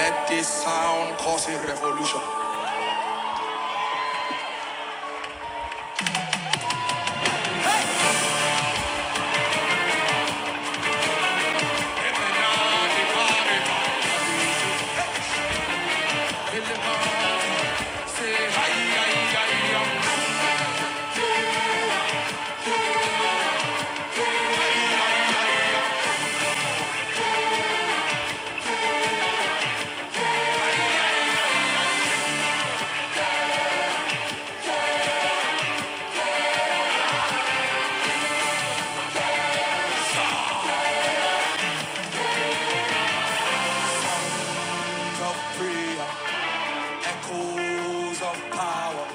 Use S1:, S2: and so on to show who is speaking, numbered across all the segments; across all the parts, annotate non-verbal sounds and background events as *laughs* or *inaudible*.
S1: Let this sound cause a revolution. Of prayer, echoes of power,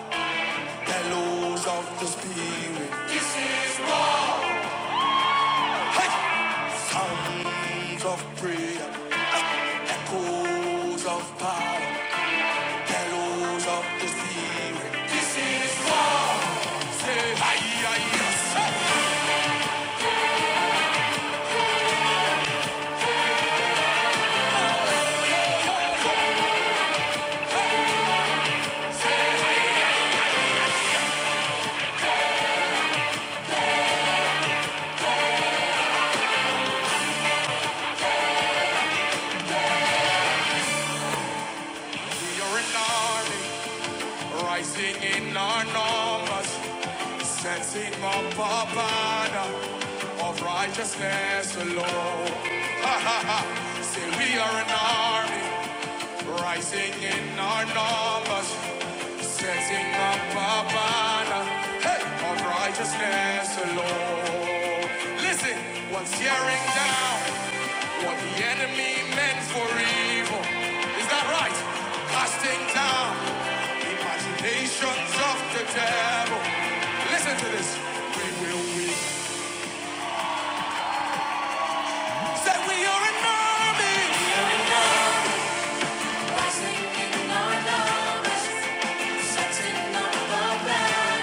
S1: bellows of the spirit. Sounds of prayer, echoes of power, bellows of the spirit. We are an army rising in our numbers, setting up a banner of righteousness alone. Say we are an army rising in our numbers. Setting up a banner hey, of righteousness alone. Listen, what's tearing down what the enemy meant for evil? Is that right? Casting down imaginations of the devil. Listen to this. We will win. Say we are an army. We are an army. Rising in our numbers, setting up a banner.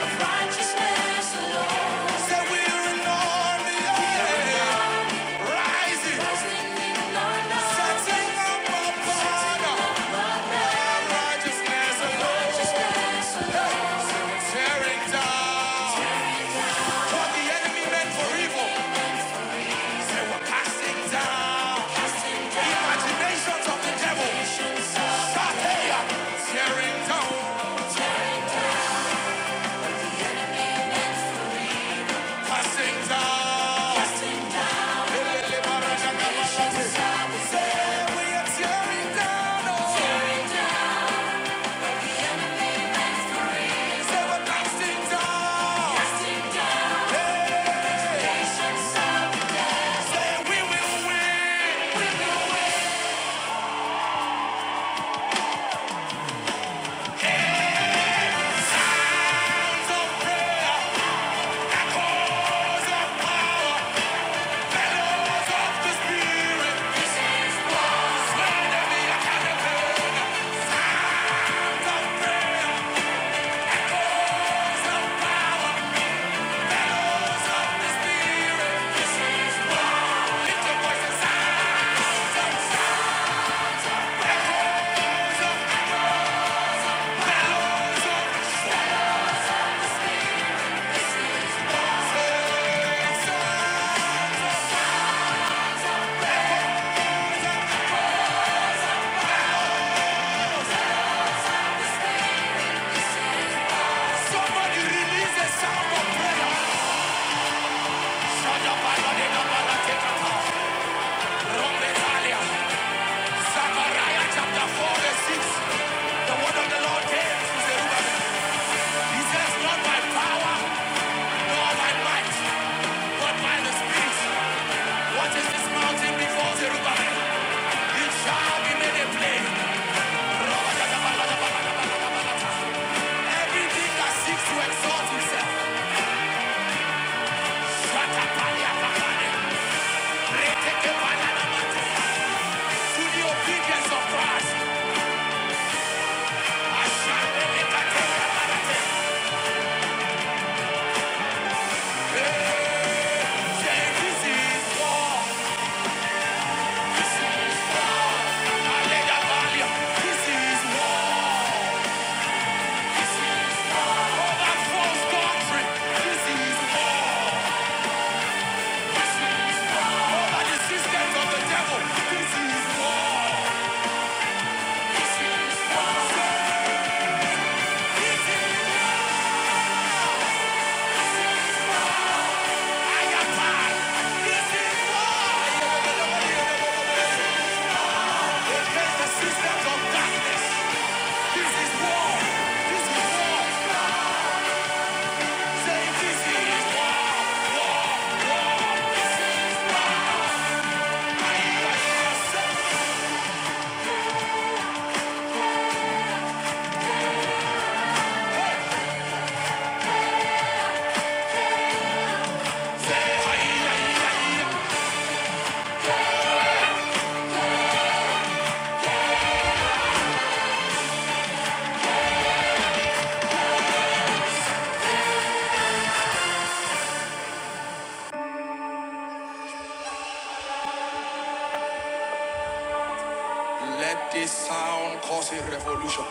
S1: Righteousness alone. yeah. Rising. Rising in love. Setting up a banner. Our righteousness alone. Tearing down. What the enemy meant for evil, we're casting Imaginations of the devil. Shaheya. Tearing down. Casting we are tearing down. oh. He says, not by power, nor by might, but by the Spirit. What is this mountain before Zerubbabel? It shall be made a plain. Everything that seeks to exalt himself, Shatapalia Kapane, Reteke Palanamate, to the obedience of Christ, Ashande Lekate Kapanate. Eh, This is war. This is war. Alega Valia. This is war. This is war. Oh, that false doctrine. This is war. Over the systems of the devil. This is war. This is war. This is I am mad. This is war. Against the systems of darkness. This is war. This is war. Say this is war. This is war. Say, say, hi, hi, Let this sound cause a revolution.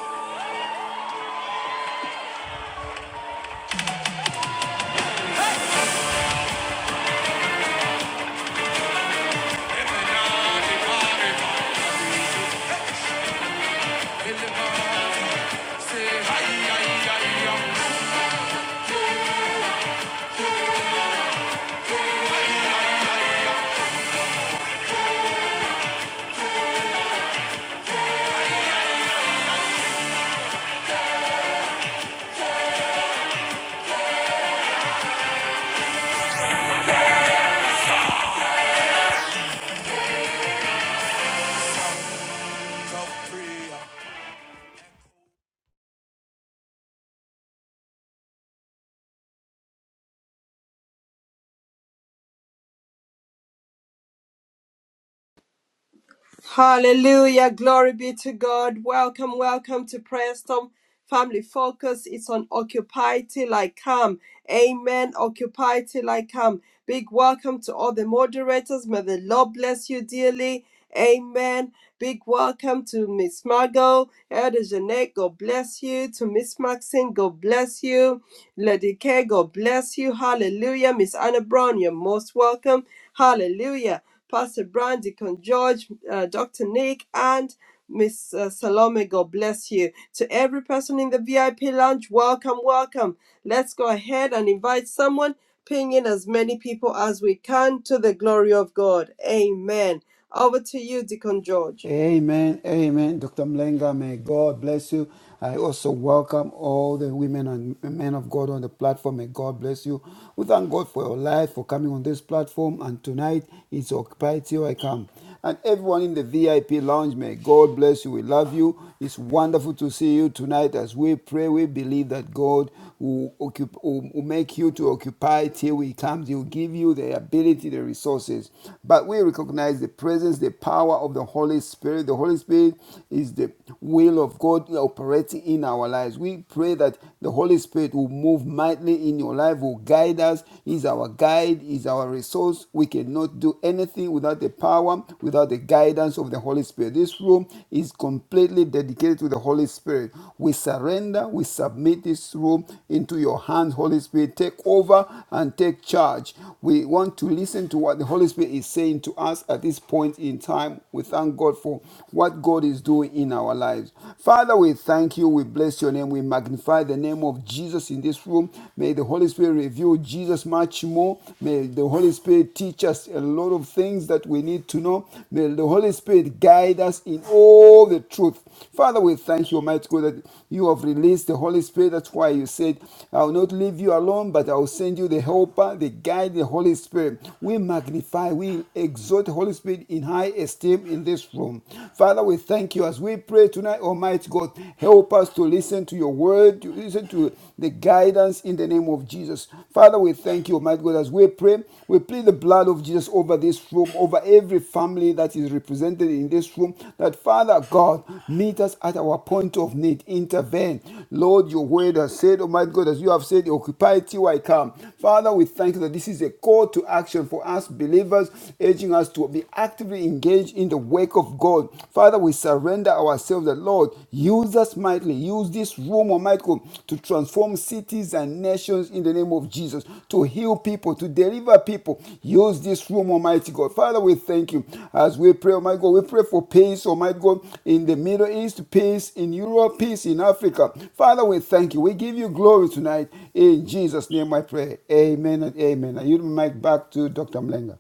S2: Hallelujah. Glory be to God. Welcome, welcome to Prayer Storm Family Focus. It's on Occupy Till I Come. Amen. Occupy Till I Come. Big welcome to all the moderators. May the Lord bless you dearly. Amen. Big welcome to Miss Margot, Elder Jeanette, God bless you. To Miss Maxine, God bless you. Lady K, God bless you. Hallelujah. Miss Anna Brown, you're most welcome. Hallelujah. Pastor Brand, Deacon George, uh, Dr. Nick, and Miss uh, Salome, God bless you. To every person in the VIP lounge, welcome, welcome. Let's go ahead and invite someone, ping in as many people as we can to the glory of God. Amen. Over to you, Deacon George.
S3: Amen, amen. Dr. Mlenga, may God bless you. I also welcome all the women and men of God on the platform. May God bless you. We thank God for your life, for coming on this platform. And tonight, it's Occupy Till I Come. And everyone in the VIP lounge, may God bless you. We love you. It's wonderful to see you tonight as we pray. We believe that God will, occup- will, make you to occupy till He comes. He will give you the ability, the resources. But we recognize the presence, the power of the Holy Spirit. The Holy Spirit is the will of God operating in our lives. We pray that the Holy Spirit will move mightily in your life, will guide us. He's our guide, is our resource. We cannot do anything without the power, without the guidance of the Holy Spirit. This room is is completely dedicated to the Holy Spirit. We surrender, we submit this room into your hands, Holy Spirit. Take over and take charge. We want to listen to what the Holy Spirit is saying to us at this point in time. We thank God for what God is doing in our lives. Father, we thank you. We bless your name. We magnify the name of Jesus in this room. May the Holy Spirit reveal Jesus much more. May the Holy Spirit teach us just a lot of things that we need to know. May the Holy Spirit guide us in all the truth. Father, we thank you, Almighty God, that you have released the Holy Spirit. That's why you said, I will not leave you alone, but I will send you the helper, the guide, the Holy Spirit. We magnify, we exalt the Holy Spirit in high esteem in this room. Father, we thank you as we pray tonight, Almighty God. Help us to listen to your word, to listen to the guidance guidance in the name of Jesus. Father, we thank you, Almighty God, as we pray. We plead the blood of Jesus over this room, over every family that is represented in this room. That Father God, meet us at our point of need. Intervene. Lord, your word has said, Almighty God, as you have said, occupy till I come. Father, we thank you that this is a call to action for us believers, urging us to be actively engaged in the work of God. Father, we surrender surrender ourselves that, Lord, use us mightily. Use this room, Almighty God, to transform cities and nations in the name of Jesus, to heal people, to deliver people. Use this room, Almighty God. Father, we thank you. As we pray, Almighty God, we pray for peace, Almighty God, in the Middle East, peace in Europe, peace in Africa. Father, we thank you. We give you glory tonight. In Jesus' name I pray. Amen and amen. I yield my mic back to Dr. Mlenga.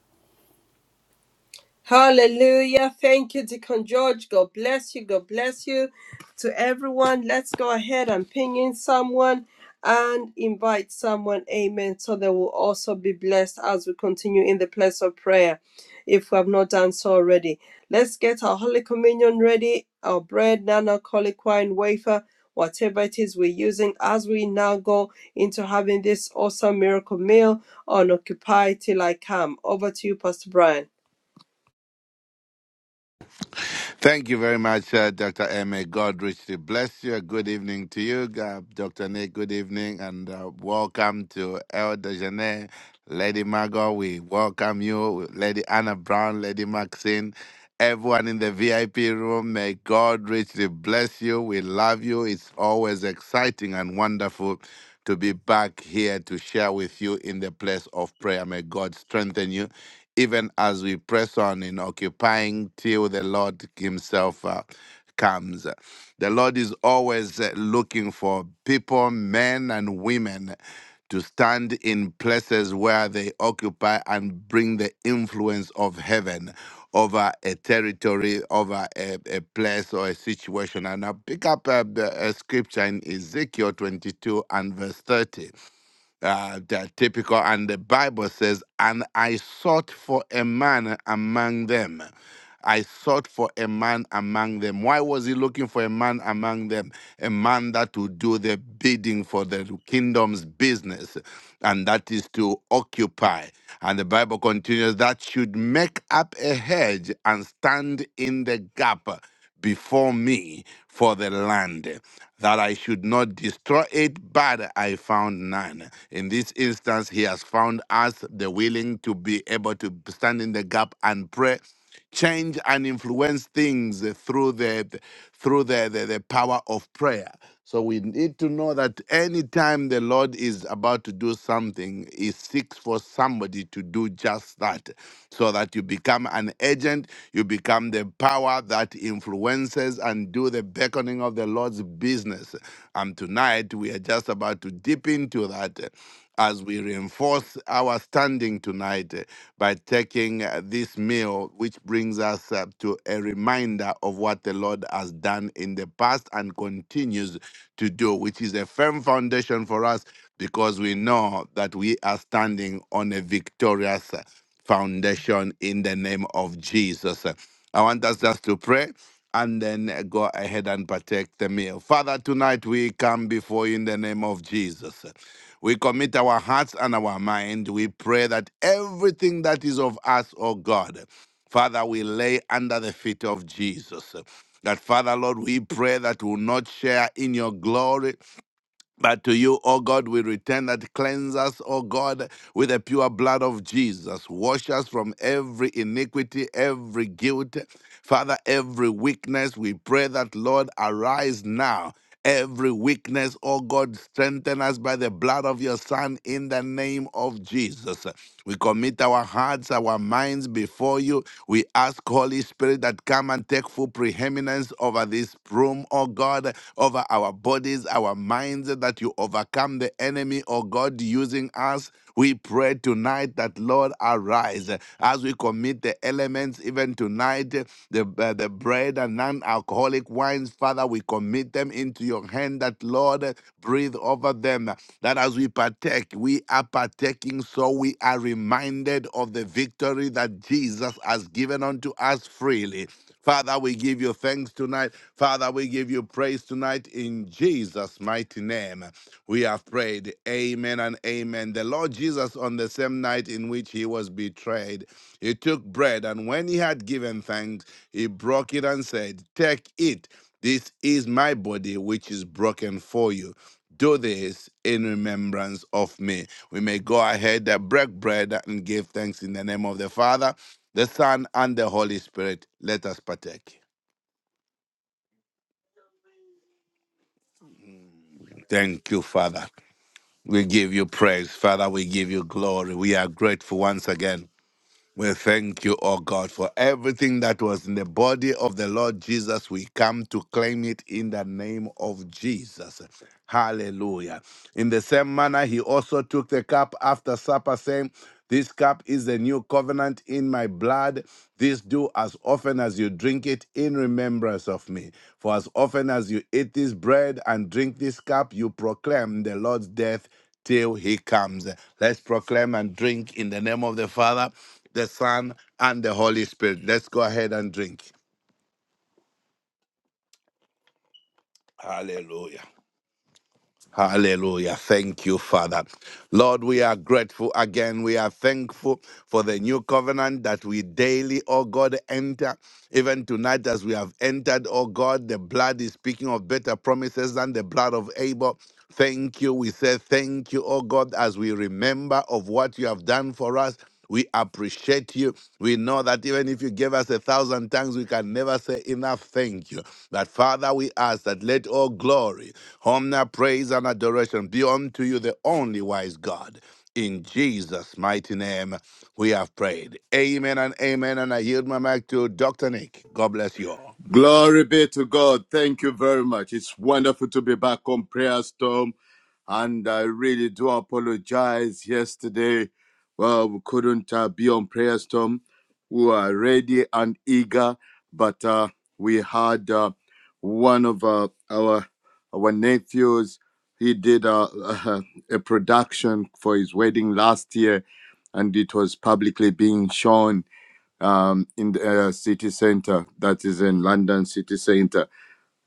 S2: Hallelujah. Thank you, Deacon George. God bless you. God bless you to everyone. Let's go ahead and ping in someone and invite someone. Amen. So they will also be blessed as we continue in the place of prayer if we have not done so already. Let's get our Holy Communion ready, our bread, non alcoholic wine, wafer, whatever it is we're using as we now go into having this awesome miracle meal on Occupy Till I Come. Over to you, Pastor Brian.
S4: Thank you very much, uh, Dr. Emma May God richly bless you. Good evening to you, uh, Dr. Nick. Good evening, and uh, welcome to Elder Janet, Lady Margot. We welcome you, Lady Anna Brown, Lady Maxine. Everyone in the VIP room, may God richly bless you. We love you. It's always exciting and wonderful to be back here to share with you in the place of prayer. May God strengthen you, even as we press on in occupying till the Lord Himself. uh, comes. The Lord is always uh, looking for people, men and women, to stand in places where they occupy and bring the influence of heaven over a territory, over a, a place or a situation. And I pick up a, a scripture in Ezekiel 22 and verse 30 uh, they're typical. And the Bible says, And I sought for a man among them. I sought for a man among them. Why was he looking for a man among them? A man that would do the bidding for the kingdom's business, and that is to occupy. And the Bible continues that should make up a hedge and stand in the gap before me for the land that I should not destroy it, but I found none. In this instance, he has found us the willing to be able to stand in the gap and pray, change and influence things through the through the, the, the power of prayer. So we need to know that anytime the Lord is about to do something, He seeks for somebody to do just that, so that you become an agent, you become the power that influences and do the beckoning of the Lord's business. And tonight, we are just about to dip into that uh, as we reinforce our standing tonight uh, by taking uh, this meal, which brings us uh, to a reminder of what the Lord has done in the past and continues to do, which is a firm foundation for us because we know that we are standing on a victorious uh, foundation in the name of Jesus. I want us just to pray and then uh, go ahead and partake the meal. Father, tonight we come before you in the name of Jesus. We commit our hearts and our mind. We pray that everything that is of us, O God, Father, we lay under the feet of Jesus. That Father, Lord, we pray that we will not share in your glory, but to you, O God, we return that cleanse us, O God, with the pure blood of Jesus. Wash us from every iniquity, every guilt, Father, every weakness. We pray that, Lord, arise now. Every weakness, O God, strengthen us by the blood of your Son in the name of Jesus. We commit our hearts, our minds before you we ask, Holy Spirit, that come and take full preeminence over this room, oh God, over our bodies, our minds, that you overcome the enemy, oh God, using us. We pray tonight that, Lord, arise as we commit the elements even tonight tonight. The, uh, the bread and non alcoholic wines, Father, we commit them into your hand that, Lord, breathe over them. That as we partake, we are partaking, so we are reminded of the victory that Jesus has given unto us freely. Father, we give you thanks tonight. Father, we give you praise tonight in Jesus' mighty name. We have prayed. Amen and amen. The Lord Jesus, on the same night in which he was betrayed, he took bread, and when he had given thanks, he broke it and said, Take it. This is my body, which is broken for you. Do this in remembrance of me. We may go ahead, uh, break bread, and give thanks in the name of the Father, the Son, and the Holy Spirit. Let us partake. Thank you, Father. We give you praise, Father. We give you glory. We are grateful once again. We thank you, O God, for everything that was in the body of the Lord Jesus. We come to claim it in the name of Jesus. Hallelujah. In the same manner, he also took the cup after supper, saying, This cup is the new covenant in my blood. This do as often as you drink it in remembrance of me. For as often as you eat this bread and drink this cup, you proclaim the Lord's death till he comes. Let's proclaim and drink in the name of the Father, the Son, and the Holy Spirit. Let's go ahead and drink. Hallelujah. Hallelujah. Thank you, Father. Lord, we are grateful again. We are thankful for the new covenant that we daily, oh God, enter. Even tonight, as we have entered, oh God, the blood is speaking of better promises than the blood of Abel. Thank you. We say thank you, oh God, as we remember of what you have done for us. We appreciate you. We know that even if you gave us a thousand tongues, we can never say enough thank you. That Father, we ask that let all glory Omna praise and adoration be unto you, the only wise God. In Jesus' mighty name, we have prayed. Amen and amen. And I yield my mic to Dr. Nick. God bless you all.
S5: Glory be to God. Thank you very much. It's wonderful to be back on Prayer Storm. And I really do apologize yesterday. Well, we couldn't uh, be on Prayer Storm. We were ready and eager, but uh, we had uh, one of uh, our our nephews. He did uh, *laughs* a production for his wedding last year, and it was publicly being shown um, in the uh, city center, that is in London city center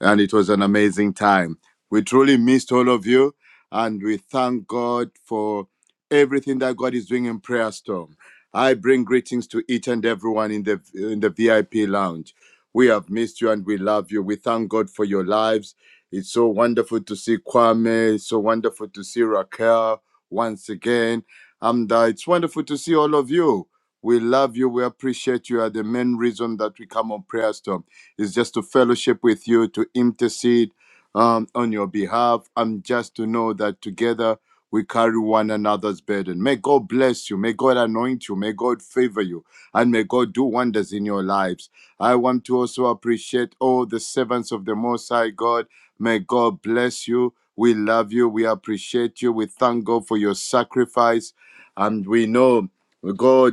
S5: and it was an amazing time. We truly missed all of you, and we thank God for everything that God is doing in Prayer Storm. I bring greetings to each and everyone in the in the VIP lounge. We have missed you and we love you. We thank God for your lives. It's so wonderful to see Kwame. It's so wonderful to see Raquel once again. And uh, it's wonderful to see all of you. We love you. We appreciate you. You Are the main reason that we come on Prayer Storm. Is just to fellowship with you, to intercede um, on your behalf, and just to know that together we carry one another's burden. May God bless you. May God anoint you. May God favor you. And may God do wonders in your lives. I want to also appreciate all the servants of the Most High God. May God bless you. We love you. We appreciate you. We thank God for your sacrifice. And we know, God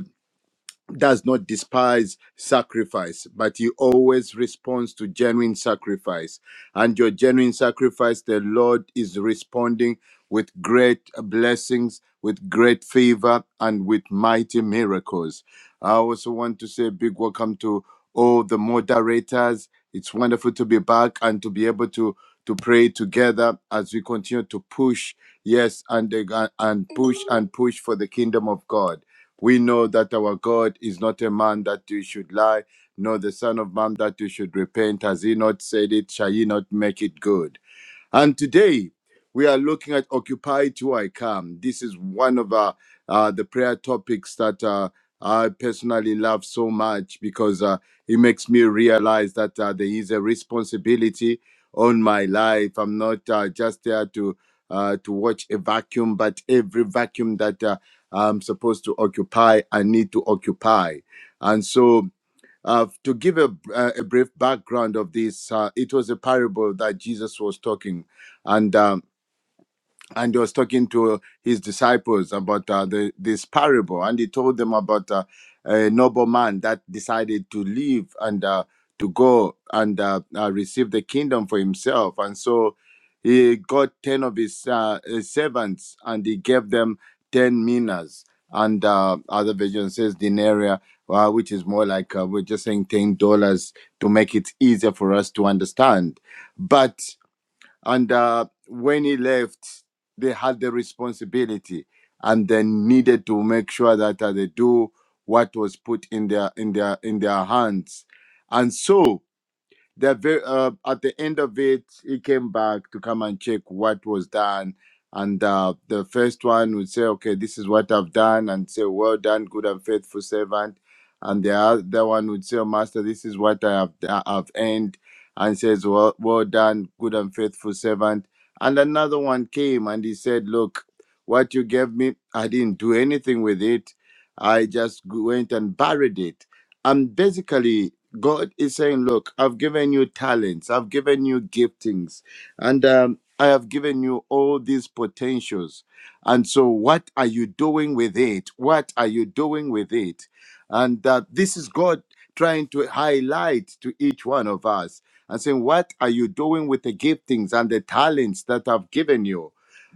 S5: does not despise sacrifice, but he always responds to genuine sacrifice. And your genuine sacrifice, the Lord is responding with great blessings, with great favor, and with mighty miracles. I also want to say a big welcome to all the moderators. It's wonderful to be back and to be able to to pray together as we continue to push, yes, and and push and push for the kingdom of God. We know that our God is not a man that you should lie, nor the Son of Man that you should repent. Has he not said it? Shall he not make it good? And today we are looking at Occupy Till I Come. This is one of uh, uh, the prayer topics that uh, I personally love so much because uh, it makes me realize that uh, there is a responsibility on my life. I'm not uh, just there to uh, to watch a vacuum, but every vacuum that uh, I'm supposed to occupy, I need to occupy. And so uh, to give a, uh, a brief background of this, uh, it was a parable that Jesus was talking, and um, and he was talking to his disciples about uh, the, this parable and he told them about uh, a nobleman that decided to leave and uh, to go and uh, uh, receive the kingdom for himself and so he got 10 of his uh, uh, servants and he gave them 10 minas and uh, other version says denarii uh, which is more like uh, we're just saying $10 to make it easier for us to understand but. And uh, when he left, they had the responsibility and they needed to make sure that uh, they do what was put in their in their in their hands. And so the ve- uh, at the end of it, he came back to come and check what was done. And uh, the first one would say, "Okay, this is what I've done," and say, "Well done, good and faithful servant." And the other one would say, "Oh, "Master, this is what I have I- I've earned," and says, "Well, well done, good and faithful servant." And another one came and he said, "Look, what you gave me, I didn't do anything with it. I just went and buried it." And basically, God is saying, Look, I've given you talents, I've given you giftings, and um, I have given you all these potentials. And so, what are you doing with it? What are you doing with it? And that this is God trying to highlight to each one of us and saying, What are you doing with the giftings and the talents that I've given you?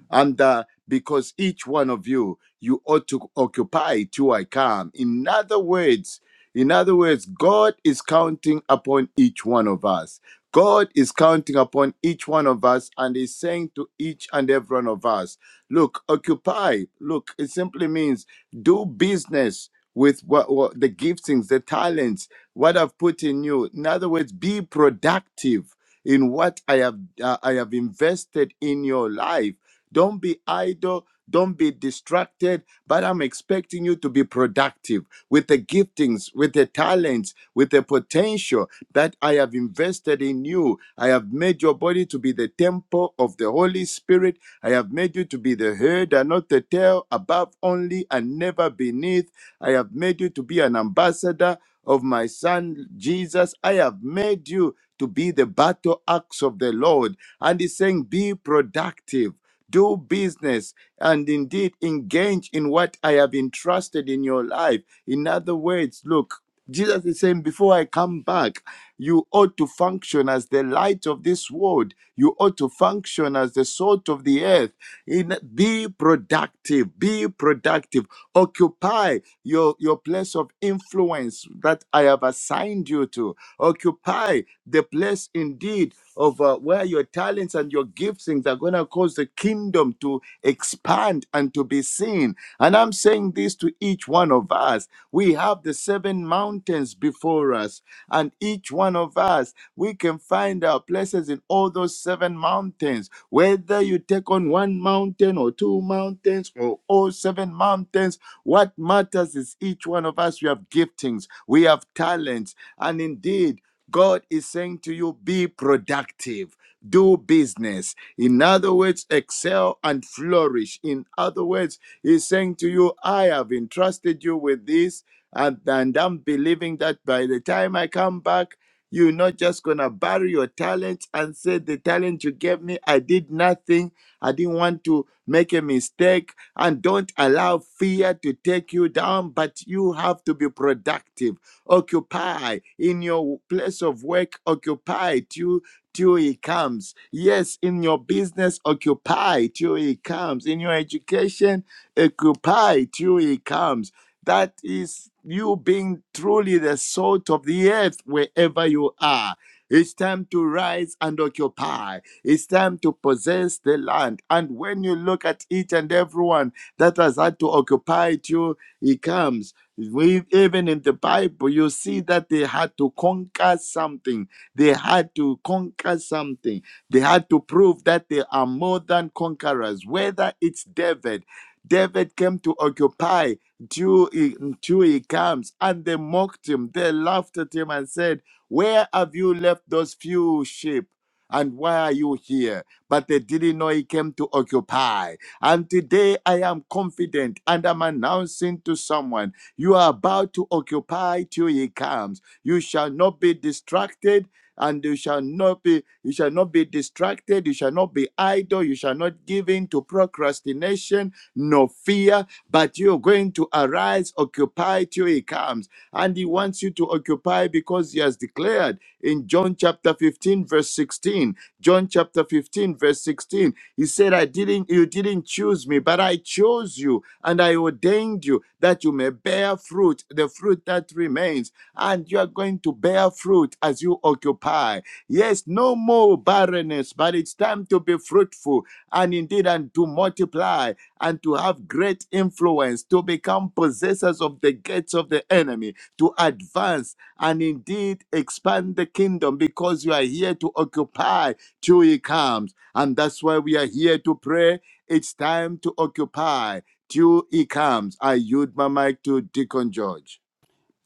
S5: and uh, because each one of you you ought to occupy till i come in other words in other words god is counting upon each one of us god is counting upon each one of us and is saying to each and every one of us look occupy look it simply means do business with what, what the giftings the talents what i've put in you in other words be productive in what i have uh, i have invested in your life don't be idle. Don't be distracted, but I'm expecting you to be productive with the giftings, with the talents, with the potential that I have invested in you. I have made your body to be the temple of the Holy Spirit. I have made you to be the head and not the tail, above only and never beneath. I have made you to be an ambassador of my son Jesus. I have made you to be the battle axe of the Lord. And he's saying, Be productive do business and indeed engage in what I have entrusted in your life. In other words, look, Jesus is saying, before I come back, you ought to function as the light of this world. You ought to function as the salt of the earth. In, be productive, be productive. Occupy your, your place place of influence that I have assigned you to. Occupy the place indeed of uh, where your talents and your giftings are going to cause the kingdom to expand and to be seen. And I'm saying this to each one of us. We have the seven mountains before us, and each one of us, we can find our place places in all those seven mountains. Whether you take on one mountain or two mountains or all seven mountains, what matters is each one of us, we have giftings, we have talents, and indeed, God is saying to you, be productive, do business. In other words, excel and flourish. In other words, He's saying to you, I have entrusted you with this, and, and I'm believing that by the time I come back, you're not just going to bury your talent and say, The talent you gave me, I did nothing. I didn't want to make a mistake. And don't allow fear to take you down, but you have to be productive. Occupy in your place of work, occupy till, till he comes. Yes, in your business, occupy till he comes. In your education, occupy till he comes that is you being truly the salt of the earth wherever you are. It's time to rise and occupy. It's time to possess the land. And when you look at each and everyone that has had to occupy it, you, he comes. We, even in the Bible, you see that they had to conquer something. They had to conquer something. They had to prove that they are more than conquerors, whether it's David. David came to occupy till he, till he comes. And they mocked him, they laughed at him and said, Where have you left those few sheep? And why are you here? But they didn't know he came to occupy. And today I am confident and I'm announcing to someone, You are about to occupy till he comes. You shall not be distracted. And you shall not be you shall not be distracted, you shall not be idle, you shall not give in to procrastination, no fear, but you're going to arise, occupy till he comes. And he wants you to occupy because he has declared in John chapter 15, verse 16. John chapter 15, verse 16. He said, I didn't, you didn't choose me, but I chose you and I ordained you that you may bear fruit, the fruit that remains. And you are going to bear fruit as you occupy. Yes, no more barrenness, but it's time to be fruitful and indeed and to multiply and to have great influence, to become possessors of the gates of the enemy, to advance and indeed expand the kingdom because you are here to occupy till he comes. And that's why we are here to pray. It's time to occupy till he comes. I yield my mic to Deacon George.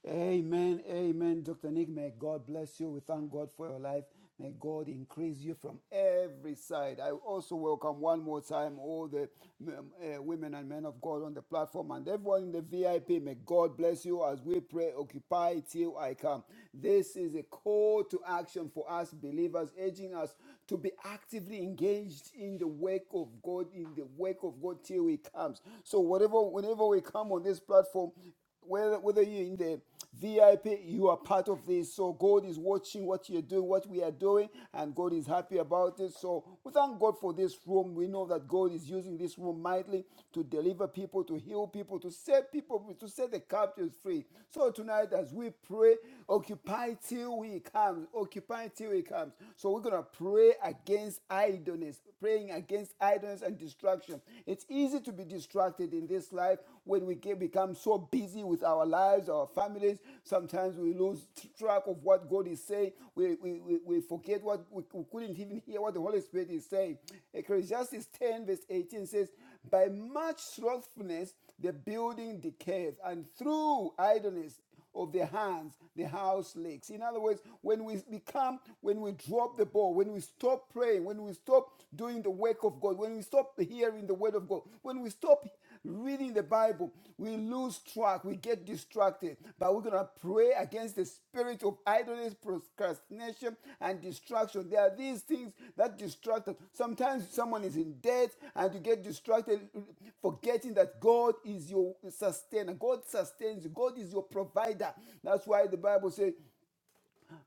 S3: Amen, amen. Dr. Nick, may God bless you. We thank God for your life. May God increase you from every side. I also welcome one more time all the um, uh, women and men of God on the platform and everyone in the VIP. May God bless you as we pray, Occupy Till I Come. This is a call to action for us believers, urging us to be actively engaged in the work of God, in the work of God till He comes. So, whatever, whenever we come on this platform, whether, whether you're in the VIP, you are part of this. So God is watching what you're doing, what we are doing, and God is happy about it. So we thank God for this room. We know that God is using this room mightily to deliver people, to heal people, to set people, to set the captives free. So tonight, as we pray, occupy till He comes, occupy till He comes. So we're gonna pray against idleness, praying against idleness and distraction. It's easy to be distracted in this life when we get, become so busy with our lives, our families, sometimes we lose track of what God is saying. We, we, we, we forget what we, we couldn't even hear what the Holy Spirit is saying. Ecclesiastes 10, verse 18 says, By much slothfulness the building decays, and through idleness of their hands, the house leaks. In other words, when we become, when we drop the ball, when we stop praying, when we stop doing the work of God, when we stop hearing the word of God, when we stop reading the Bible, we lose track, we get distracted. But we're going to pray against the spirit of idleness, procrastination, and distraction. There are these things that distract us. Sometimes someone is in debt and you get distracted, forgetting that God is your sustainer. God sustains you. God is your provider. That's why the Bible says,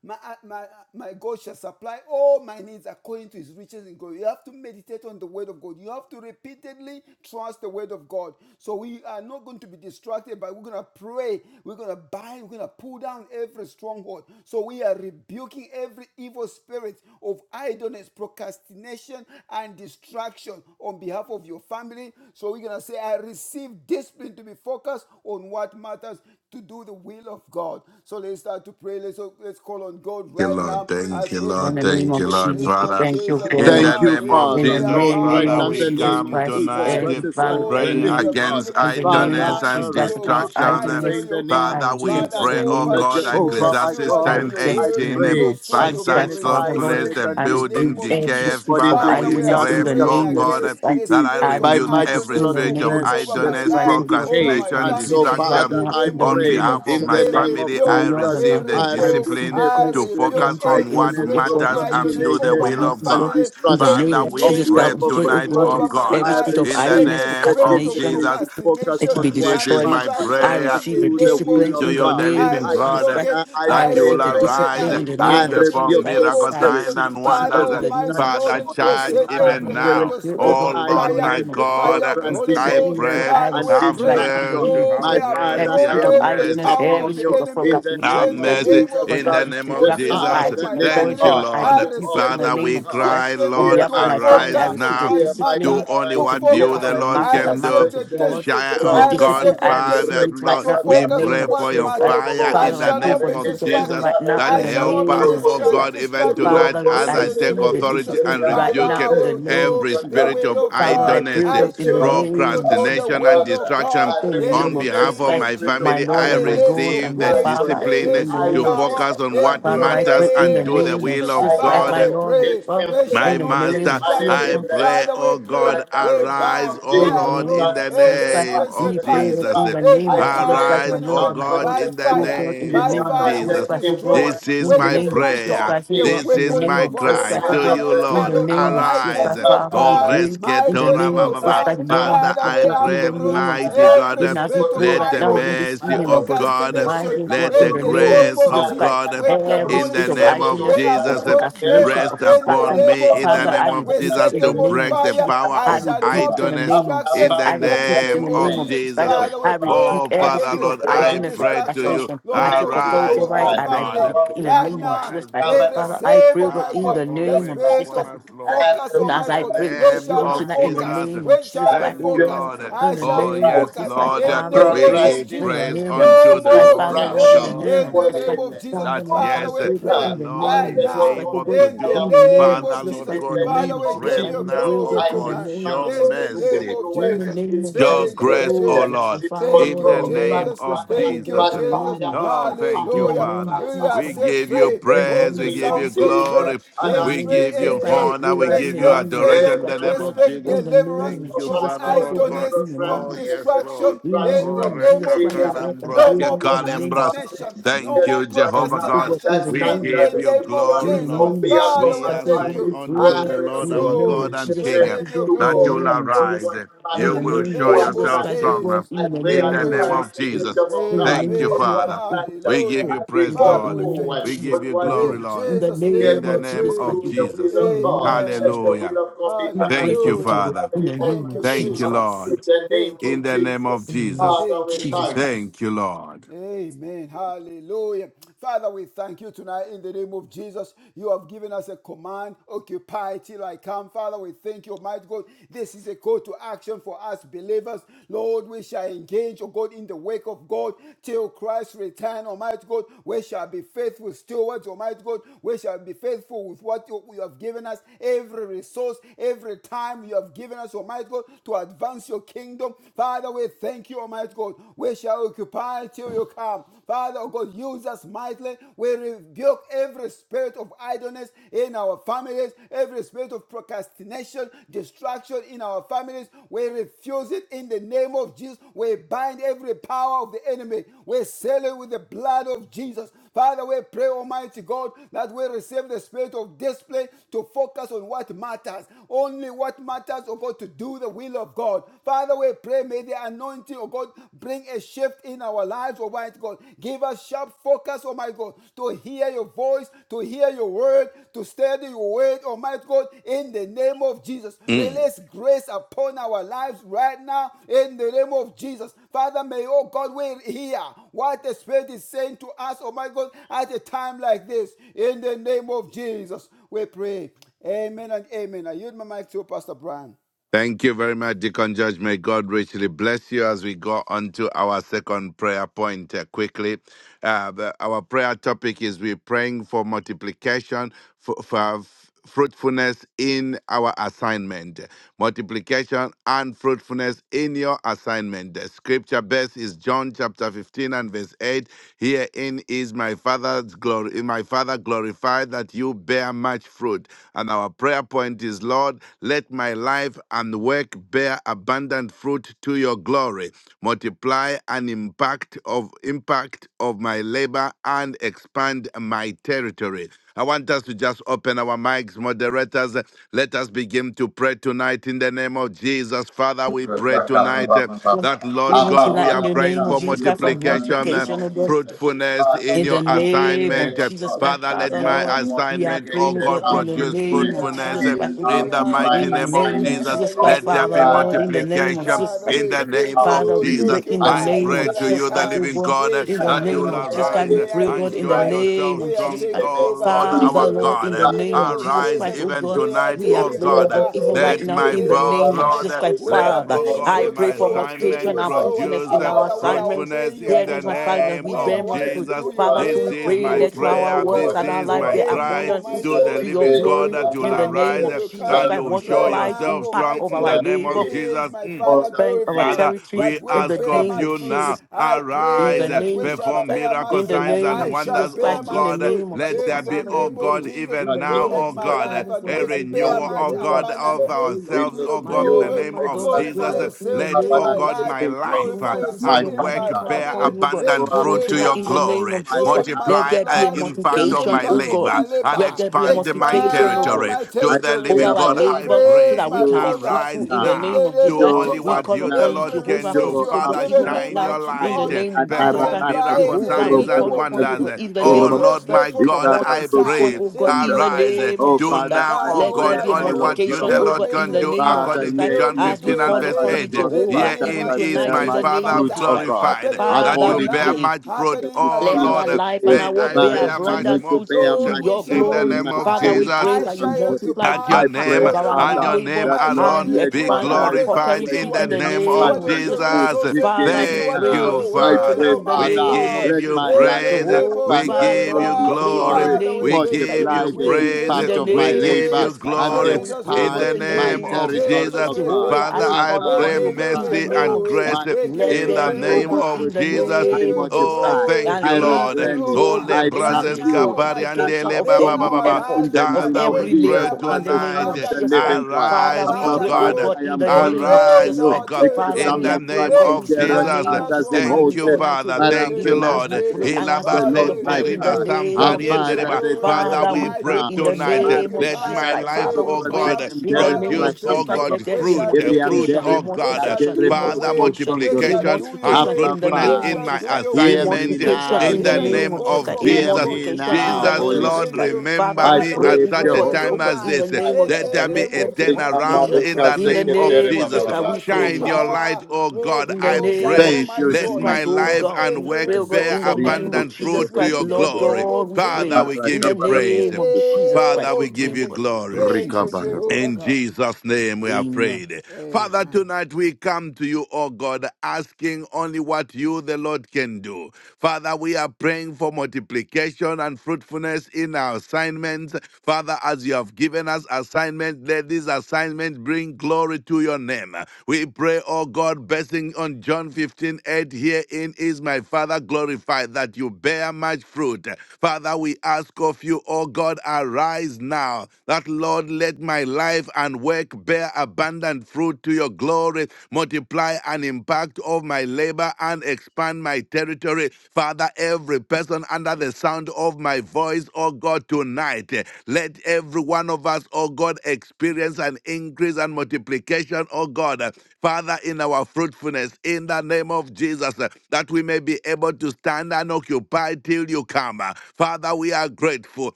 S3: my, uh, my, uh, my God shall supply all my needs according to his riches in glory. You have to meditate on the word of God. You have to repeatedly trust the word of God. So we are not going to be distracted, but we're going to pray. We're going to bind. We're going to pull down every stronghold. So we are rebuking every evil spirit of idleness, procrastination, and distraction on behalf of your family. So we're going to say, I receive discipline to be focused on what matters to do the will of God. So let's start to pray. Let's, let's call on God
S4: you,
S3: right
S4: Lord.
S3: now
S4: Thank
S3: as
S4: you,
S3: we
S6: In
S4: Lord.
S6: the
S3: pray
S6: name
S4: Thank
S3: in
S6: of
S4: you,
S3: the
S4: Lord,
S6: Jesus,
S3: name
S6: we
S4: Father.
S3: of
S6: thank you,
S3: Jesus.
S4: In
S6: God.
S4: the
S5: Thank you,
S4: name of
S6: In the
S5: Father.
S3: Hallelujah.
S4: Jesus,
S5: Lord, right
S6: name
S3: Father,
S4: Father,
S5: now
S6: of
S5: in
S3: we
S4: we
S5: the
S6: Jesus
S5: name
S3: thank
S4: come
S3: you
S5: of
S6: Christ,
S5: Jesus
S3: tonight.
S4: tonight eh,
S5: Christ,
S6: every
S5: the
S6: plan
S5: Son
S6: of
S5: of
S3: Lord,
S5: the
S3: we,
S4: praying
S6: enemy
S3: you
S5: living
S3: have
S5: God.
S4: against
S3: given
S6: in
S3: us
S6: the
S3: a
S6: name
S5: Father,
S6: of
S4: idleness
S3: command
S4: and
S6: Jesus
S5: uh,
S3: to
S5: right
S6: Christ
S5: now
S6: against
S5: I
S4: distraction.
S3: occupy
S4: eh.
S5: pray
S3: till
S6: idleness,
S5: in the
S3: you
S5: name
S6: I
S5: of
S3: come.
S4: Father, we
S6: reject
S3: Father,
S6: it
S5: Jesus
S6: in
S4: pray,
S6: the
S4: oh
S3: help
S6: name
S3: us
S6: of
S5: that
S3: to
S4: God,
S3: be good
S5: Jehovah,
S6: Jesus.
S5: my
S4: Ecclesiastes
S3: stewards
S6: I
S5: God,
S3: of
S4: 10
S3: your
S6: reject
S5: I
S6: it
S3: word,
S6: in the
S4: 18, eh,
S6: name
S5: pray
S3: good
S6: of
S4: by
S3: stewards
S6: Jesus
S3: of
S4: such
S3: your
S6: Christ,
S5: against
S6: Father Lord.
S4: slothfulness
S5: idleness
S3: resources
S4: the
S5: and
S6: I
S3: in the
S6: rebuke
S3: name
S4: building
S3: of
S5: destruction.
S6: every
S3: Jesus.
S4: decayeth.
S6: spirit
S5: According
S6: of
S5: to
S4: Father,
S3: Father,
S4: we
S3: we are
S6: idleness in
S4: pray,
S5: Ecclesiastes
S6: the
S3: praying
S4: oh
S5: chapter
S6: name of
S5: 10,
S4: God
S3: against
S6: Jesus
S5: verse
S6: Christ.
S3: the
S4: that
S5: 18,
S4: I
S6: I
S3: spirit of
S5: by
S4: rebuke
S6: rebuke
S5: much
S6: it
S4: every
S6: in
S3: idleness,
S6: the
S3: oh
S4: spirit of
S3: God,
S6: name
S5: slothfulness
S6: of
S3: over
S5: the
S3: my my
S6: Jesus
S4: idleness,
S6: Christ,
S3: life,
S5: building
S6: oh God.
S3: over
S5: decays.
S3: my
S6: I
S4: procrastination,
S5: And so,
S6: rebuke
S3: family
S6: it right
S3: in
S5: Father,
S3: the
S4: distraction.
S6: now
S5: I
S6: in
S3: name
S6: the
S3: of
S4: On
S5: pray
S6: name
S3: Jesus.
S6: of
S4: behalf of
S5: in
S4: my
S5: the
S3: We
S6: Jesus Christ,
S5: name of
S4: family,
S6: my
S4: I
S3: rebuke,
S6: Lord
S3: we
S5: Jesus,
S6: and my
S4: receive the
S6: God.
S5: I
S6: I
S3: rebuke,
S5: rebuke
S6: receive
S4: discipline
S6: it,
S3: I
S5: every
S6: God,
S4: to
S5: spirit of
S6: even
S3: rebuke
S4: focus
S6: to be
S4: on
S3: every
S4: what
S6: able,
S5: idleness,
S6: oh
S3: spirit of
S6: God,
S4: matters
S6: even to
S4: and
S3: idleness
S4: do
S6: do
S4: the
S5: procrastination,
S6: your
S3: over
S4: will
S3: my
S6: will,
S4: of
S6: oh
S5: and
S6: God.
S4: God.
S3: family
S6: In the
S5: distraction.
S3: in
S6: name
S4: Father,
S3: the
S6: of
S4: we
S5: On
S6: Jesus
S3: name
S5: behalf
S6: Christ,
S4: pray
S3: of
S6: we
S5: of
S6: pray,
S3: Jesus,
S5: my
S6: oh
S4: tonight, oh
S6: God,
S3: over
S5: family,
S3: my
S4: God,
S6: every
S5: I
S3: life,
S6: spirit of
S4: in the
S5: receive
S6: idleness,
S3: every
S4: name
S5: the
S3: spirit
S4: of
S3: of
S6: procrastination,
S5: discipline
S4: Jesus.
S5: to focus
S6: it will
S3: procrastination
S5: on
S6: be
S5: what
S4: This
S3: and
S4: is
S5: matters
S4: my
S6: destroyed.
S3: distraction
S6: I
S4: prayer
S5: and
S3: in
S6: receive
S3: the
S6: the
S5: do the
S3: name of
S6: discipline
S5: will of
S4: to
S6: in the
S3: Jesus.
S4: you,
S5: God.
S4: the
S6: name
S3: I
S6: of
S4: living
S5: My
S6: Jesus
S4: God,
S3: rebuke
S6: Christ.
S5: Father,
S3: it,
S5: I
S6: I
S4: that
S3: I
S4: you
S5: pray
S4: will
S6: receive the
S5: right
S3: rebuke it,
S5: now.
S4: arise
S6: discipline
S3: I
S6: in the
S4: and
S5: I
S6: name
S3: bind
S6: of
S3: it in
S6: Jesus
S3: the
S4: perform
S5: rebuke
S6: Christ.
S5: the
S3: name
S4: miracle
S3: of
S6: I
S5: spirit.
S4: signs
S3: Jesus.
S6: receive the
S4: and
S5: I
S3: Father
S6: discipline in
S4: wonders.
S6: the
S5: rebuke that
S6: name
S3: Almighty
S6: of
S3: God,
S4: Father,
S6: Jesus
S5: demonic
S3: we
S6: Christ.
S4: charge
S6: Oh,
S3: set
S5: satanic
S6: Father,
S4: even
S3: every
S6: Lord, we
S5: spirit
S4: now.
S3: idol
S6: pray, oh
S5: of
S3: spirit
S4: Oh
S6: God,
S3: on
S6: in the
S4: Lord,
S3: fire,
S4: my
S5: idleness,
S6: name of
S3: the
S6: Jesus Christ.
S4: God,
S3: fire of the
S6: The
S3: Holy
S4: I
S6: discipline
S3: Ghost.
S6: of
S5: procrastination,
S6: God
S4: pray,
S6: I
S3: Father,
S5: and
S3: we
S4: have
S6: receive right
S3: pray.
S6: now in the
S5: distraction.
S6: name
S4: mercy,
S6: of
S3: Oh,
S6: Jesus
S4: have
S3: we
S5: My
S6: Christ. Every
S5: Father,
S4: mercy,
S3: uproot
S5: I
S6: spirit
S4: have
S6: of
S5: am
S3: every
S5: calling
S4: mercy.
S6: idleness,
S4: Mm.
S3: power
S6: every
S3: of
S5: upon
S3: the
S6: spirit
S5: you
S6: of
S5: in
S3: enemy
S5: the
S6: procrastination
S4: Have
S6: and
S5: name
S3: in
S5: of
S3: the
S6: discouragement,
S4: mercy
S3: name
S5: Jesus
S3: of
S4: in the
S3: Jesus.
S5: Christ,
S4: name
S6: procrastination,
S4: of
S5: the
S3: On
S5: Son
S3: behalf
S5: of
S4: Jesus.
S6: I
S3: of
S5: the
S6: take
S3: my
S5: living
S4: Thank
S6: authority
S3: family,
S4: you,
S6: over,
S5: God.
S6: I
S4: Lord.
S3: I
S6: rebuke it
S3: receive
S6: in
S5: Jehovah,
S6: the
S3: the
S4: Father,
S5: my
S6: name
S4: we
S3: dis-
S6: of Jesus
S5: God,
S4: cry,
S6: Christ.
S3: discipline
S6: On
S4: Lord,
S5: hear
S6: behalf of
S3: to
S5: my
S6: my family, I
S4: arise
S3: focus
S5: prayer,
S6: receive
S3: on
S6: the
S4: now.
S5: hear
S3: what
S5: my
S4: Do
S6: discipline
S3: matters.
S4: only
S5: cry,
S6: want
S3: To
S6: to
S4: what
S6: be
S5: hear
S4: you,
S6: focused
S4: the
S3: focus,
S6: on
S5: my
S6: the
S4: Lord,
S3: I
S6: matters that
S4: can
S6: matter
S3: receive
S4: do.
S6: to
S3: the
S5: intercession
S6: yours,
S3: discipline.
S4: Shire,
S6: to be
S4: oh
S5: right
S3: I receive
S4: God,
S6: disciplined.
S5: now.
S6: I
S3: the
S6: receive
S4: Father,
S3: discipline
S6: it right
S4: Lord,
S3: to
S6: now in the
S4: we
S3: focus
S5: Rekasatare
S6: name
S3: on
S4: pray
S6: of
S4: for
S3: what
S4: your
S6: Jesus.
S3: matters.
S4: fire
S5: brokotorobobo,
S3: I
S4: in
S6: Father,
S4: the
S6: I
S3: shall
S6: pray
S4: name
S3: not
S6: for
S3: be
S6: this
S4: of
S6: people
S5: mareketere
S6: even
S4: Jesus
S3: distracted.
S6: right now
S4: that
S6: in
S3: I
S6: the
S3: shall shall
S4: help
S3: not be
S4: us,
S6: name of
S4: oh
S6: Jesus.
S4: God,
S5: barekatarambrokoto.
S4: even
S3: distracted
S6: Father,
S4: tonight
S6: Lord,
S4: as
S6: I
S3: in
S4: I
S3: the
S4: take
S3: name
S6: receive
S3: of
S6: the
S5: Rokosekete,
S4: authority
S3: Jesus.
S6: discipline
S4: and
S6: right
S3: Father,
S4: rebuke
S6: now
S3: I
S5: Iriandekete,
S6: in the
S3: will
S6: name of
S3: do
S4: every
S6: Jesus.
S3: the
S4: spirit of
S3: will of
S6: Father, I
S3: God.
S6: pray,
S4: idleness,
S6: oh
S3: I
S6: God, in the
S5: Rakabrokobrekeba.
S3: choose
S6: name
S3: to
S6: of
S3: do
S6: Jesus.
S3: the
S4: procrastination, and
S3: will
S5: Father,
S3: of
S4: distraction
S5: I
S3: God
S6: In the
S3: in
S4: on
S6: name
S5: rebuke
S3: the
S6: of Jesus
S4: behalf
S3: name
S5: every
S4: of
S6: Christ,
S3: of
S4: my
S5: spirit
S3: Jesus.
S6: my
S5: of
S4: family,
S6: Lord
S4: I
S6: and my
S3: Release
S5: idleness,
S6: God
S3: your
S4: receive
S6: and my
S4: the
S3: grace,
S6: Father, I
S5: idleness,
S6: pray
S4: discipline
S6: in
S3: release
S6: the
S3: your
S4: to
S6: name of
S3: power
S5: idleness,
S6: Jesus.
S4: focus on
S5: and
S3: in
S4: what
S3: the
S6: Father, I
S4: matters
S6: pray in
S4: and
S6: the
S3: name
S4: do the
S3: of
S5: procrastination.
S6: name of
S3: Jesus.
S4: will of
S6: Jesus
S5: I
S6: Christ,
S3: Father,
S4: God.
S6: my
S3: we
S5: cancel
S6: Lord, and
S3: pray
S5: its
S6: my God,
S3: we
S4: My
S6: in
S3: shall
S5: influence,
S6: the
S3: not be
S5: its
S6: name
S4: master,
S6: of Jesus.
S3: distracted.
S4: I pray,
S5: manipulation.
S3: Father, we
S4: oh
S3: pray,
S4: God,
S5: Right now,
S3: we
S5: in the name
S4: arise,
S5: of
S3: bind,
S4: oh
S3: we
S6: In the
S5: Jesus
S4: Lord,
S6: name
S3: uproot
S4: in
S5: Christ,
S6: of
S4: the
S6: Jesus
S5: the
S3: every
S6: Christ,
S5: Son
S4: name
S5: of
S6: we
S4: of
S5: the
S6: pray
S5: Living
S3: principality,
S6: that
S4: Jesus.
S5: God,
S6: in the name
S5: I
S3: every
S6: of Jesus
S3: power
S5: pray
S3: of the
S6: Christ, my
S4: Arise,
S5: it
S4: oh
S3: enemy
S6: Lord and
S5: shall
S6: my
S5: not
S4: God,
S6: God,
S3: by
S4: in
S5: take
S4: the
S5: root,
S6: oh
S3: fire.
S6: God, in the
S4: name
S5: it
S3: By
S5: shall
S4: of
S6: name of
S3: fire,
S5: not
S6: Jesus
S3: we
S5: take
S4: Jesus.
S6: Christ, oh God,
S3: destroy,
S5: influence.
S4: This
S6: in
S4: is
S3: we
S6: the
S5: In
S4: my
S6: name
S5: the
S6: of
S5: name name
S6: Jesus
S5: of
S4: prayer.
S3: dismantle
S6: Christ, oh
S3: the
S5: Jesus
S6: God,
S4: This
S6: in the
S4: is
S5: Christ,
S3: weapons
S6: name
S4: my
S6: of
S3: of our
S5: the
S6: Jesus
S4: cry
S6: Christ,
S3: warfare
S6: oh
S4: to
S5: Son
S3: are
S5: of
S6: God,
S4: you,
S3: not
S5: the
S6: in the
S4: Lord.
S5: living
S3: carnal,
S6: name
S5: God.
S6: of Jesus
S3: mighty
S4: Arise.
S6: Christ,
S5: Abba, Father,
S3: through
S6: Father, we
S4: Oh,
S3: God,
S5: I
S6: pray
S5: pray
S6: in the
S3: mighty
S6: name of
S3: through
S6: Jesus
S4: resketora
S5: right
S3: God.
S6: Christ, and they
S5: now.
S6: want
S4: Father,
S6: help,
S3: Father,
S6: oh
S4: I
S3: we
S6: God, in
S4: pray,
S6: the
S3: uproot
S6: name of Jesus
S4: mighty
S6: Christ,
S5: Marekasatara
S3: every
S6: even
S4: God,
S6: as we
S3: spirit of
S6: pray
S4: let
S6: right
S4: the
S6: now,
S5: brokotorobo.
S6: in
S3: idleness
S6: this
S4: mercy
S6: evening, oh
S4: of
S6: God,
S4: God,
S6: my
S3: procrastination.
S6: dear God,
S4: let
S6: in
S4: the
S3: In
S6: the
S3: the
S5: Mareketerebrekandorobo.
S6: name of
S3: name
S4: grace
S3: of
S6: Jesus
S4: of
S3: Jesus,
S6: Christ,
S4: God
S3: we
S5: Marekatara
S6: every
S4: in
S6: spirit
S4: the
S3: demolish
S6: of
S3: them,
S4: name of
S3: we
S6: idleness, of
S4: Jesus. uh,
S3: uproot them.
S6: procrastination,
S5: brokotokotorobarakaterebaba.
S4: Rest
S6: of
S3: In the
S4: upon
S6: distraction,
S3: name
S4: me in
S3: of
S4: the
S6: Father,
S3: Jesus,
S6: I
S4: name of
S3: we
S6: rebuke it
S4: Jesus
S3: set
S6: in
S4: to
S6: the
S3: them on
S6: name
S4: break
S6: of
S4: the
S6: Jesus
S3: fire.
S4: power
S3: I
S6: I
S4: of
S3: shall
S6: rebuke
S5: Arakapapaparakanderekatarabarakandoroba.
S3: not
S6: it in
S3: be
S6: the
S4: idleness
S6: name of
S5: Abba,
S3: distracted.
S4: in
S6: Jesus.
S4: the
S6: I
S5: Father,
S3: In
S5: I
S6: rebuke
S3: the
S6: it in
S4: name
S3: name
S6: the
S3: of
S6: name
S5: pray.
S4: of
S6: of
S3: Jesus,
S6: Jesus. I,
S4: Jesus.
S3: Father, we
S6: I
S5: Jehovah,
S3: pray
S5: my
S6: rebuke
S4: Oh,
S6: every
S5: God.
S4: Father,
S3: against
S6: spirit
S3: the
S6: of
S4: Lord,
S5: God,
S3: spirit
S4: I
S3: of
S5: righteous
S6: idleness or
S4: pray to
S3: distraction,
S5: God,
S4: you.
S6: procrastination. I
S3: Lord,
S6: take
S3: on behalf
S6: authority
S5: merciful
S4: Arise,
S3: of
S6: over it
S4: oh
S3: my
S5: God,
S6: and I
S3: family.
S6: rebuke
S4: God.
S6: in
S5: powerful
S6: the
S3: Right
S6: name of
S5: God,
S3: now,
S4: Arise,
S6: Jesus Christ.
S3: we
S4: oh
S5: covenant
S6: Father,
S4: God.
S6: I
S3: receive,
S6: pray,
S3: oh
S5: keeping
S6: God,
S3: my
S4: Have
S6: in
S3: God,
S4: your
S5: God,
S6: the
S4: own
S3: the
S5: the
S6: name
S4: way
S6: of Jesus
S3: spirit
S4: upon
S5: Father.
S3: of
S6: Christ.
S4: us, Lord.
S5: I
S3: Focus,
S6: Even as
S4: In
S5: rebuke
S3: Almighty
S6: I
S4: the
S3: God.
S6: pray,
S5: that
S3: We
S5: spirit
S4: name
S3: shall
S5: of
S6: even
S3: be
S4: of
S6: tonight, in the
S3: focused.
S4: Jesus.
S5: idleness.
S6: name
S3: We
S6: of Jesus
S3: shall
S5: I
S3: be
S6: Christ,
S4: Thank
S6: oh
S4: you,
S5: rebuke
S3: focused.
S6: Lord,
S5: that
S4: Lord.
S6: in
S3: I
S6: the
S5: spirit
S3: shall
S5: of
S4: Oh,
S3: be
S6: name of
S4: yes,
S6: Jesus
S3: focused
S6: Christ,
S5: idleness,
S4: Lord.
S3: in
S6: Father,
S3: the
S6: we
S4: We
S3: name
S6: pray,
S3: of
S4: give
S6: in
S3: Jesus.
S6: the
S4: praise
S6: name of
S5: procrastination,
S3: No
S4: unto
S6: Jesus
S4: the
S6: Christ,
S3: more
S4: Lord
S6: Father,
S4: our
S6: Lord,
S3: delay
S6: in the
S5: distraction,
S4: God
S6: name
S3: in
S6: of
S4: and
S3: the
S6: Jesus
S3: name
S6: Christ,
S4: King
S3: of
S5: weariness.
S3: Jesus.
S6: Father,
S4: that
S6: Lord, I
S3: Father,
S4: yes,
S3: we
S4: eh,
S5: Almighty
S6: pray that
S4: the
S3: pray
S5: God,
S6: in the name
S5: I
S4: Lord
S3: right
S6: of
S4: is
S5: take
S6: Jesus
S3: now
S6: Christ, oh
S4: able
S6: God,
S5: authority.
S4: to
S3: in the
S4: do.
S5: I
S6: in the name
S5: uproot
S3: name
S6: of
S4: Father,
S3: of
S6: Jesus
S5: it
S4: Lord
S3: Jesus.
S5: in
S6: Christ, in
S4: God,
S5: the
S6: the
S5: name
S4: we
S3: Father,
S6: name of
S3: we
S5: of
S6: Jesus
S4: pray
S3: give
S6: Christ,
S3: you
S6: we
S5: Jesus.
S4: now,
S6: pray
S4: oh
S3: glory
S6: that
S5: I
S6: in the
S4: God,
S5: dis-
S3: tonight
S5: it's
S6: name of
S4: show
S6: Jesus
S3: in
S5: mantle,
S3: the
S6: Christ,
S5: its
S6: oh God.
S3: name
S4: mercy.
S3: of
S6: In
S5: influence,
S6: the
S3: Jesus.
S6: name
S5: its
S6: of
S4: Your
S6: Jesus
S3: Thank
S6: Christ,
S3: you,
S4: grace,
S6: oh
S4: oh
S5: manipulation,
S3: Jesus.
S6: my
S4: Lord,
S5: its
S6: Father,
S3: Thank
S4: in
S6: Lord, in
S3: you,
S4: the
S6: the
S5: control.
S6: name
S5: By
S4: name
S6: of
S3: Jesus.
S6: Jesus
S4: of
S6: Christ, oh
S5: fire,
S3: Thank you,
S6: God,
S5: by
S4: Jesus.
S6: in the
S3: Jesus.
S6: name
S5: fire,
S6: of Jesus
S4: Oh,
S5: by
S6: Christ,
S4: thank
S6: in
S4: you,
S5: fire,
S6: the
S3: Hallelujah.
S6: name
S5: by
S4: Father.
S3: We
S6: of Jesus
S3: are
S6: Christ.
S4: We
S5: fire.
S3: set
S4: give
S5: I
S4: you
S3: free.
S5: pray in
S6: In the
S5: the
S3: Whom
S4: praise, we
S3: the
S6: name of
S5: name
S4: give
S5: of
S3: Son
S4: you
S6: Jesus Christ,
S3: sets
S6: oh
S5: Jesus
S3: free
S6: God.
S4: glory,
S6: In
S5: and
S6: the
S5: I
S3: is
S4: we
S6: name
S3: free
S6: of
S4: give
S6: Jesus
S4: you
S6: Christ,
S5: declare
S6: we
S3: indeed.
S4: honor,
S6: pray,
S4: we
S6: God.
S3: We
S5: right
S6: In
S4: give
S6: the
S4: you
S3: speak
S5: now,
S6: name of Jesus
S4: adoration
S3: freedom.
S4: in
S5: yeah,
S4: the
S6: Christ, oh
S3: We
S5: right
S4: name of
S6: God.
S5: now, the
S3: speak
S6: In
S4: Jesus.
S6: the
S5: spirit
S3: deliverance
S6: name of
S4: Thank
S5: of
S4: you,
S3: from
S6: Jesus
S4: Father,
S6: Christ, oh
S4: Lord
S5: idleness,
S6: God.
S4: God.
S3: idleness,
S6: In the name
S3: from
S4: Oh,
S6: of
S4: yes,
S5: procrastination,
S4: Lord.
S3: distraction
S6: in the
S3: in
S4: Oh,
S3: the
S5: distraction,
S6: name of
S3: name
S6: Jesus
S3: of
S6: Christ, oh
S5: fear,
S3: Jesus.
S6: God, I
S3: No
S6: pray,
S4: rekakarambroske
S3: more
S6: God.
S5: anxiety,
S6: In the name
S5: and
S6: of
S4: kalembras.
S6: Jesus
S5: worry.
S3: procrastination.
S6: Christ
S3: No
S4: Thank
S5: Yes,
S3: more
S4: you,
S5: right
S6: for you,
S4: Jehovah
S5: now,
S6: oh
S4: God.
S6: God,
S3: procrastination
S6: in the
S5: that
S4: We
S6: name
S5: stands
S6: of
S3: in
S5: as
S3: the
S4: give
S5: a
S6: Jesus.
S4: you
S5: hindrance
S3: name of
S5: hindrance
S6: In
S4: glory,
S6: the
S3: Jesus.
S5: on
S4: Lord.
S6: name of
S5: behalf of
S3: Father,
S6: Jesus
S3: we
S4: We
S5: my
S6: Christ,
S4: are
S6: oh
S3: thank
S6: God,
S4: saying
S6: we
S3: you.
S5: family.
S6: pray,
S3: We
S4: unto
S5: I
S6: Lord,
S4: the
S3: give you
S4: Lord
S6: in the
S5: receive
S4: our
S5: the
S6: name
S3: glory.
S6: of
S4: God and
S6: Jesus
S3: We
S4: King
S5: discipline
S6: Christ,
S4: eh,
S6: oh
S3: give you
S6: God,
S5: to
S6: in the
S4: that
S3: glory.
S4: you'll
S5: focus
S6: name of
S5: on
S6: Jesus
S4: arise.
S5: what
S6: Christ. In
S4: You
S6: the
S3: In the
S5: matters,
S4: will
S6: name
S4: show
S6: of
S3: name
S5: what
S6: Jesus
S3: of
S4: yourself
S6: Christ, oh
S5: matters,
S6: God,
S4: stronger
S3: Jesus,
S6: in
S5: as
S6: the
S5: we
S3: we
S4: in the
S6: name of
S4: name
S3: pray.
S5: advance
S4: of
S6: Jesus
S5: the
S6: Christ, oh God,
S4: Jesus.
S5: kingdom of
S6: in the
S5: God,
S4: Thank
S6: name
S4: you,
S6: of
S5: on
S6: Jesus
S3: Amen.
S5: what
S4: Father.
S6: Christ, oh God,
S5: matters,
S4: We give
S3: Hallelujah.
S4: you
S5: as we
S6: oh
S4: praise,
S6: God,
S5: go
S3: Father,
S6: in the
S3: we
S4: Lord.
S6: name of
S3: thank
S5: forward,
S4: We
S3: you.
S6: Jesus
S5: on
S4: give you
S6: Christ, oh
S5: what
S4: glory,
S6: God,
S3: In
S4: Lord,
S6: in
S5: matters.
S6: the
S3: Jesus'
S5: Yes,
S4: in
S3: name
S6: name
S4: the
S3: we
S6: of
S5: to
S4: name
S5: to
S6: Jesus Christ,
S3: pray.
S4: of
S6: oh
S5: do
S6: God,
S5: the will
S4: Jesus.
S6: in
S5: of
S6: the name
S5: God.
S6: of Jesus
S5: Let
S3: Amen.
S5: the
S6: Christ,
S4: Hallelujah.
S5: will of God be
S6: we
S5: done
S6: pray
S4: Thank
S6: for
S5: in
S4: you,
S6: this, oh
S5: my
S3: Hallelujah.
S6: God,
S4: Father.
S6: in
S5: family
S6: the
S5: on
S6: name
S3: Thank
S5: my
S6: of
S3: you,
S4: Thank
S6: Jesus
S4: you,
S5: behalf.
S6: Christ, in
S3: Jesus.
S5: In
S4: Lord,
S5: the name
S3: Thank
S5: of
S3: you,
S4: in the name
S5: Jesus.
S4: of
S6: the
S3: Jesus.
S6: name of
S4: Jesus.
S5: Father,
S3: Thank
S5: we
S3: you,
S6: Jesus
S5: thank you.
S6: Christ.
S3: Jesus.
S4: Thank you, Lord.
S3: Amen. Hallelujah. Father, we thank you tonight in the name of Jesus. You have given us a command, occupy till I come. Father, we thank you, Almighty God. This is a call to action for us believers. Lord, we shall engage, oh God, in the work of God till Christ return, almighty God. We shall be faithful stewards, almighty God. We shall be faithful with what you you have given us, every resource, every time you have given us, almighty God, to advance your kingdom. Father, we thank you, almighty tonight, God. We shall occupy till you come. Father, oh God, use us mightily. We rebuke every spirit of idleness in our families, every spirit of procrastination, distraction in our families. We refuse it in the name of Jesus. We bind every power of the enemy. We seal it with the blood of Jesus. Father, we pray, Almighty God, that we receive the spirit of display to focus on what matters, only what matters, oh God, to do the will of God. Father, we pray, may the anointing, oh God, bring a shift in our lives, Almighty God. Give us sharp focus, oh my God, to hear your voice, to hear your word, to stay heard your word, Almighty God, in the name of Jesus. Release grace upon our lives right now in the name of Jesus. Father, may, oh God, we hear what the Spirit is saying to us, Almighty God, at a time like this. In the name of Jesus, we pray. Amen and amen. I yield my mic to Pastor Brian.
S4: Thank you very much, Deacon Judge. May God richly bless you as we go on to our second prayer point uh, quickly. Uh, the- our prayer topic is we're praying for multiplication, for, for f- fruitfulness in our assignment. Multiplication and fruitfulness in your assignment. The scripture base is John chapter 15 and verse 8. Herein is my Father's glory glor- my Father, glorified that you bear much fruit. And our prayer point is, Lord, let my life and work bear abundant fruit to your glory. Multiply an impact of impact of my labor and expand my territory. I want us to just open our mics, moderators. Let us begin to pray tonight in the name of Jesus. Father, we pray
S5: Abba,
S4: tonight eh,
S6: God,
S4: that,
S6: we
S4: Lord
S6: want to
S4: God, we
S6: that in
S4: are
S5: Father,
S6: the
S5: we
S4: praying
S6: name of
S5: come
S4: for
S5: to
S6: Jesus
S5: you
S6: Christ for
S5: right now in the
S4: multiplication, eh,
S5: name
S6: multiplication, oh
S5: of
S6: God.
S5: Jesus.
S4: fruitfulness
S5: Father,
S4: in
S6: In
S5: we
S4: your
S6: the
S5: come to
S6: name
S5: pray,
S6: of
S4: assignment.
S5: oh
S4: eh.
S6: Jesus
S5: God,
S6: Christ,
S4: Father, let
S6: Father,
S5: prayer
S6: Lord,
S5: for
S4: my
S6: we are
S4: alignment, oh
S6: praying, oh
S5: multiplication
S4: God,
S6: God,
S5: and
S6: in the
S4: produce
S6: name
S5: fruitfulness
S6: of
S3: Hallelujah,
S4: fruitfulness
S6: Jesus
S4: eh,
S6: Christ,
S5: in,
S6: oh
S5: uh,
S4: in
S6: God.
S3: hallelujah,
S4: the
S5: in my
S4: mighty
S6: In the
S4: name of
S6: name of
S3: hallelujah,
S5: assignment,
S4: Jesus.
S5: oh
S6: Jesus
S5: God.
S6: Christ,
S4: Let there
S6: Father,
S4: be
S6: Lord,
S3: hallelujah.
S5: Father,
S6: in the
S5: every
S6: name of
S4: multiplication
S6: Jesus
S3: Father,
S5: assignment
S6: Christ,
S4: in
S6: oh
S3: we
S4: the
S5: that
S6: God.
S5: you
S3: thank
S4: name
S3: you,
S5: have
S4: of
S5: for
S6: Father,
S3: Lord.
S6: we
S5: me
S4: Jesus.
S6: pray in the
S5: at
S4: I
S3: Occupy
S5: such a
S6: name
S4: pray
S6: of
S3: till
S4: to
S5: time
S3: I
S6: Jesus
S4: you, the
S6: Christ,
S3: come.
S6: oh
S4: living
S5: as
S6: God.
S4: God, eh,
S3: We
S6: In
S5: my
S6: the
S4: that
S3: shall
S6: name
S4: you'll
S5: Father,
S6: of
S5: I
S6: Jesus
S5: am
S3: occupy.
S6: Christ,
S4: arise
S6: we
S3: We
S4: eh,
S6: pray, oh
S3: are
S5: believing
S4: and
S6: God,
S5: you
S6: in the
S4: show
S5: right
S3: occupying.
S5: now.
S6: name
S4: yourself
S6: of
S3: We are
S5: In
S6: Jesus
S4: strong,
S5: the
S6: Christ.
S3: taking
S4: oh
S5: name
S3: over
S5: of
S4: Lord,
S6: Father,
S4: our
S5: Jesus,
S6: Lord,
S3: territories
S4: God.
S6: in
S4: eh.
S6: the
S3: in the
S5: by
S6: name
S3: name
S5: the
S6: of
S3: of
S5: blood
S6: Jesus
S5: of
S4: Arise
S6: Christ,
S3: Jesus.
S6: oh
S4: even
S6: God,
S5: Jesus,
S3: We are
S4: tonight,
S6: we
S5: with
S6: are
S4: oh
S5: the
S3: taking
S6: praying, oh
S5: help
S4: God. eh.
S6: God,
S5: of
S3: over
S5: the
S6: even
S5: Holy
S6: right
S4: Let
S3: in
S6: now,
S3: the
S4: my
S6: in
S5: Spirit,
S6: the
S3: name of
S4: word,
S5: that
S6: name of
S4: Lord,
S3: Jesus.
S6: Jesus
S5: Father,
S4: eh,
S5: we
S6: Christ,
S3: We
S4: let,
S5: call
S3: are
S6: Father.
S4: oh
S5: upon
S3: being
S4: God,
S5: the
S4: eh,
S6: I
S3: good
S6: pray
S4: my
S6: for
S5: covenant
S3: stewards,
S6: multiplication
S5: keeping
S4: assignment
S3: faithful
S6: and
S5: God.
S3: stewards.
S6: fruitfulness
S4: produce
S6: in
S4: eh,
S5: Abba,
S6: our
S3: Father,
S5: Father,
S3: we are
S6: assignments.
S4: fruitfulness
S3: obeying your
S4: in
S6: Here
S4: the
S6: is my
S5: righteous
S3: command.
S6: Father, that
S4: name
S6: we
S5: Father,
S3: We
S6: bear
S3: are
S4: of
S6: much
S3: want to
S6: fruit.
S4: Jesus.
S3: do
S5: merciful
S3: your
S6: Father, so
S4: This
S3: will,
S6: we
S5: Father,
S4: is
S6: pray,
S4: my
S5: O
S3: Almighty
S6: let
S3: God.
S6: our
S4: prayer.
S6: work
S5: Jehovah,
S3: Cause
S4: This
S6: and
S3: us
S5: my
S6: our
S4: is
S3: to
S6: life
S4: my
S5: God,
S6: bear
S3: obey you,
S4: cry
S6: abundant
S5: we
S6: fruit
S3: Almighty
S4: to the
S3: God.
S6: to your
S4: living
S5: celebrate
S3: Till
S4: God
S6: glory
S3: you
S4: that
S5: and
S4: you'll
S6: in the
S3: come,
S5: declare
S6: name
S4: arise
S3: till
S6: of
S4: eh,
S3: you
S5: that
S6: Jesus
S3: come.
S4: and
S6: Christ.
S5: our
S4: you'll show
S3: Right
S5: God
S6: Multiply the
S3: now,
S4: yourself
S5: is
S6: impact
S4: strong
S3: Almighty
S6: of
S4: in
S5: more
S6: our
S4: the
S3: God,
S4: name
S5: than
S3: He
S4: of
S6: labor,
S5: able,
S3: is
S4: Jesus.
S3: my
S4: Mm.
S5: more
S3: Father
S5: than
S6: spend our
S3: glorified.
S5: able,
S4: Father,
S6: territory
S4: we
S3: That we
S6: in the
S5: able
S4: ask
S5: to
S3: bear
S4: of
S6: name
S5: do
S3: much
S6: of
S4: you
S3: fruit.
S6: Jesus.
S4: now,
S3: I
S5: exceeding
S6: In
S3: pray
S6: the
S4: arise, eh,
S3: that
S6: name
S3: we
S6: of
S3: shall
S6: Jesus,
S4: perform
S3: bear
S4: miracle
S3: much
S6: in the
S3: fruit.
S4: signs
S6: name
S4: and
S3: I
S6: of
S3: shall
S4: wonders,
S6: Jesus
S4: oh
S3: bear
S6: Christ, in
S3: much
S6: the
S4: God. Eh,
S3: fruit.
S6: name of
S4: Let
S6: Jesus,
S4: there
S3: In
S5: according
S4: be,
S5: to
S3: the
S6: Father,
S5: the
S6: we
S4: oh
S3: name
S6: pray.
S3: of
S5: power
S4: God,
S3: Jesus,
S6: In
S4: even
S5: that
S6: the
S5: is
S4: now,
S3: Lord,
S6: name
S5: at
S6: of
S4: oh
S3: let my
S6: Jesus
S5: work.
S4: God,
S6: Christ,
S4: eh,
S3: life
S6: even
S3: and
S6: for
S4: a
S6: this
S3: work
S5: Right
S6: week,
S5: now,
S3: bear
S6: in
S4: renewal,
S6: the
S4: oh
S3: much
S6: name
S5: Jehovah,
S6: of
S4: God,
S5: my
S6: Jesus
S4: of
S3: abundant
S6: Christ,
S5: God,
S3: fruit
S6: oh
S5: we
S6: Lord.
S3: to
S4: ourselves,
S5: look
S3: your
S4: oh
S6: My
S5: to
S4: God, in the
S5: you,
S6: Lord
S3: glory.
S6: and
S4: name
S6: my
S4: of
S6: God, we
S5: excellent
S6: pray
S3: Glorify
S4: Jesus. Eh,
S6: that
S5: God,
S6: in the
S3: yourself
S4: Let,
S3: in
S4: oh
S3: my
S5: covenant
S6: name of
S4: God,
S6: Jesus
S3: life.
S4: my
S6: Christ.
S5: keeping God,
S6: Even
S4: life,
S3: Glorify
S6: for
S5: that
S6: this week,
S3: yourself
S5: my
S6: God,
S4: and
S3: in
S6: as we
S4: work
S3: my
S5: Father,
S6: call
S4: bear
S3: family.
S6: upon
S5: you
S6: you, God,
S5: show
S3: In
S4: abundant
S3: the
S5: up
S6: even
S4: fruit
S3: name
S4: to
S6: tonight,
S4: your
S3: of
S6: in
S5: now
S6: the
S3: Jesus,
S6: name
S4: glory.
S5: on
S6: of
S5: my
S6: Jesus Christ,
S3: Lord,
S5: behalf,
S6: let
S4: Multiply
S6: there
S4: uh,
S6: be a
S3: multiply
S5: right now
S3: the
S4: impact
S5: in
S4: of
S5: the
S6: multiplication,
S4: my
S6: oh
S5: name
S3: impact
S5: of
S3: of
S6: God.
S4: labor
S3: my
S5: Jesus.
S4: and
S5: Christ,
S6: Let
S3: labor.
S6: there
S5: the
S6: be a
S5: Son of
S4: expand
S5: the
S4: my
S6: multiplication,
S5: living
S6: oh
S5: God.
S3: Expand
S6: God
S4: territory.
S3: my
S4: To
S5: I
S4: the
S5: pray,
S3: territory.
S6: over
S4: living
S6: our
S5: Abba
S4: God, I
S5: Father,
S6: labor so
S3: Increase
S6: that
S4: pray.
S6: we
S3: my
S6: can be
S5: show up
S3: borders.
S6: fruitful
S4: Arise
S6: in the
S5: now.
S3: In
S4: now.
S6: name
S3: the
S6: of Jesus
S3: name
S4: Do
S3: of
S6: Christ.
S5: Show
S4: only
S6: We
S3: Jesus,
S5: up
S4: what
S6: call
S4: you, the
S6: upon you,
S5: now.
S4: Lord,
S3: every
S6: Jehovah,
S4: can
S6: for
S3: resource
S4: do.
S5: Show
S3: you
S6: this, oh
S3: have
S5: up
S6: God,
S4: Father,
S6: even
S3: given
S5: now.
S6: right
S3: me,
S4: shine
S6: now,
S4: your
S3: mighty
S6: in the
S4: light.
S3: God,
S6: name of Jesus
S5: Marekatara
S4: Perform
S6: Christ.
S3: multiply it
S4: miracles,
S3: in
S6: Jehovah,
S5: barakandoro
S3: the
S4: signs,
S6: we
S3: name
S4: and
S6: call
S3: of
S6: upon you, oh God,
S3: Jesus.
S4: wonders.
S5: barakazika
S6: in the
S4: Oh
S6: name of
S5: torobaba.
S3: Increase
S6: Jesus
S4: Lord,
S3: me
S4: my
S6: Christ,
S3: from
S6: for
S4: God,
S3: every
S4: I
S3: side
S5: Ikarabroko
S6: multiplication,
S4: pray,
S6: oh God,
S3: in
S6: in
S3: the
S6: the
S5: zokundaraba.
S3: name
S4: arise.
S3: of
S6: name of
S5: Oh,
S4: Do
S3: Jesus.
S6: Jesus
S5: Father,
S4: now,
S6: Christ.
S5: I
S3: Father
S4: oh
S6: Let there
S5: pray,
S4: God,
S6: be a
S3: Almighty
S5: oh
S4: only
S5: Lord
S3: God,
S4: what
S5: God
S4: you,
S6: multiplication,
S4: the
S6: oh
S3: help
S4: Lord,
S6: God,
S5: Almighty.
S3: me
S6: in
S3: to
S4: can
S6: the
S4: do,
S6: name of
S5: Father,
S3: expand,
S6: Jesus
S4: according to
S6: Christ,
S4: John
S3: help me
S5: herein
S6: as we
S5: is
S4: 15
S3: to
S4: and
S5: my
S6: call
S4: verse
S6: upon
S5: Father
S3: increase.
S6: you,
S4: 8.
S3: Let there
S6: Jehovah,
S5: glorified,
S3: be
S5: that
S3: a
S6: even
S4: Herein
S5: I
S4: is
S5: bear
S6: tonight,
S4: my
S6: in the
S5: much
S3: multiplication
S6: name
S4: Father
S6: of
S3: factor
S5: fruit,
S6: Jesus
S5: O
S6: Christ.
S5: God,
S4: glorified,
S3: happening in
S4: that
S6: Father,
S3: my
S4: you
S6: we
S5: according to
S4: bear
S3: life,
S6: pray
S4: much
S5: John
S4: fruit.
S5: chapter
S3: happening in
S5: 15
S3: my
S4: Oh
S6: let
S5: 15,
S6: our
S4: Lord,
S3: family,
S5: verse
S6: life and
S5: 8.
S4: may
S6: our
S3: in the
S4: I
S6: work
S3: name
S6: bear
S5: Father,
S4: bear
S3: of
S5: I
S4: much
S5: need
S3: Jesus.
S6: abundant
S4: more
S5: to
S6: fruit
S5: bear
S4: fruit
S6: to
S3: Lord,
S5: much
S3: we
S6: your
S3: shall
S5: fruit
S4: in the
S6: glory.
S5: in
S4: name
S5: my
S4: of
S3: occupy,
S6: Father,
S5: spirit,
S6: we
S4: Jesus.
S6: pray
S3: I
S5: soul,
S6: that you
S5: and
S3: shall
S5: body.
S6: multiply the
S4: At
S3: occupy
S4: your
S5: I
S6: impact
S4: name
S5: pray,
S6: of
S3: till you
S6: our la-
S4: and
S5: Father,
S4: your
S3: come.
S6: labor
S4: name
S5: that
S3: I
S5: Lord,
S3: shall
S6: and
S4: alone
S3: be
S6: you
S3: a
S5: let
S4: be
S5: my
S3: good
S6: expand
S3: and
S6: our
S5: life
S6: co-
S5: and
S3: faithful
S4: glorified
S5: work
S6: territory
S4: in the
S6: in
S3: steward,
S6: the
S5: bear
S4: name of
S6: name
S3: steward
S6: of
S3: of
S5: abundant
S6: Jesus
S3: your
S5: fruit
S6: Christ.
S4: Jesus.
S3: resources,
S6: Father,
S5: beginning
S6: we
S3: steward
S4: Thank
S6: pray
S3: of
S5: now.
S6: for
S4: you,
S3: your
S6: this
S5: I
S6: even
S3: word,
S6: tonight
S4: Father.
S5: pray,
S6: in the
S4: We
S3: Almighty
S5: Father,
S6: name of
S3: God.
S4: give
S5: let
S4: you
S6: Jesus
S5: my
S6: Christ.
S3: In
S5: life
S3: the
S4: praise.
S5: bear
S3: name of
S4: We
S5: abundant
S6: Jehovah,
S4: give
S5: fruit
S4: you
S6: Lord,
S5: to
S6: we
S3: Jesus,
S5: your
S6: pray in
S4: glory.
S6: the
S5: glory.
S3: Father,
S6: name
S3: we
S4: We
S6: of Jesus
S3: thank
S6: Christ,
S3: you.
S4: give
S6: even
S4: you
S5: Multiply the
S3: We
S6: today.
S4: praise.
S3: bless
S6: In
S5: impact
S6: the
S3: your
S5: of
S4: We
S5: my
S6: name of
S4: give
S5: labor
S3: name.
S4: you
S6: Jesus Christ,
S5: and
S6: Father,
S4: glory
S6: we
S3: Jesus,
S6: pray,
S3: we
S6: oh
S4: in
S6: God,
S5: expand
S4: the
S6: in
S3: thank
S6: the
S5: my
S3: you.
S4: name
S6: name of
S4: of
S6: Jesus Christ.
S5: territory,
S3: Jesus,
S5: O
S4: Jesus.
S3: we
S5: God.
S3: thank
S6: Jehovah, as
S4: Father,
S6: we
S3: you.
S5: Our
S4: I
S6: call
S3: We
S5: God
S4: pray
S6: upon you, oh
S3: give
S5: and
S6: God,
S3: you
S6: in
S3: the
S5: Father,
S6: the
S4: mercy
S6: name
S4: and
S6: of Jesus
S3: glory.
S6: Christ.
S4: grace
S5: my
S3: We give
S6: Let
S4: in
S5: prayer
S3: you
S6: there
S4: the
S5: that
S3: the
S6: be,
S5: I
S6: oh
S4: name
S5: be
S6: God,
S4: of
S6: in the
S3: honor.
S5: fruitful,
S3: We
S4: Jesus.
S3: give
S5: I
S6: name
S3: you
S6: of
S3: the
S6: Jesus
S4: Oh,
S5: multiply.
S6: Christ,
S3: glory
S4: thank
S6: an
S4: you,
S5: I
S4: Lord.
S3: and the
S6: increase,
S5: replenish,
S6: oh
S3: honor.
S4: Ole
S5: I
S6: God,
S3: Right
S4: brazes
S6: increase,
S3: now,
S5: subdue,
S3: Almighty
S5: and I
S3: God,
S6: multiplication
S5: have
S4: kapariandele
S6: of
S3: let
S6: every
S3: our
S5: dominion in
S6: effort,
S3: lives
S5: the
S4: Thou
S6: of
S3: and
S5: name
S4: that
S5: of
S4: we
S6: every
S3: work
S4: pray
S5: Jesus
S3: bear
S6: labor
S5: Christ,
S6: in
S3: much
S6: the
S5: the
S6: name
S5: Son
S4: tonight,
S6: of
S5: of the
S3: abundant
S6: Jesus Christ.
S3: fruit.
S5: living God.
S6: Father,
S4: arise,
S6: we
S4: O
S5: Abba,
S6: pray,
S3: Abundant
S6: oh
S5: Father,
S4: God.
S6: God,
S3: fruit.
S5: I
S6: in
S5: am
S6: the
S5: calling
S6: name of
S5: upon
S3: Increase
S4: Arise,
S6: Jesus
S4: O
S5: you
S6: Christ.
S3: our
S4: God,
S5: because
S6: Father,
S4: in
S5: some
S6: we
S3: territory.
S4: the
S5: may
S6: are praying
S4: name
S5: trust
S6: for
S5: in
S4: of
S6: this in the
S5: chariots,
S4: Jesus.
S3: Expand
S6: name of
S3: us,
S6: Jesus
S5: others in
S6: Christ,
S4: Thank
S3: Almighty
S6: even
S4: you,
S5: horses,
S3: God.
S6: tonight, oh
S4: Father.
S6: God,
S5: but
S3: In
S5: I've
S3: the
S4: Thank you,
S6: even
S3: name
S6: as
S3: of
S4: Lord.
S6: we
S5: remembered the
S6: pray
S3: Jesus,
S5: name
S6: and
S5: of
S6: as we
S5: the
S3: Father,
S6: call
S5: Lord
S4: Hilabasente
S3: we
S6: upon
S5: my
S6: in
S3: thank
S6: the
S3: you.
S5: God.
S3: We
S6: name
S5: Our
S6: of
S3: give
S6: Jesus
S4: ribasampariende
S3: you
S6: Christ.
S5: Father,
S4: riba.
S5: the
S3: glory
S5: time
S4: Father,
S6: Father,
S5: is
S4: we
S6: we
S3: tonight.
S4: pray
S6: pray
S5: now.
S6: in
S3: We
S6: the
S3: shall
S4: tonight.
S6: name of
S4: Let
S6: Jesus
S3: occupy
S4: my
S6: Christ.
S5: Marekatara
S4: life,
S6: Father,
S3: till
S6: we
S3: you
S4: O
S5: broko
S6: pray
S3: come.
S4: God,
S6: in the
S5: sekendere
S3: Father,
S6: name
S3: we
S6: of
S4: produce,
S6: Jesus
S4: O
S3: thank
S5: brakambar
S6: Christ.
S3: you.
S6: Let
S4: God,
S5: baba.
S6: there
S3: We
S6: be a
S3: shall
S4: fruit,
S3: take
S4: fruit,
S3: over.
S6: multiplication, a
S5: Iriandere
S4: O
S3: We
S4: God.
S3: shall
S6: multiplication,
S5: bakatere
S6: a
S3: do your
S4: Father,
S5: broko
S3: will.
S6: multiplication
S3: We
S5: sondor
S6: a
S3: shall
S4: multiplication
S3: do your
S4: and
S6: multiplication
S3: will.
S5: Abba
S6: in the
S4: fruitfulness
S3: We
S6: name of
S4: in
S3: shall
S5: Father,
S4: my
S6: Jesus
S3: do
S6: Christ.
S3: your
S6: A
S5: hear
S3: will.
S5: me
S4: assignment
S3: We
S6: multiplication
S5: now,
S3: shall
S4: in
S6: in the
S4: the
S3: hear your
S5: Jesus.
S6: name
S4: name
S6: of Jesus
S3: voice,
S4: of
S6: Christ. A
S5: Hear
S3: Almighty
S4: Jesus.
S3: God.
S4: Jesus.
S5: me
S6: multiplication in
S5: now,
S6: the
S3: Father,
S4: Jesus,
S6: name
S3: we
S5: Holy
S6: of Jesus
S4: Lord,
S3: thank
S6: Christ.
S5: Spirit.
S3: you.
S6: Father,
S4: remember
S5: I
S6: we
S4: me
S3: Father,
S6: pray
S3: we
S4: at
S5: pray,
S6: even
S4: such a
S6: for
S3: pray
S6: this, oh
S4: time
S6: God,
S5: Jehovah,
S4: as
S6: in
S3: tonight
S6: the
S4: this.
S5: my
S6: name of
S3: in
S4: Let
S6: Jesus
S3: the
S4: there
S5: God.
S6: Christ.
S4: be
S6: Let
S3: name
S4: a
S6: there
S3: of
S6: be
S3: Jesus.
S4: turnaround
S3: We
S6: multiplication
S4: in the
S5: Rikamareka
S3: trust
S6: in
S3: your
S6: the
S4: name of
S3: grace.
S5: seketere
S6: name of
S5: baba
S6: Jesus
S4: Jesus.
S3: We
S6: Christ. We
S3: trust
S6: pray
S3: your
S4: Shine
S6: for
S5: Mm.
S4: your
S6: this. oh,
S4: light,
S3: power.
S4: oh God,
S3: Lord,
S6: In the
S4: I
S3: use
S6: name
S3: us,
S6: of
S4: pray.
S5: Thank you,
S3: Almighty
S6: Jesus
S4: Let
S3: God.
S6: Christ,
S5: Jesus.
S4: my
S6: oh
S4: life
S3: Use
S6: God,
S4: and
S6: we
S3: every
S4: work
S6: pray, oh God,
S4: bear
S6: in
S3: resource,
S6: the
S3: Almighty
S6: name
S3: God.
S6: of
S4: abundant
S6: Jesus
S4: fruit
S5: Ribrokodoro
S4: to
S6: Christ,
S4: your
S3: In the
S6: Lord
S5: brokodoro
S4: glory.
S3: name
S5: baba.
S6: God,
S3: of
S6: we
S4: Father,
S6: pray.
S4: we
S3: Jesus.
S6: In
S4: give
S5: Maraka
S6: the
S4: you
S5: para
S3: In the
S4: praise.
S6: name of
S5: brokodoro baba.
S6: Jesus
S3: name
S4: Father,
S6: Christ, we
S4: we
S3: of
S6: pray,
S4: give
S6: oh
S4: you
S3: Jesus.
S6: God, in
S4: glory.
S3: Thank you,
S6: Jesus' name.
S5: Rika
S3: Jehovah
S4: In
S3: God.
S4: Jesus' name we have
S6: Amen.
S4: prayed. Father,
S3: Amen.
S4: tonight we come to you, O God, asking only what you, the Lord, can do. Father, we are praying for multiplication and fruitfulness in our assignments. Father, as you have given us assignments, let these assignments bring glory to your name. We pray, O God, basing on John 15 eight. herein is my Father glorified life that you bear much fruit. Father, we ask of you, O God, arise now, that Lord, let my life and work bear abundant fruit to your glory, multiply and impact of my labor and expand my territory. Father, every person under the sound of my voice, O God, tonight, eh, let every one of us, O God, experience an increase and multiplication multiplication, oh God. uh, Father, in our fruitfulness, in the name of Jesus, uh, that we may be able to stand and occupy till you come. Uh, Father, we are grateful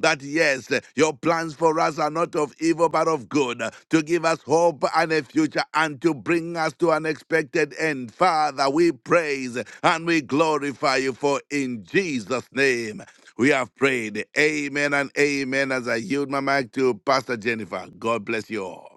S4: that, yes, uh, your plans for us are not of evil but of good, uh, to give us hope and a future and to bring us to an expected end. Father, we praise and we glorify you, for in Jesus' name we have prayed. Amen and amen. As I yield my mic to Pastor Jennifer, God bless you all.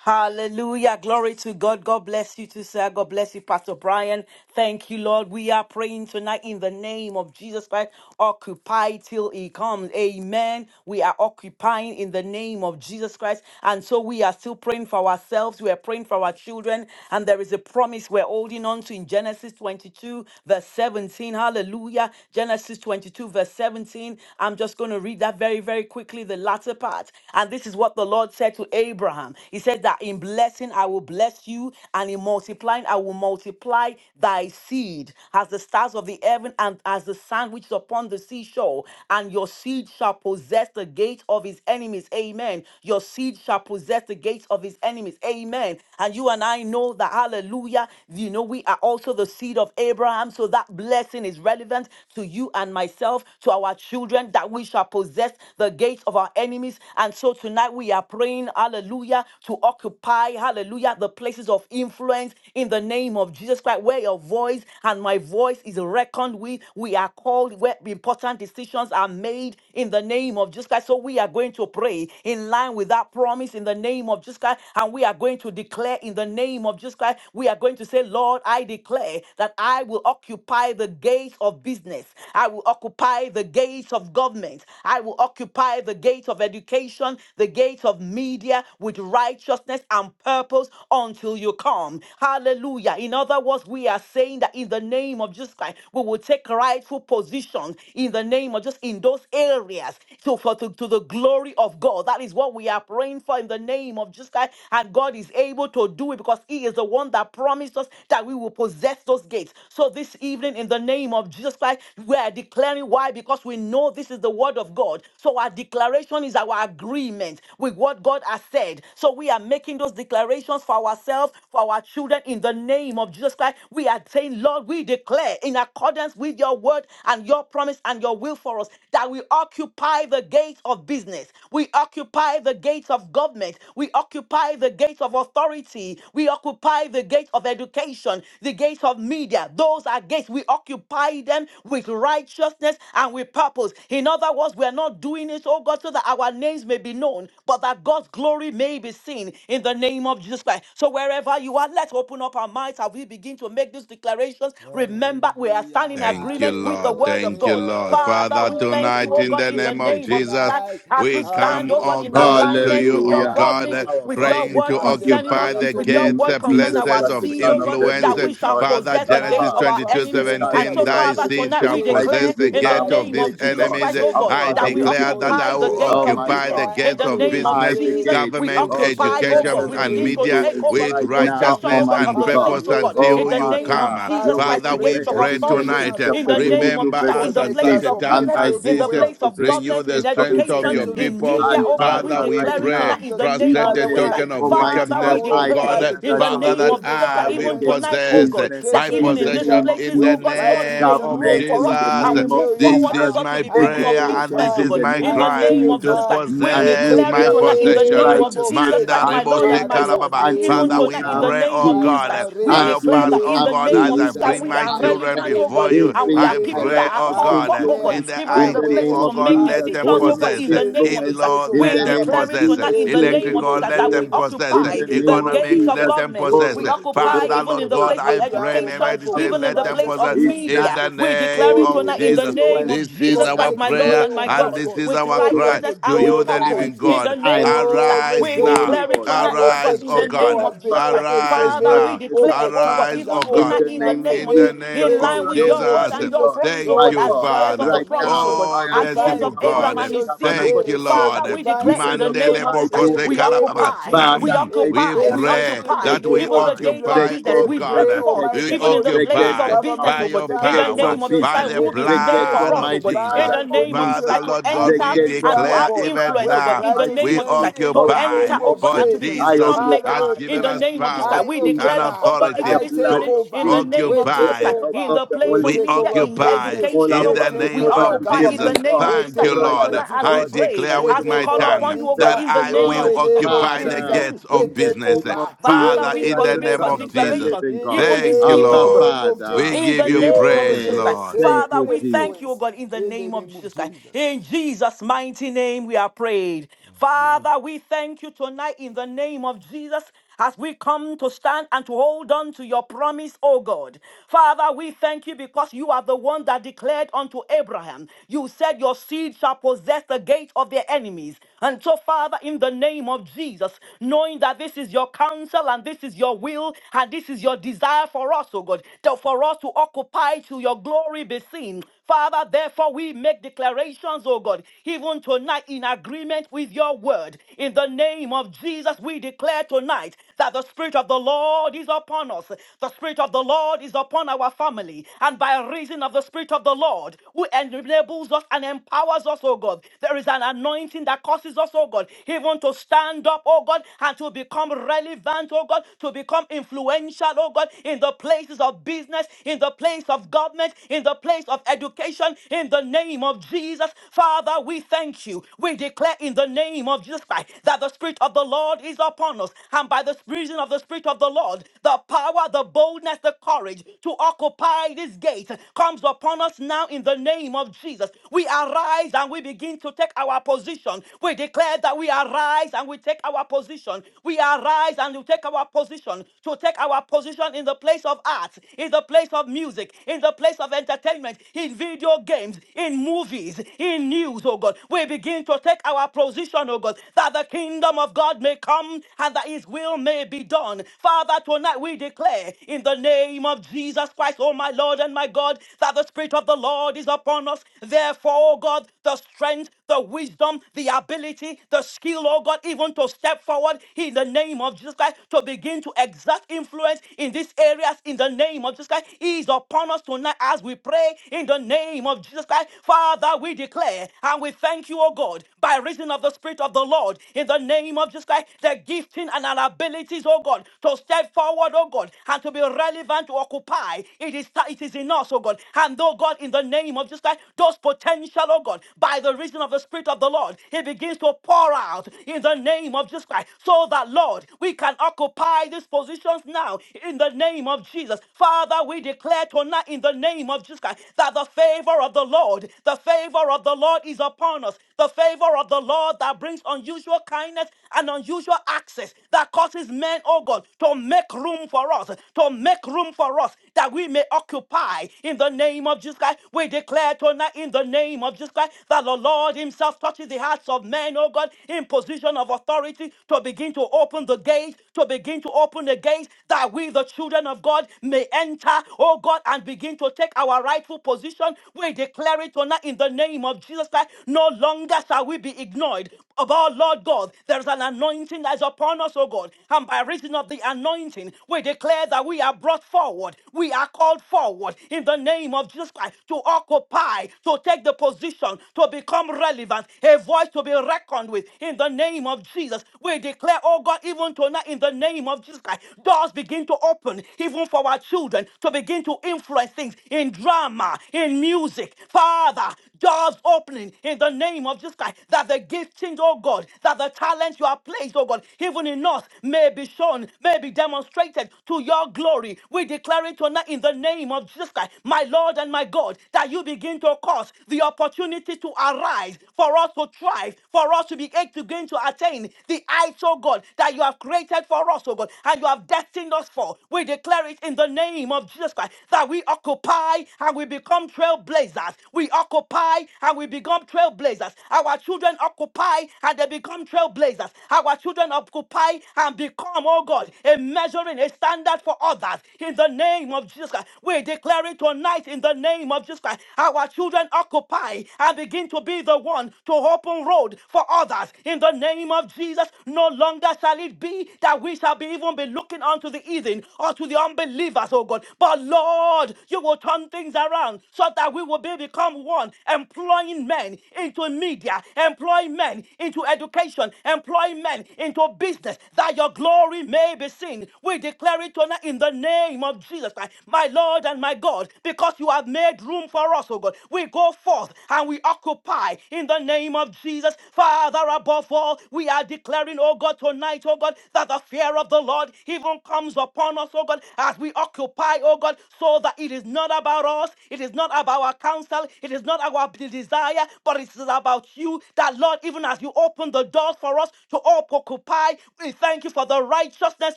S6: Hallelujah. Glory to God. God bless you too, sir. God bless you, Pastor Brian. Thank you, Lord. We are praying tonight in the name of Jesus Christ. Occupy till he comes. Amen. We are occupying in the name of Jesus Christ. And so we are still praying for ourselves. We are praying for our children. And there is a promise we're holding on to in Genesis 22, verse 17. Hallelujah. Genesis 22, verse 17. I'm just going to read that very, very quickly, the latter part. And this is what the Lord said. God said to Abraham. He said that in blessing I will bless you, and in multiplying I will multiply thy seed as the stars of the heaven and as the sand which is upon the seashore. And your seed shall possess the gate of his enemies. Amen. Your seed shall possess the gates of his enemies. Amen. And you and I know that, hallelujah, you know, we are also the seed of Abraham. So that blessing is relevant to you and myself, to our children, that we shall possess the gates of our enemies places. And so tonight we are praying, hallelujah, to occupy, hallelujah, the places of influence in the name of Jesus Christ, where your voice and my voice is reckoned with. We are called where important decisions are made in the name of Jesus Christ. So we are going to pray in line with that promise in the name of Jesus Christ. And we are going to declare in the name of Jesus Christ, we are going to say, Lord, I declare that I will occupy the gates of business. I will occupy the gates of government. I will occupy the gate of education, the gate of media with righteousness and purpose until you come. Hallelujah. In other words, we are saying that in the name of Jesus Christ, we will take rightful positions in the name of just in those areas. So for to, to the glory of God. That is what we are praying for in the name of Jesus Christ. And God is able to do it because He is the one that promised us that we will possess those gates. So this evening, in the name of Jesus Christ, we are declaring why? Because we know this is the word of God. So our declaration is our agreement with what God has said. So we are making those declarations for ourselves, for our children in the name of Jesus Christ. We are saying, Lord, we declare in accordance with your word and your promise and your will for us that we occupy the gates of business. We occupy the gates of government. We occupy the gates of authority. We occupy the gates of education, the gates of media. Those are gates. We occupy them with righteousness righteousness and with purpose. In other words, we are not doing it, oh God, so that our names may be known, but that God's glory may be seen in the name of Jesus Christ. So wherever you are, let's open up our minds as we begin to make these declarations. Remember, we are
S3: Hallelujah,
S6: standing in
S4: Thank you,
S6: agreement with the
S4: Lord.
S6: word of
S4: Thank you,
S6: God.
S4: Lord.
S3: hallelujah.
S6: Father,
S4: Father,
S6: we thank
S3: Father,
S6: you,
S4: tonight
S6: oh
S4: in
S3: we
S6: God,
S4: the
S6: in the
S4: name
S3: thank
S4: of
S3: you
S6: name of Jesus.
S4: Jesus,
S3: tonight
S6: As
S4: we
S6: we
S3: as
S6: stand,
S4: come,
S6: oh
S3: we
S6: God,
S4: oh
S6: in
S3: pray,
S4: God, to
S6: alignment
S3: pray,
S4: you,
S6: with your
S4: oh
S5: Hallelujah.
S3: Almighty
S4: God
S6: promise
S3: God,
S5: Our
S6: with
S5: Father,
S6: your
S5: we
S4: praying
S6: word
S4: to
S3: occupy
S5: thank
S3: the
S5: you
S6: concerning
S5: right
S6: us,
S4: occupy
S5: now in
S4: the
S3: gates
S5: the
S3: of,
S6: with your
S5: name
S4: gates,
S5: of
S6: word
S4: uh,
S3: of
S6: concerning
S5: Jesus
S6: our
S4: places
S5: Christ,
S3: influence
S5: the
S4: of
S6: seed,
S3: in
S5: Son
S6: oh
S3: the
S5: of
S6: God,
S5: the
S3: name
S4: influence.
S6: that we
S3: of
S5: living
S6: shall
S5: God.
S3: Jesus.
S4: Father,
S6: possess the
S5: That
S6: gates
S4: Genesis
S6: of
S3: Father,
S5: Father,
S6: our
S4: 22:17,
S6: enemies.
S5: it's
S3: transform us
S5: time
S6: And so,
S3: as
S5: for us
S4: thy
S6: Father,
S5: to
S3: agents
S4: seed
S3: of
S6: tonight
S4: shall
S6: we
S5: occupy
S3: change.
S5: till
S4: possess
S6: declare
S4: the
S5: you
S6: in
S3: We
S6: the
S3: are
S4: gate
S5: come,
S3: the
S4: of
S6: name
S4: these
S6: of
S5: Almighty
S3: agents
S6: Jesus
S5: God.
S3: of
S4: enemies.
S6: Christ, oh
S5: And
S3: change,
S6: God,
S4: I
S5: Father,
S6: that we
S5: we
S3: Almighty
S4: declare
S3: God.
S4: that
S5: declare,
S4: I
S6: occupy the
S4: will
S3: We
S6: gates
S5: oh
S3: shall
S6: of
S5: my
S4: occupy
S6: business.
S4: the
S5: God,
S3: occupy
S6: In
S4: gates
S6: the
S3: until
S4: of
S6: name
S3: there's
S6: of
S5: occupy
S4: business,
S5: the
S3: change.
S6: Jesus,
S5: gates
S6: we
S4: government,
S3: There's
S5: of the
S6: occupy,
S3: change in
S6: oh God,
S3: our
S4: education,
S5: places
S6: we
S5: of
S4: and
S6: begin to
S3: business
S4: media
S6: take,
S3: in
S6: oh
S5: influence
S3: the
S6: God,
S4: with
S5: right
S3: name of
S6: possession,
S5: now,
S3: Jesus.
S6: oh
S4: righteousness
S6: God, of
S4: and
S5: Almighty
S6: the
S3: Father,
S5: God.
S6: seats,
S4: purpose
S6: oh
S3: use
S6: God,
S3: us
S5: Oh
S6: in
S4: until
S6: the
S4: you
S6: name
S3: mightily.
S6: of
S4: come.
S5: Father, your
S3: Father,
S6: Jesus
S3: we
S6: Christ,
S5: word
S6: the
S4: Father,
S3: pray,
S4: we
S6: gates of
S5: declares
S4: pray
S5: in
S3: position
S6: authority,
S5: Genesis
S4: tonight.
S3: us,
S4: uh,
S6: in
S5: chapter
S6: the
S3: Almighty God.
S6: name of
S5: 22,
S6: Jesus
S4: Remember
S5: verse
S6: Christ, in
S4: us
S6: the
S4: at
S3: Connect
S4: such
S5: 17,
S6: places
S3: us,
S4: a
S6: of of
S4: time
S5: and
S3: Almighty
S6: business,
S5: thy
S4: as
S3: God,
S6: in
S3: to
S5: seed
S6: the
S4: this. uh,
S5: shall
S3: where
S6: place of
S5: possess the
S4: Renew
S6: government,
S4: the
S6: in
S5: gate of
S3: to
S4: strength
S5: his
S4: of
S6: education,
S4: your
S3: possession
S5: enemies.
S3: of
S6: in
S4: people.
S6: media.
S5: And
S6: Oh
S3: change in
S6: God,
S3: the
S6: we
S4: Father,
S5: Father,
S4: we
S3: name
S5: right
S6: declare
S3: of
S6: it
S4: pray,
S5: now,
S6: tonight in
S3: Jesus.
S6: the
S5: we
S6: name
S4: frustrate
S6: of
S4: the
S3: Father,
S6: Jesus
S5: pray,
S3: I
S4: token
S6: Christ.
S4: of
S3: declare that
S5: Almighty
S6: Father,
S3: I
S6: we
S5: God,
S4: wickedness, oh
S3: will
S5: I
S6: declare
S3: occupy the
S4: God,
S5: declare
S6: in
S5: that
S6: the
S3: gates
S5: I
S4: Father,
S3: of
S5: will
S6: name
S4: that
S6: of
S3: business,
S6: Jesus Christ,
S4: I
S5: occupy the
S4: will
S6: even
S3: government,
S5: gates of
S6: tonight, oh
S4: possess
S6: God,
S5: business
S6: that
S4: my
S6: even
S3: education,
S5: in the
S6: in these
S3: media
S5: name
S4: possession
S5: of
S4: in
S6: places,
S3: with
S4: the
S6: oh God,
S5: Jesus,
S6: Lord, you
S4: name
S3: righteousness
S6: make
S3: and
S4: of
S6: room
S5: government
S6: for
S3: purpose
S5: in
S6: us
S5: the
S4: Jesus.
S6: and we
S5: name of
S6: move
S3: until you
S4: This
S6: forward, oh
S4: is
S5: Jesus
S3: come,
S6: God, to
S4: my
S6: be people of
S3: until
S4: prayer
S3: you
S4: and
S5: education
S4: this
S6: influence, oh
S5: in
S3: come,
S4: is
S6: God,
S5: the
S4: my
S6: in
S5: name
S6: the
S5: of
S4: cry
S3: until
S6: name
S3: you
S6: of
S4: to
S5: Jesus
S6: Jesus Christ.
S3: come
S5: mm,
S6: We
S5: and
S3: in
S4: possess
S3: the
S6: declare
S4: my
S6: it
S5: media
S6: tonight in
S5: with
S6: the
S4: possession.
S6: name of
S3: name of
S5: righteousness
S6: Jesus
S4: Manda
S6: Christ,
S3: Jesus.
S6: my
S5: and
S4: rebo
S6: Lord
S4: se
S6: and
S3: Father,
S6: my
S5: purpose
S3: we
S6: God,
S4: karababa.
S3: pray
S5: until
S6: even
S4: Father, we
S5: you
S3: right
S4: we
S6: tonight in the
S5: come,
S3: now,
S4: pray,
S6: name
S4: oh
S6: of Jesus
S3: right
S6: Christ. Jesus
S4: God, uh,
S5: Jesus.
S3: now,
S6: Christ. We
S3: release
S4: help
S5: Until
S6: declare
S4: us,
S6: that
S5: you
S4: oh
S6: in
S3: grace,
S6: the
S5: come,
S4: God,
S6: name
S4: as
S6: of
S4: I
S3: release
S6: Jesus
S3: the
S6: Christ,
S5: Jesus,
S4: bring
S6: we
S4: my
S6: are
S5: I
S3: anointing
S4: children
S6: relevant,
S5: pray.
S6: oh
S3: in the
S4: before
S6: God,
S4: you.
S3: name
S6: and we
S3: of
S5: Increase
S6: are
S4: I
S5: my
S6: people
S3: Jesus.
S6: that
S4: pray,
S6: are
S4: oh
S5: righteous
S3: I
S6: called
S4: God,
S6: for,
S4: uh,
S6: oh God,
S3: declare
S4: in
S5: influence
S4: the
S6: even
S3: I
S6: in
S5: in
S6: the
S5: the
S4: IT,
S6: places
S3: will
S5: name
S4: oh
S6: to
S5: of
S4: God,
S6: make
S3: occupy
S4: let
S5: Jesus,
S3: the
S4: them
S6: decisions, oh
S3: gates
S6: God,
S5: holiness
S4: possess.
S6: in
S3: of
S4: uh,
S6: the name
S3: business,
S6: of
S3: the
S4: In
S6: Jesus
S5: influence
S6: Christ.
S3: gates
S4: law,
S5: in
S3: of
S6: We
S4: let
S5: the
S4: them
S5: name of
S6: declare
S3: governments
S6: it
S4: possess. uh,
S6: tonight
S5: Jesus,
S6: in
S3: in
S6: the
S3: the
S6: name
S5: purity
S6: of
S3: name
S6: Jesus
S4: Electrical,
S3: of
S6: Christ
S4: let
S6: that we
S4: them
S5: influence
S3: Jesus,
S4: possess.
S5: in
S4: uh,
S6: occupy
S3: in
S5: the
S3: the
S5: name
S6: the
S3: name
S5: of
S3: of
S6: gate
S4: Economics,
S6: of
S4: let
S5: Jesus.
S3: Jesus,
S4: them
S6: government.
S3: in
S5: Oh,
S4: possess.
S6: We
S4: uh,
S6: occupy
S4: Father,
S3: education,
S6: even in
S4: Lord
S6: the
S5: Rakaborokota.
S4: God,
S6: place
S3: in
S6: of
S4: I
S5: I
S3: media,
S4: pray, in
S5: pray,
S3: oh
S4: the
S6: education,
S3: my
S5: Abba
S3: God,
S4: medicine,
S6: even
S3: with
S6: in
S4: let
S6: the
S4: them
S5: Father,
S6: place of
S4: possess.
S3: righteousness
S5: it's
S3: and
S4: In
S6: media.
S4: the
S5: time
S3: purpose.
S5: to
S6: We
S4: name
S6: declare it
S3: Lord,
S5: increase
S4: of
S5: the
S6: tonight in
S3: release
S6: the
S3: the
S4: Jesus.
S6: name
S5: influence.
S3: grace,
S6: of
S4: This is
S5: It's
S6: Jesus
S4: our
S6: Christ,
S5: time
S6: my
S3: connect
S5: to
S6: Lord
S3: me,
S4: prayer
S6: and
S3: oh
S6: my
S3: my
S4: and
S5: multiply
S6: God,
S4: this
S3: God.
S5: the
S4: is
S6: with
S4: our
S3: Open
S4: cry
S5: influence.
S6: righteousness
S3: the
S4: to
S6: and with
S5: It's
S4: you,
S3: doors,
S4: the
S6: purpose.
S5: time,
S4: living
S3: Almighty
S6: In
S3: God.
S5: it's
S6: the
S4: God.
S6: name
S5: time,
S6: of Jesus
S5: it's
S6: Christ,
S3: Lord, we
S5: time,
S4: Arise
S6: we
S3: thank
S5: oh
S4: now.
S3: you.
S6: declare it
S5: Lord.
S6: tonight,
S3: An
S6: oh
S5: I
S6: God,
S4: Arise,
S6: in
S4: O
S3: effectual
S6: the
S5: pray,
S4: God.
S6: name
S3: door
S5: Abba
S3: has
S6: of
S3: been
S6: Jesus
S5: Father,
S6: Christ.
S3: opened for
S5: righteous
S4: Arise
S6: Father,
S3: me.
S5: Father,
S6: we
S4: now.
S6: declare,
S5: merciful
S6: oh God,
S5: Father,
S4: Arise,
S3: Opportunities are
S4: oh
S6: even
S5: in
S4: God,
S6: tonight
S5: the
S3: opening
S6: in the
S3: up
S5: name of
S3: for
S6: name
S4: in
S6: of Jesus,
S4: the
S3: me
S5: Jesus
S4: name
S5: Christ,
S6: in
S5: the
S3: in
S4: of
S6: line
S3: the
S5: Son
S6: with
S5: of
S3: name
S6: your
S5: the
S3: of
S6: word
S4: Jesus.
S6: and
S5: living
S6: your
S3: Jesus.
S5: God.
S6: promise, oh
S4: Thank
S5: My
S6: God,
S3: Lord,
S4: you,
S6: as
S5: God,
S6: years
S3: divine
S6: of
S4: Father.
S6: the
S5: right
S6: promise,
S5: now,
S6: oh
S3: connection,
S6: God,
S5: I
S4: Oh,
S5: am
S6: as years
S5: calling
S4: merciful
S3: divine
S6: of
S5: upon
S6: Abraham
S5: you,
S4: God.
S6: and
S5: the
S6: his
S3: connection.
S6: seed, oh
S3: We
S5: covenant
S6: God.
S4: Thank you,
S5: keeping
S6: Father,
S3: receive
S4: Lord.
S5: God.
S6: we
S5: You
S3: divine
S6: declare in
S5: said,
S6: the
S3: connection
S4: Mandele
S6: name of
S5: Occupy
S6: Jesus, that
S5: till
S3: in
S4: bokose
S5: I
S3: the
S6: we
S3: name
S5: come.
S3: of
S6: occupy,
S3: Jesus.
S6: we
S5: Father,
S4: karababa. *clears throat*
S5: I
S3: In
S4: We
S6: occupy,
S5: declare
S6: we
S5: that
S3: business,
S4: pray
S5: I
S3: in the
S6: occupy
S4: that we
S3: name
S6: even the
S3: of
S5: occupy
S6: gates
S3: Jesus,
S6: of
S5: the
S4: occupy,
S6: business.
S4: oh
S3: we
S5: gates
S6: We
S5: of
S6: break
S3: pray,
S4: God,
S6: forth
S4: we
S3: Almighty
S5: education,
S6: even in
S3: God,
S6: the
S5: the
S6: places
S3: in
S5: gates
S4: occupy
S5: of
S6: of business,
S4: by
S3: government,
S6: oh
S5: government,
S6: God,
S4: your
S5: the
S6: in
S3: divine
S6: the
S5: gates
S4: power,
S6: name
S5: of
S6: of
S3: connection,
S6: just
S4: by
S6: like
S5: business,
S4: the
S6: room
S3: in
S6: is
S5: the
S6: made
S5: gates,
S6: for
S4: blood
S3: education,
S6: us
S4: of
S6: oh
S5: Almighty
S6: God, in
S4: Jesus.
S5: Father,
S6: the
S3: divine
S5: of
S6: name of Jesus
S3: connection,
S4: Father,
S6: Christ,
S5: media,
S6: to
S4: Lord
S3: And
S4: God,
S5: the
S6: enter
S3: and
S4: we
S5: gates,
S6: and
S3: media,
S6: to
S3: oh
S4: declare
S6: have
S5: Almighty
S3: God,
S4: even
S6: influence, oh
S5: Father,
S3: with
S6: God,
S5: of
S4: now
S6: in the
S5: my
S6: name
S4: we
S6: of Jesus
S3: righteousness
S5: city,
S6: Christ,
S3: in
S6: to
S5: of
S3: the
S5: my
S4: occupy
S6: enter,
S3: name
S6: oh
S3: of
S6: God,
S4: for
S6: and
S5: nation.
S6: to be
S3: Jesus.
S5: I
S4: Jesus
S6: decision
S3: Father,
S6: makers,
S4: has
S3: we
S5: occupy
S6: in
S4: given
S5: in
S6: the
S4: us
S3: pray.
S5: the
S6: name of
S5: name
S6: Jesus
S5: of
S4: power
S6: Christ.
S3: I
S6: We
S4: and
S6: declare
S5: Jesus,
S6: this, oh
S3: occupy.
S6: God,
S5: by
S4: authority
S6: even
S5: the
S3: I
S6: this
S5: blood
S3: take
S4: to
S6: evening,
S5: of
S6: in the
S3: over.
S5: Jesus,
S6: name
S3: We
S6: of
S5: with
S6: Jesus
S3: take
S4: occupy.
S5: the
S6: Christ,
S5: help
S6: in
S3: over.
S5: of
S6: the
S5: the
S3: We
S6: place of
S5: Holy
S4: We
S3: take
S6: media,
S3: over
S5: Spirit.
S6: in
S5: I
S4: occupy
S3: business.
S5: call
S6: education,
S4: in
S6: oh
S3: We
S5: upon
S4: the
S6: God,
S5: you,
S3: take
S4: name
S6: we
S3: over
S4: of
S5: covenant
S6: occupy in
S5: keeping
S6: the
S4: Jesus.
S3: government.
S6: name
S5: God,
S6: of
S3: We
S6: Jesus
S4: Thank
S6: Christ,
S4: you,
S3: take
S6: even
S3: over
S4: Lord.
S6: tonight
S5: righteous
S6: as we
S4: I
S5: God,
S3: education.
S6: pray,
S4: declare
S3: We
S4: with
S6: as we
S5: merciful
S4: my
S3: take
S6: call
S3: over
S5: God,
S4: tongue
S6: upon you, oh God,
S4: that
S3: media
S6: in the
S5: faithful
S4: I
S6: name
S3: in
S4: will
S6: of
S5: God,
S3: the
S6: Jesus.
S3: name
S6: Christ.
S3: of
S4: occupy the
S5: Father,
S3: Jesus.
S4: gates
S3: We
S4: of
S5: in the
S3: take
S4: business.
S5: name of
S3: over
S6: *laughs* Father,
S3: in
S5: Jesus
S4: Father,
S6: we
S3: the
S4: in
S5: Christ,
S4: the
S5: the
S3: name
S6: make
S4: name
S3: of
S6: a
S5: Son
S4: of
S5: of
S3: Jesus.
S5: the
S4: Jesus.
S6: declaration
S5: living
S3: In
S5: God.
S6: even this
S4: Thank you,
S6: evening,
S5: Abba,
S6: oh God.
S3: the
S4: Lord.
S3: name of
S5: Father,
S4: We
S3: Jesus.
S6: In
S4: give
S6: the
S4: you
S5: we
S6: name of
S3: Lord,
S4: praise,
S6: Jesus
S5: pray.
S3: we
S6: Christ.
S4: Lord.
S5: Thank
S3: receive
S6: Father,
S5: you,
S6: we
S5: Jesus.
S6: thank you, O
S3: influence
S6: God, in the
S3: in the
S6: name of
S3: name of
S6: Jesus Christ.
S3: Jesus.
S6: In Jesus' mighty name, we are prayed. Father, we thank you tonight in the name of Jesus as we come to stand and to hold on to your promise, O God. Father, we thank you because you are the one that declared unto Abraham, You said your seed shall possess the gate of their enemies. And so, Father, in the name of Jesus, knowing that this is your counsel and this is your will and this is your desire for us, oh God, to- for us to occupy till your glory be seen. Father, therefore, we make declarations, oh God, even tonight in agreement with your word. In the name of Jesus, we declare tonight that the Spirit of the Lord is upon us. The Spirit of the Lord is upon our family. And by reason of the Spirit of the Lord, who enables us and empowers us, oh God, there is an anointing that causes us, oh God, even to stand up, oh God, and to become relevant, oh God, to become influential, oh God, in the places of business, in the place of government, in the place of education, in the name of Jesus. Father, we thank you. We declare in the name of Jesus Christ that the Spirit of the Lord is is upon us, and by the reason of the Spirit of the Lord, the power, the boldness, the courage to occupy this gate comes upon us now in the name of Jesus. We arise and we begin to take our position. We declare that we arise and we take our position. We arise and we take our position to take our position in the place of art, in the place of music, in the place of entertainment, in video games, in movies, in news, oh God. We begin to take our position, oh God, that the King kingdom of God may come and that his will may be done. Father, tonight we declare in the name of Jesus Christ, oh my Lord and my God, that the Spirit of the Lord is upon us. Therefore, oh God, the strength, the wisdom, the ability, the skill, oh God, even to step forward in the name of Jesus Christ, to begin to exert influence in these areas in the name of Jesus Christ, is upon us tonight as we pray in the name of Jesus Christ. Father, we declare and we thank you, oh God, by reason of the the Spirit of the Lord in the name of Jesus Christ, the gifting and our abilities, oh God, to step forward, oh God, and to be relevant to occupy. It is it is in us, oh God. And oh God, in the name of Jesus Christ, those potential, oh God, by the reason of the Spirit of the Lord, He begins to pour out in the name of Jesus Christ, so that Lord, we can occupy these positions now in the name of Jesus. Father, we declare tonight in the name of Jesus Christ that the favor of the Lord, the favor of the Lord is upon us the favor of the Lord that brings unusual kindness and unusual access that causes men, oh God, to make room for us, to make room for us that we may occupy in the name of Jesus Christ. We declare tonight in the name of Jesus Christ that the Lord Himself touches the hearts of men, oh God, in position of authority to begin to open the gates, to begin to open the gates that we, the children of God, may enter, oh God, and begin to take our rightful position. We declare it tonight in the name of of Jesus Christ, no longer shall we be ignored. Of our Lord God, there is an anointing that is upon us, O God. And by reason of the anointing, we declare that we are brought forward. We are called forward in the name of Jesus Christ to occupy, to take the position, to become relevant, a voice to be reckoned with in the name of Jesus. We declare, oh God, even tonight in the name of Jesus Christ, doors begin to open even for our children to begin to influence things in drama, in music. Father, Jobs opening in the name of Jesus Christ. That the giftings, oh God, that the talents you have placed, oh God, even in us, may be shown, may be demonstrated to your glory. We declare it tonight in the name of Jesus Christ, my Lord and my God, that you begin to cause the opportunity to arise for us to thrive, for us to be able to gain to attain the heights, oh God, that you have created for us, oh God, and you have destined us for. We declare it in the name of Jesus Christ that we occupy and we become trailblazers trailblazers. We occupy and we become trailblazers. Our children occupy and they become trailblazers. Our children occupy and become, oh God, a measuring, a standard for others. In the name of Jesus Christ, we declare it tonight in the name of Jesus Christ. Our children occupy and begin to be the one to open road for others. In the name of Jesus, no longer shall it be that we shall be even be looking unto the heathen or to the unbelievers, oh God. But Lord, you will turn turn things around so that we will be become one, employing men into media, employing men into education, employing men into business, that your glory may be seen. We declare it tonight in the name of Jesus Christ, my Lord and my God, because you have made room for us, oh God. We go forth and we occupy in the name of Jesus. Father, above all, we are declaring, oh God, tonight, oh God, that the fear of the Lord even comes upon us, oh God, as we occupy, oh God, so that it is not about us, it is not about our counsel, it is not our desire, but it is about you. That Lord, even as you open the doors for us to occupy, we thank you for the righteousness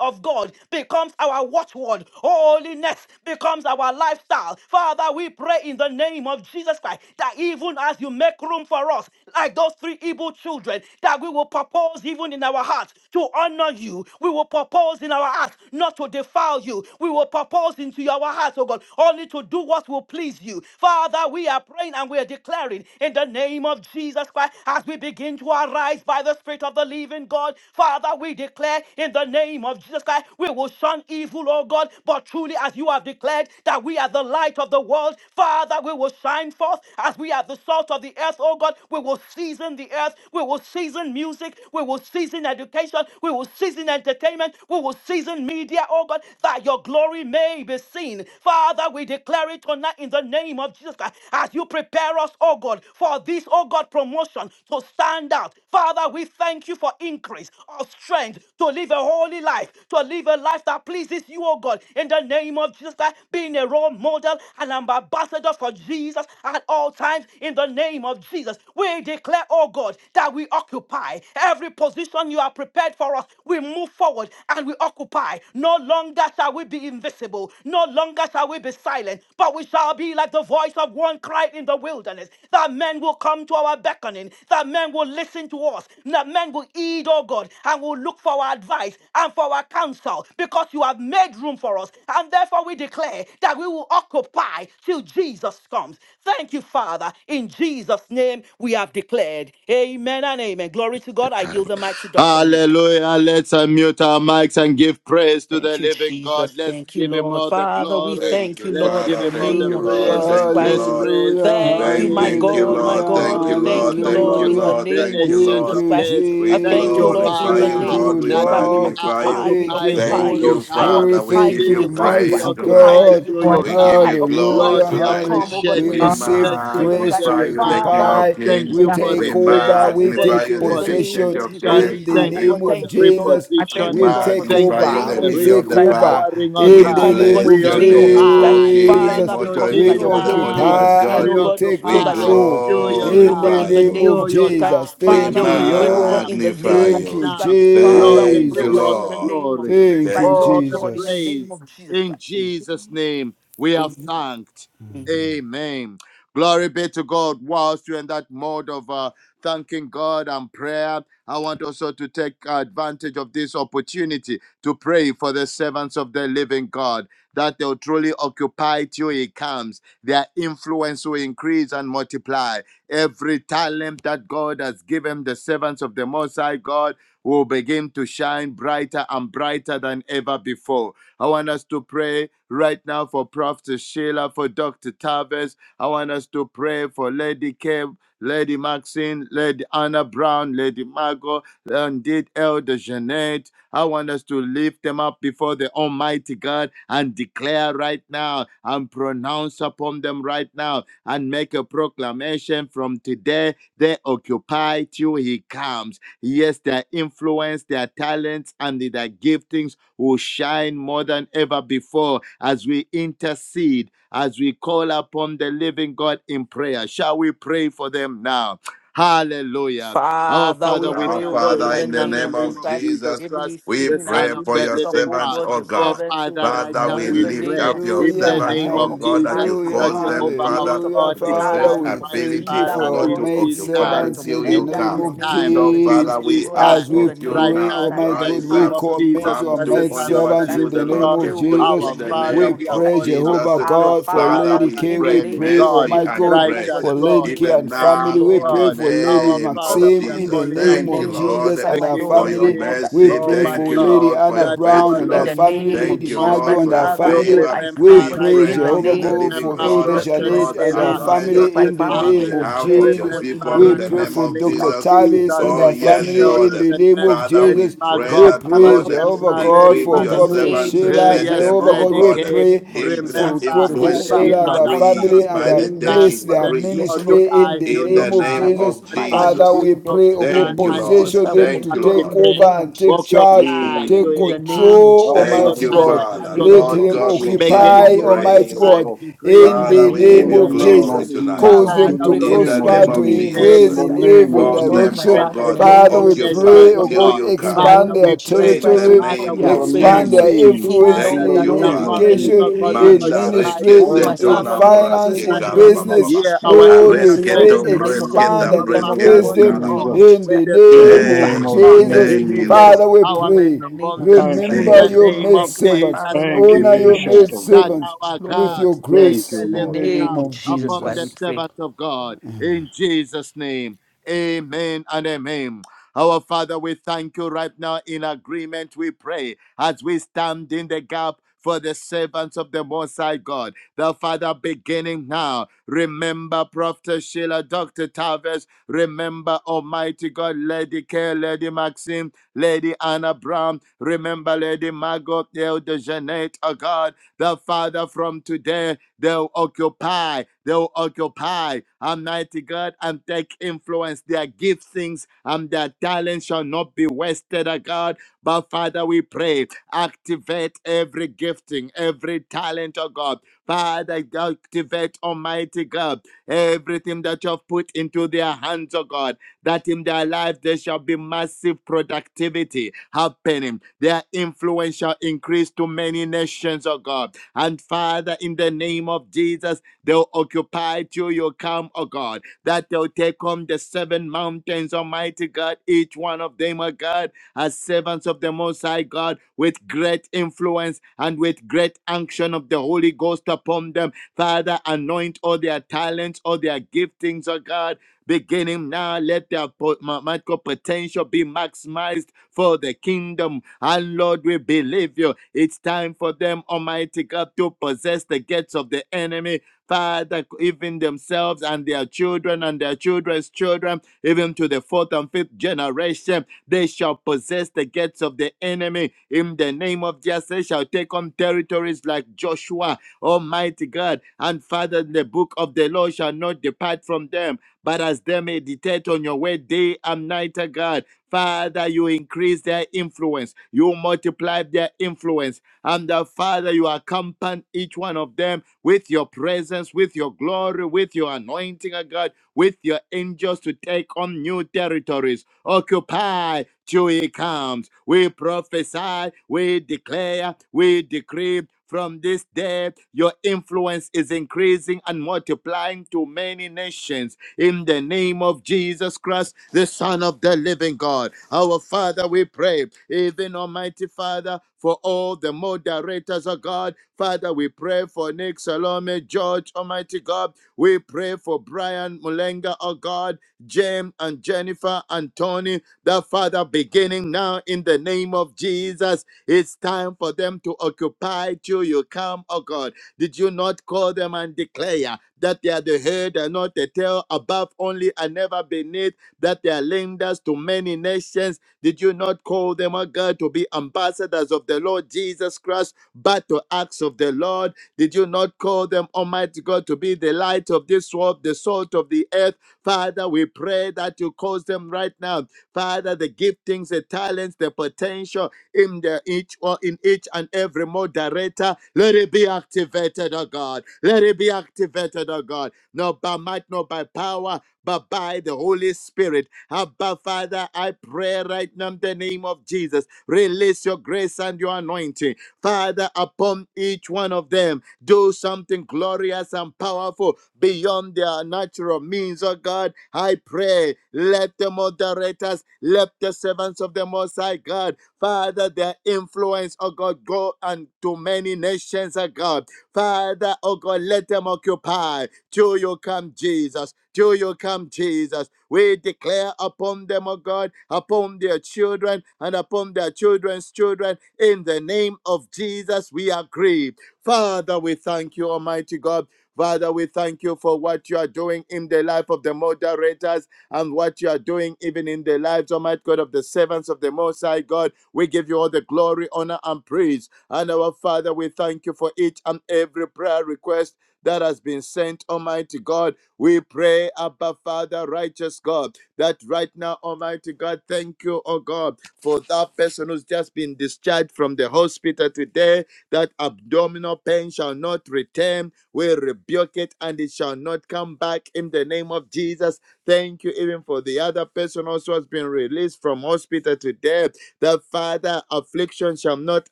S6: of God becomes our watchword, holiness becomes our lifestyle. Father, we pray in the name of Jesus Christ that even as you make room for us, like those three evil children, that we will propose even in our hearts to honor you, we will propose in our hearts not to defile you. We will purpose into our hearts, oh God, only to do what will please you. Father, we are praying and we are declaring in the name of Jesus Christ as we begin to arise by the Spirit of the living God. Father, we declare in the name of Jesus Christ, we will shun evil, oh God, but truly as you have declared that we are the light of the world. Father, we will shine forth as we are the salt of the earth, oh God. We will season the earth. We will season music. We will season education. We will season entertainment. We will season media media, oh God, that your glory may be seen. Father, we declare it tonight in the name of Jesus Christ as you prepare us, oh God, for this, oh God, promotion to stand out. Father, we thank you for increase of strength to live a holy life, to live a life that pleases you, oh God, in the name of Jesus Christ, being a role model and an ambassador for Jesus at all times, in the name of Jesus. We declare, oh God, that we occupy every position you are prepared for us. We move forward forward and we occupy. No longer shall we be invisible. No longer shall we be silent, but we shall be like the voice of one crying in the wilderness. That men will come to our beckoning, that men will listen to us, that men will heed, oh God, and will look for our advice and for our counsel because you have made room for us. And therefore we declare that we will occupy till Jesus comes. Thank you, Father. In Jesus' name we have declared. Amen and amen. Glory to God. I yield
S5: Terrible.
S6: the mic to Dr. Nick.
S5: Hallelujah. Let's unmute our mics and give praise to the
S6: Thank you,
S5: living God.
S6: Jesus.
S5: Let's
S6: Thank you,
S5: give him
S6: Lord.
S5: all the
S6: Father, we
S5: glory.
S4: Thank
S6: thank
S4: you,
S6: you,
S5: Let's
S6: Lord, in
S5: give
S4: Father.
S6: the
S5: him all
S4: Thank
S5: the
S6: name
S4: you,
S6: of
S3: Hallelujah,
S4: Lord.
S5: praise.
S6: Jesus
S4: Thank you,
S5: Let's
S6: Christ.
S4: Lord.
S5: praise the
S3: hallelujah,
S5: King of
S6: Thank you,
S4: Thank,
S6: my
S5: Kings,
S4: thank
S5: the
S4: you,
S5: King
S6: God, my
S5: of
S4: Lord.
S3: hallelujah,
S6: God.
S4: Thank
S6: We
S5: Glory,
S4: you,
S5: the
S6: thank
S5: Lord
S4: Lord.
S6: you,
S5: of
S4: Thank
S6: Lord,
S4: you,
S5: Lords,
S6: in the
S3: hallelujah.
S4: Lord.
S5: the
S6: name
S4: Thank
S6: of
S4: you,
S5: Ancient
S3: Thank
S6: Jesus
S4: Lord.
S5: of
S3: you,
S6: Christ.
S5: Days.
S4: We
S6: I
S5: Thank
S6: thank you,
S5: you,
S6: Lord,
S3: Jesus.
S6: in
S4: glorify
S6: the
S4: you,
S3: Thank
S5: Father,
S6: name
S4: Lord.
S6: of
S3: you,
S4: We
S6: Jesus
S5: that
S6: Christ. We
S5: we
S3: Lord.
S5: are
S4: magnify you.
S6: occupy, we
S3: Thank you,
S5: occupying till
S4: Thank
S6: occupy.
S3: Holy
S5: you
S4: you,
S6: I
S5: come.
S3: Spirit.
S4: Father. We
S6: occupy
S3: Thank
S4: give
S6: till
S4: you
S3: you,
S6: you
S5: Jesus,
S6: come.
S5: we
S6: I
S4: praise
S3: mighty
S6: occupy
S4: tonight.
S5: occupy
S6: till
S3: God.
S6: you
S5: you,
S7: boy,
S5: your
S6: come.
S4: We give
S6: I
S5: calm.
S4: you glory
S6: occupy
S5: Lord,
S3: Hallelujah,
S5: we
S6: till you
S4: tonight.
S3: hallelujah.
S6: come, oh God,
S3: We
S5: appreciate
S6: in
S4: We
S6: the
S5: you.
S7: well,
S6: name of
S5: Thank
S3: receive
S5: you
S6: Jesus
S5: for
S3: grace
S6: Christ.
S5: the
S4: magnify
S3: to
S4: you, the King
S5: reminder.
S6: Father,
S4: of
S3: occupy.
S6: we pray
S5: Thank
S6: in
S4: Kings.
S6: the
S3: We
S5: you
S7: that's
S5: for
S6: name
S3: take
S4: We
S5: the
S6: of
S5: grace.
S3: over.
S6: as we
S3: We
S6: God,
S5: Thank
S4: magnify
S3: take
S4: you,
S5: you
S4: the
S6: in
S5: for
S6: the
S5: the
S6: name of
S4: Ancient
S3: possession
S6: Jesus,
S4: of
S6: we
S5: conviction.
S4: Days.
S3: in the
S6: occupy,
S5: Thank
S6: oh
S4: We,
S5: you
S3: name
S6: God,
S5: for
S3: of
S5: the
S6: thank you, Lord.
S3: Jesus.
S7: my
S4: we
S6: Thank you,
S3: We
S5: repositioning.
S6: Lord, for
S3: take
S6: this in
S5: Thank
S4: magnify
S6: the
S5: you for
S4: you,
S3: over.
S6: name
S4: the
S5: the
S6: of
S3: We
S4: Lily
S5: re
S4: of
S6: Jesus
S3: take
S4: the
S6: Christ.
S4: Valley.
S3: over.
S5: empowering,
S6: To
S5: oh
S6: your
S4: We
S3: In
S5: God.
S3: the
S6: come, oh God,
S3: name
S6: in
S4: bless
S5: We
S3: of
S6: the
S4: your
S6: name of
S4: name,
S6: Jesus Christ.
S4: O
S5: occupy.
S4: King,
S5: Thank
S3: Jesus.
S6: Father,
S5: you,
S4: immortal,
S6: because so
S3: We
S6: that your
S4: invisible, the
S6: glory
S4: only
S6: may
S5: Jesus.
S6: be
S4: wise
S3: occupy
S6: seen,
S3: and
S4: God.
S5: We
S6: oh
S3: we
S6: God,
S3: take
S6: so
S4: We
S6: that your
S5: occupy.
S3: control.
S5: Till
S6: be
S5: your
S6: seen, oh
S3: In
S6: God,
S3: the
S5: calm.
S4: glorify
S6: in the
S3: name
S4: you.
S6: name
S3: of
S5: Till
S6: of
S5: You
S6: Jesus Christ.
S3: Jesus.
S5: come
S4: We
S3: Thank
S6: Father,
S3: you,
S5: Till
S6: we
S5: your
S6: pray, oh God,
S3: Lord.
S5: calm.
S6: in the
S4: magnify
S6: name
S5: Right
S6: of
S3: Thank
S4: you.
S3: you,
S6: Jesus
S5: now,
S6: Christ.
S5: Lord,
S6: Father, we
S5: we
S4: Thank
S6: pray, oh
S5: give
S4: you,
S5: you
S6: God,
S5: all
S3: Jesus.
S6: in
S5: the
S6: the
S4: Lord.
S6: name
S5: glory
S6: of Jesus
S3: Thank you,
S6: Christ.
S4: Thank
S5: all
S4: you.
S6: Lord
S5: the
S6: God, in the
S3: Jesus.
S6: name
S5: praise.
S6: of Jesus
S5: In
S6: Christ.
S5: Jesus' name, we have
S6: Amen.
S5: thanked.
S6: Amen.
S5: Amen. Glory be to God. Whilst you're in that mode of uh, thanking God and prayer, I want also to take advantage of this opportunity to pray for the servants of the living God that they'll truly occupy till He comes. Their influence will increase and multiply. Every talent that God has given the servants of the Most High God will begin to shine brighter and brighter than ever before. I want us to pray right now for Prof. Sheila, for Dr. Tavis. I want us to pray for Lady Kev, Lady Maxine, Lady Anna Brown, Lady Margot, indeed Elder Jeanette. I want us to lift them up before the Almighty God and declare right now and pronounce upon them right now and make a proclamation from today they occupy till He comes Yes, their influence, their talents, and their giftings will shine more than ever before as we intercede, as we call upon the living God in prayer. Shall we pray for them now? Hallelujah. Oh,
S6: Father,
S5: Father,
S6: we
S5: we
S4: Our
S6: pray, oh
S5: thank
S6: God,
S5: you
S4: Father,
S6: in
S5: right
S6: the
S4: in the
S5: now in
S6: name
S5: the
S4: name
S6: of
S5: name
S6: Jesus
S4: of
S5: of
S6: Christ,
S5: Jesus
S4: Jesus,
S6: even
S5: Christ,
S6: this
S4: we
S5: the
S6: evening as
S4: pray
S5: Son of
S6: we
S4: for
S5: the
S6: lift
S4: your
S6: up,
S5: living
S6: oh
S4: servants,
S5: God.
S6: God,
S4: O
S6: your
S5: Our
S4: God.
S6: servants, oh
S5: Father,
S6: God,
S5: right
S4: Father,
S5: now
S4: we
S6: in
S5: we
S6: the
S4: lift
S5: pray
S6: name
S4: up
S6: of
S4: your
S6: Jesus
S5: in
S6: Christ,
S5: the
S3: Hallelujah,
S6: that
S4: servants,
S6: they
S5: name
S6: will
S4: O
S5: of
S4: God, that
S5: Jesus
S6: occupy
S4: you
S6: till you
S3: hallelujah,
S5: that
S4: cause
S6: come.
S4: them,
S5: Jehovah
S6: We
S4: Father,
S5: our
S6: lift up
S3: hallelujah.
S5: God,
S4: to
S6: Dr.
S5: it's
S3: Father,
S6: Tavis,
S4: possess
S6: we
S5: time,
S3: we
S6: lift up Professor
S5: mighty
S3: thank
S4: ability,
S3: you
S6: Sheila,
S4: O
S3: for
S5: Father,
S6: oh
S3: your
S4: God,
S5: it
S6: God,
S4: to
S3: maid
S5: is
S6: we lift up
S4: occupy
S5: time.
S6: Dr.
S3: servants in
S4: till
S3: the
S5: It
S4: you
S6: Melenga,
S3: name
S6: in the
S5: is
S4: come.
S3: of
S6: name of
S5: time.
S6: the
S4: So,
S6: elder
S5: It
S3: Jesus.
S4: Father,
S6: Jeanette, oh
S4: we
S5: is
S6: God,
S4: ask
S5: time
S3: As
S6: in
S3: we
S4: of
S6: the
S4: you
S6: name
S5: right
S6: of
S3: pray,
S6: Jesus
S4: now,
S5: now
S6: Christ,
S5: in
S3: Almighty
S5: the
S3: God,
S4: rise
S3: we
S5: name
S4: up.
S6: occupy
S5: of
S6: till you
S3: commit
S5: Jesus
S6: come,
S3: your
S4: and
S6: in
S5: Christ,
S6: the
S5: the
S4: do
S3: maid
S6: name
S5: Son
S4: only
S6: of
S5: of
S6: Jesus
S5: the
S4: what
S3: servants
S6: Christ.
S4: you,
S3: in
S4: the
S3: the
S5: living
S6: We
S3: name
S4: Lord,
S5: God.
S6: pray,
S3: of
S6: oh
S4: can
S6: God,
S4: do
S6: in
S3: Jesus.
S6: the
S5: Our
S4: in the
S5: Father,
S6: name
S3: We
S4: name
S6: of
S5: we
S6: Jesus
S5: are
S4: of
S6: Christ,
S3: pray,
S5: calling
S6: even for this
S4: Jesus.
S3: Jehovah
S5: upon you,
S6: hour,
S3: God, for
S4: Father,
S6: Father,
S5: covenant
S3: Lady
S4: we
S5: and
S3: K.
S6: in the
S3: We
S4: pray
S6: name
S5: keeping
S6: of
S3: pray,
S6: Jesus
S5: God,
S6: Christ,
S4: mercy
S3: Almighty
S6: lift
S4: and
S6: them
S3: God,
S6: up, oh
S4: grace,
S6: God,
S5: righteous
S3: for
S6: in the
S5: God,
S3: Lady K
S6: name of
S4: even
S3: and
S6: Jesus Christ,
S4: now
S3: family.
S5: merciful
S3: We
S4: in
S6: Lord
S4: the
S3: pray
S5: God.
S3: for Lady
S5: Our
S4: name
S6: call
S5: Father,
S4: of
S5: we
S3: Maxim
S6: upon
S5: are
S3: in
S6: him
S3: the
S4: Jesus.
S5: calling
S6: in the
S3: name
S4: Thank
S3: of
S4: you,
S5: upon
S6: name of
S5: you,
S6: Jesus
S4: Lord,
S3: Jesus
S6: Christ,
S5: the
S3: and
S6: my
S3: her
S5: King
S4: for
S6: Lord
S5: of
S6: and
S4: your
S6: my
S3: family.
S5: Kings.
S6: God, that in
S3: We
S6: the
S4: mercy.
S5: Oh
S3: pray
S6: name
S5: my
S6: of
S4: Thank
S3: for
S4: you,
S6: Jesus,
S5: God,
S3: Lady
S4: Lord, for
S3: Anna
S4: your
S5: that you
S3: Brown and
S6: in
S3: her
S4: faithfulness.
S5: alone,
S6: the
S3: family,
S5: the
S6: name
S5: King
S6: of
S4: Thank
S3: Lady
S4: you,
S5: of
S6: Jesus
S3: Margot
S4: Lord,
S6: Christ,
S5: Kings,
S3: and
S4: for
S3: her
S4: your
S6: Father,
S5: will
S3: family.
S6: Lord,
S4: favor.
S6: I pray oh
S3: We
S5: remember
S4: We
S6: God,
S5: right
S3: pray,
S6: in
S4: pray
S6: the
S4: to
S5: now.
S3: Jehovah
S4: you, the
S6: name
S3: God,
S4: living
S3: for
S6: of
S5: Remember
S4: God,
S3: Elder
S6: Jesus,
S4: that
S6: in
S5: Prophet
S6: the
S3: Janet
S4: Lord,
S3: and her
S5: Sheila,
S6: name of
S4: arise
S6: Jesus
S3: family
S5: Dr.
S6: Christ,
S3: in the
S6: Father,
S4: on
S6: Lord,
S3: name
S5: Tavis.
S3: of
S4: behalf
S6: declare
S4: of
S6: this
S4: your
S3: Jesus.
S6: over in the
S5: Remember
S4: people
S3: We
S4: in
S5: right
S4: the
S6: name of
S5: now
S3: pray
S5: in
S4: name
S3: for
S5: the
S4: of
S6: Jesus
S5: name
S3: Dr.
S5: of
S4: Jesus.
S6: Christ.
S3: Tavis
S5: Jesus.
S6: In
S3: and
S6: the
S4: Oh,
S3: her
S6: name
S5: Yes,
S6: of
S4: yes,
S3: family
S4: Lord.
S3: in
S5: Elder
S3: the name
S5: Jeanette,
S3: of
S4: Father,
S5: Lady
S4: we
S3: Jesus.
S4: pray
S6: just
S3: We
S5: Margot,
S6: like
S4: that,
S6: Father,
S3: pray,
S6: Lord,
S4: Lord.
S6: Jesus,
S3: Jehovah
S5: remember
S3: God,
S5: Lady
S4: Equip
S3: for
S6: in the
S4: your
S5: Maxine.
S3: Prophet
S4: servants
S6: name of
S4: and
S5: Uh,
S3: Sheila.
S6: Jesus,
S4: let
S6: Christ,
S5: yes,
S4: them,
S3: Jehovah
S4: oh
S6: Lord
S3: God,
S5: Lady
S3: we
S6: God,
S4: God,
S6: in the
S5: Kay,
S3: pray
S6: name of
S4: in
S6: Jesus
S4: their
S3: for
S6: Christ,
S5: remember
S3: Prophet
S4: influence
S6: Jehovah,
S5: Lady
S6: we
S3: Sheila and
S6: are
S3: her
S5: Anna
S6: calling upon
S5: Brown.
S3: family
S4: increase
S6: in
S3: and
S6: the
S4: by
S3: her
S4: the
S5: It's
S6: name of
S4: day
S5: time
S3: bless
S6: Jesus
S5: for
S3: their
S6: Christ.
S5: them to
S4: increase
S6: Yes, O Lord,
S3: ministry
S6: in
S3: in
S5: occupy
S6: the
S3: the
S5: till
S4: in
S6: name
S5: you
S4: the
S6: of
S3: name of
S6: Jesus
S4: name
S5: come.
S6: Christ, we are
S3: Jesus.
S4: of
S5: And
S6: fighting
S5: Father,
S6: with
S3: Father,
S4: Jesus.
S5: we
S3: we
S6: confidence
S3: pray, oh
S6: in the
S3: God,
S5: prophesy
S4: Thank you,
S6: name
S5: and
S6: of Jesus
S4: Lord.
S3: position
S6: Christ.
S5: declare
S6: We
S3: them
S4: Thank
S3: to
S6: thank you,
S4: you,
S5: and
S6: Lord,
S3: take
S6: in
S4: Lord.
S6: the
S3: over
S5: decree.
S6: name of
S3: and take
S6: Jesus Christ,
S3: charge,
S6: take
S5: Occupy
S6: over.
S5: till
S3: take
S4: Mm.
S6: In
S5: you
S6: the name
S5: come.
S6: of
S3: control,
S5: May
S6: Jesus
S8: Radla
S5: your
S4: Thank
S3: Almighty
S6: Christ,
S4: you,
S6: oh
S8: Rebo
S3: God.
S5: talent
S6: Lord.
S4: Father.
S5: and
S8: Shkete
S6: In
S5: your
S6: the
S3: Let
S4: Lord
S8: Rebo
S6: name
S3: them
S6: of
S5: gifting
S4: God, we
S8: Doshka
S6: Jesus
S4: give
S6: Christ,
S4: you
S5: begin
S3: occupy,
S8: Taramanda
S5: to
S3: Almighty
S4: praise.
S5: multiply,
S3: God,
S8: Rebo.
S5: increase,
S3: in
S6: in the
S5: and
S4: Father,
S3: the
S4: we give
S3: name
S8: In
S6: name
S4: you
S8: the
S6: of
S3: of
S5: influence
S8: name
S6: Jesus.
S4: glory
S8: of
S3: Jesus.
S5: many.
S6: Christ,
S4: tonight
S3: Cause
S6: Father,
S8: Jesus,
S6: we
S3: them
S8: in
S5: Father,
S8: the
S3: to
S6: pray for
S4: in
S5: from
S6: this
S4: the
S8: name
S6: in
S8: of
S6: the
S5: today.
S3: prosper,
S4: name
S3: to
S4: of
S6: name of
S8: Jesus,
S5: May
S4: Jesus.
S8: in
S3: increase
S6: Jesus.
S8: the
S5: that
S3: in
S6: Christ,
S8: name
S3: every
S8: of
S6: Oh
S5: influence
S4: Cause
S5: be
S6: God,
S4: them,
S6: my
S8: Jesus,
S4: oh
S3: direction.
S6: Father,
S5: extended
S6: in
S4: God,
S6: the
S4: to
S5: to
S6: name
S3: Father,
S6: of
S5: many
S3: we
S6: Jesus. Christ,
S5: nations,
S4: occupy
S3: pray,
S6: Oh
S3: oh
S5: oh
S4: till
S6: God,
S3: God,
S5: God.
S4: you
S6: in the
S4: come.
S5: Father,
S3: expand
S6: name of
S5: we
S3: their
S6: Jesus
S5: pray.
S4: In
S6: Christ.
S4: the
S6: Oh
S3: territory,
S6: God,
S5: Father,
S4: name
S6: we
S8: in
S5: we
S6: are
S8: the
S4: of
S6: praying, oh
S3: expand
S8: name of
S6: God.
S3: their
S4: Jesus.
S5: intercede.
S6: Hey,
S8: Jesus,
S3: influence
S8: in
S5: Father,
S8: the
S4: Thank
S6: Lord
S5: that
S3: in
S4: you,
S5: their
S6: God,
S8: name
S6: in
S8: of
S4: Father.
S6: the
S5: families,
S3: education,
S8: Jesus.
S5: oh God,
S6: name
S5: will
S6: of
S3: in
S6: Jesus
S4: Manda
S6: Christ.
S5: occupy
S3: ministry,
S5: to
S6: Oh,
S5: your
S6: my
S8: Thank
S4: rekeseto
S3: in
S8: you.
S6: Father,
S5: camp.
S6: Lord, we pray, oh
S3: finance,
S4: lambraske
S5: Father,
S6: God,
S3: in
S6: in the
S5: in-
S6: name
S5: uh,
S6: of
S3: business.
S4: karabababa.
S6: Jesus
S5: hear
S6: Christ.
S5: our
S3: Lord,
S6: Yes,
S3: we
S8: In the
S6: Lord,
S3: pray,
S4: Aresketo
S6: in
S5: intercession,
S8: name
S6: the
S5: oh
S6: name of
S5: God.
S6: Jesus, we
S8: of
S3: expand
S4: bresketa
S6: lift
S5: And
S3: and
S6: them up, oh
S5: Father,
S3: increase
S4: breskeko
S6: God, in
S3: them
S6: the name
S5: respond
S6: of
S4: karabababa.
S8: Jesus,
S3: in
S6: Jesus
S5: with
S3: the
S6: Christ.
S8: in the name of Jesus, in the
S3: name
S5: immediate,
S6: Jehovah,
S3: of
S8: name
S5: oh
S4: Thank
S8: of
S4: you,
S5: God,
S6: in the
S3: Jesus.
S4: thank
S6: name of
S4: you,
S5: immediate
S6: Jesus
S8: Jesus.
S4: Lord.
S3: Father, we
S6: Christ, oh God,
S5: empowerment
S6: in
S3: pray,
S6: the name
S5: upon
S6: of
S5: them.
S6: Jesus
S8: Thank you,
S6: Christ,
S5: In
S6: oh
S3: remember
S4: Thank
S8: Lord.
S5: the
S4: you,
S6: God.
S3: your
S4: Lord.
S5: name
S3: maid
S5: of
S6: Thank you, my
S3: servants,
S5: Jesus,
S6: Father, Lord, in
S8: Thank you,
S5: we
S3: honor
S6: the name
S3: your
S6: of
S5: pray
S8: Ancient
S3: maid
S6: Jesus.
S8: of
S6: Christ,
S5: that
S3: servants
S8: Days.
S6: Yes,
S5: our
S3: with
S5: God,
S6: Lord.
S3: your
S5: there
S8: Thank
S5: is a
S3: grace
S8: you,
S6: In the
S3: in
S8: Lord.
S3: the
S5: lifting
S6: name
S3: name
S5: up
S6: of
S3: of
S6: Jesus
S5: upon
S6: Christ,
S5: the
S6: we
S3: Jesus.
S6: pray.
S5: servants of God in Jesus' name. Amen and amen. Our Father, we thank you right now in agreement. We pray as we stand in the gap for the servants of the Most High God. The Father, beginning now, remember Prophet Sheila, Dr. Tavis, remember Almighty God, Lady Care, Lady Maxine, Lady Anna Brown, remember Lady Margot, Elder Jeanette, oh God, the Father, from today. They'll occupy. They'll occupy. Almighty God, and take influence. Their giftings and their talent shall not be wasted, oh God. But Father, we pray, activate every gifting, every talent, oh God. Father, activate, Almighty God, everything that you have put into their hands, oh God that in their life there shall be massive productivity happening. Their influence shall increase to many nations, oh God and Father, in the name of Jesus, they'll occupy till you come, oh God, that they'll take home the seven mountains, Almighty God, each one of them, oh God, as servants of the Most High God, with great influence and with great action of the Holy Ghost upon them. Father, anoint all their talents, all their giftings, oh God Beginning now, let their po- ma- might potential be maximized for the kingdom. And Lord, we believe you. It's time for them, Almighty God, to possess the gates of the enemy. Father, even themselves and their children and their children's children, even to the fourth and fifth generation, they shall possess the gates of the enemy. In the name of Jesus, they shall take on territories like Joshua, Almighty God. And Father, the book of the law shall not depart from them but as they meditate on your word day and night, oh God, Father, you increase their influence, you multiply their influence, and the Father, you accompany each one of them with your presence, with your glory, with your anointing, oh God with your angels to take on new territories. Occupy till he comes. We prophesy, we declare, we decree. From this day, your influence is increasing and multiplying to many nations. In the name of Jesus Christ, the Son of the living God, our Father, we pray. Even Almighty Father, for all the moderators of God, Father, we pray for Nick Salome, George, Almighty God. We pray for Brian Mulenga, oh God, James and Jennifer and Tony, the Father, beginning now in the name of Jesus. It's time for them to occupy till you come, oh God. Did you not call them and declare that they are the head and not the tail, above only and never beneath? that they are lenders to many nations. Did you not call them, O God, to be ambassadors of the Lord Jesus Christ, but to acts of the Lord? Did you not call them, Almighty God, to be the light of this world, the salt of the earth? Father, we pray that you cause them right now. Father, the giftings, the talents, the potential in the each or in each and every moderator, let it be activated, oh God. Let it be activated, oh God. Not by might, not by power, but by the Holy Spirit. Abba, Father, I pray right now in the name of Jesus. Release your grace and your anointing. Father, upon each one of them, do something glorious and powerful beyond their natural means, oh God. I pray, let the moderators, let the servants of the Most High God, Father, their influence, oh God, go unto many nations, oh God. Father, oh God, let them occupy till you come, Jesus. Till you come, Jesus. We declare upon them, oh God, upon their children and upon their children's children. In the name of Jesus, we agree. Father, we thank you, Almighty God. Father, we thank you for what you are doing in the life of the moderators and what you are doing even in the lives, Almighty God, of the servants of the Most High God. We give you all the glory, honor, and praise. And our Father, we thank you for each and every prayer request that has been sent, Almighty God. We pray, Abba Father, righteous God, that right now, Almighty God, thank you, oh God, for that person who's just been discharged from the hospital today, that abdominal pain shall not return. We rebuke it and it shall not come back in the name of Jesus. Thank you even for the other person also has been released from hospital today. That Father, affliction shall not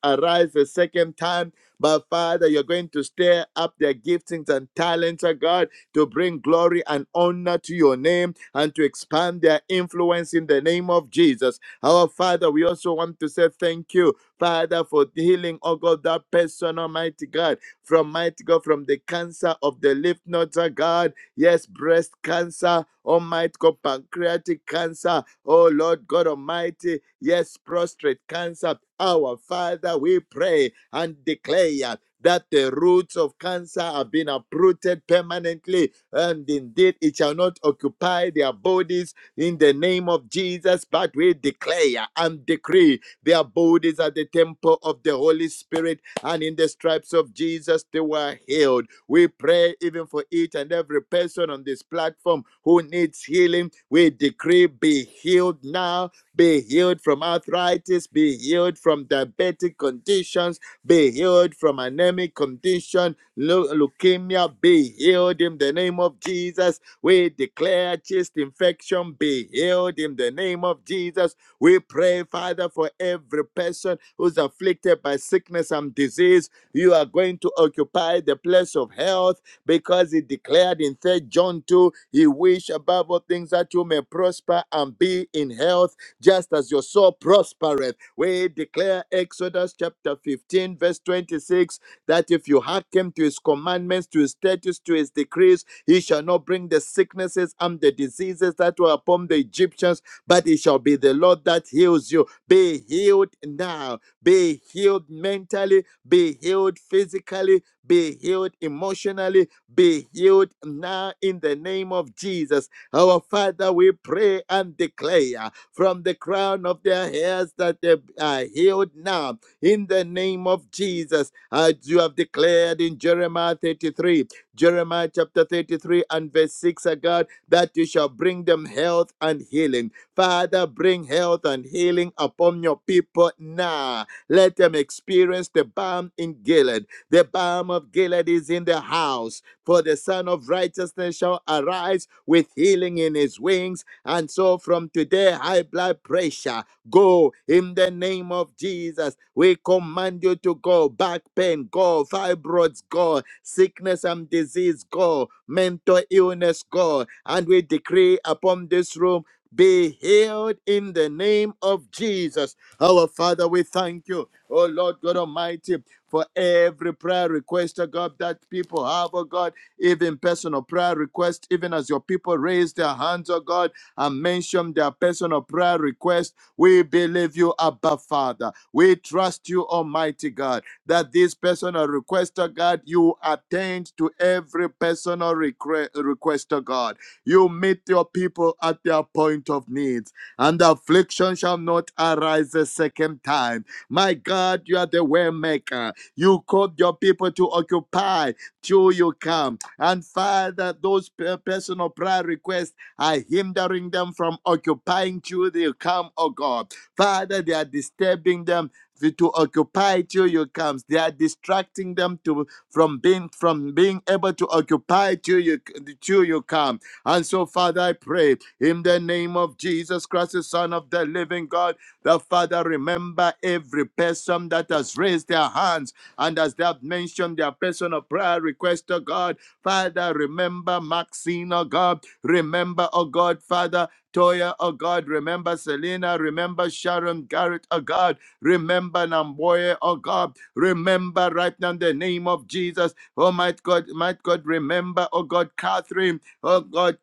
S5: arise a second time. But Father, you're going to stir up their giftings and talents, oh God, to bring glory and honor to your name and to expand their influence in the name of Jesus. Our Father, we also want to say thank you, Father, for the healing, oh God, that person, Almighty God, from mighty God, from the cancer of the lymph nodes, oh God. Yes, breast cancer, Almighty God, pancreatic cancer, oh Lord God Almighty. Yes, prostrate cancer. Our Father, we pray and declare that the roots of cancer have been uprooted permanently, and indeed it shall not occupy their bodies in the name of Jesus. But we declare and decree their bodies are the temple of the Holy Spirit, and in the stripes of Jesus they were healed. We pray even for each and every person on this platform who needs healing. We decree be healed now, be healed from arthritis, be healed from diabetic conditions, be healed from anemic condition, leu- leukemia, be healed in the name of Jesus. We declare chest infection be healed in the name of Jesus. We pray, Father, for every person who's afflicted by sickness and disease. You are going to occupy the place of health because He declared in 3 John 2 He wish above all things that you may prosper and be in health, just as your soul prospereth. We declare Exodus chapter 15, verse 26 that if you hearken to His commandments, to His statutes, to His decrees, He shall not bring the sicknesses and the diseases that were upon the Egyptians but it shall be the Lord that heals you. Be healed now. Be healed mentally. Be healed physically. Be healed emotionally. Be healed now in the name of Jesus. Our Father, we pray and declare from the crown of their hairs that they are healed now in the name of Jesus. As you have declared in Jeremiah 33, Jeremiah chapter 33 and verse 6, O God, that you shall bring them health and healing Father, bring health and healing upon your people now. Let them experience the balm in Gilead. The balm of Gilead is in the house, for the Son of Righteousness shall arise with healing in his wings. And so from today, high blood pressure, go in the name of Jesus. We command you to go. Back pain, go. Fibroids, go. Sickness and disease, go. Mental illness, go. And we decree upon this room be healed in the name of Jesus. Our Father, we thank you, oh Lord God Almighty, for every prayer request, oh God, that people have, oh God, even personal prayer request, even as your people raise their hands, oh God, and mention their personal prayer request. We believe you, Abba Father. We trust you, Almighty God, that this personal request, oh God, you attend to every personal request, request, oh God. You meet your people at their point of needs, and affliction shall not arise a second time. My God, you are the way maker. You called your people to occupy till you come. And Father, those pe- personal prayer requests are hindering them from occupying till you come, oh God. Father, they are disturbing them to to occupy till you comes they are distracting them to from being from being able to occupy till you till you come and so, Father, I pray in the name of Jesus Christ, the Son of the living God, the Father, remember every person that has raised their hands and as they have mentioned their personal prayer request to God. Father, remember Maxine, oh God. Remember, oh God, Father. Toya, oh God, remember Selena, remember Sharon Garrett, oh God, remember Namboye, oh God, remember right now in the name of Jesus, oh might God, might God, remember, oh God, Catherine, Oh God,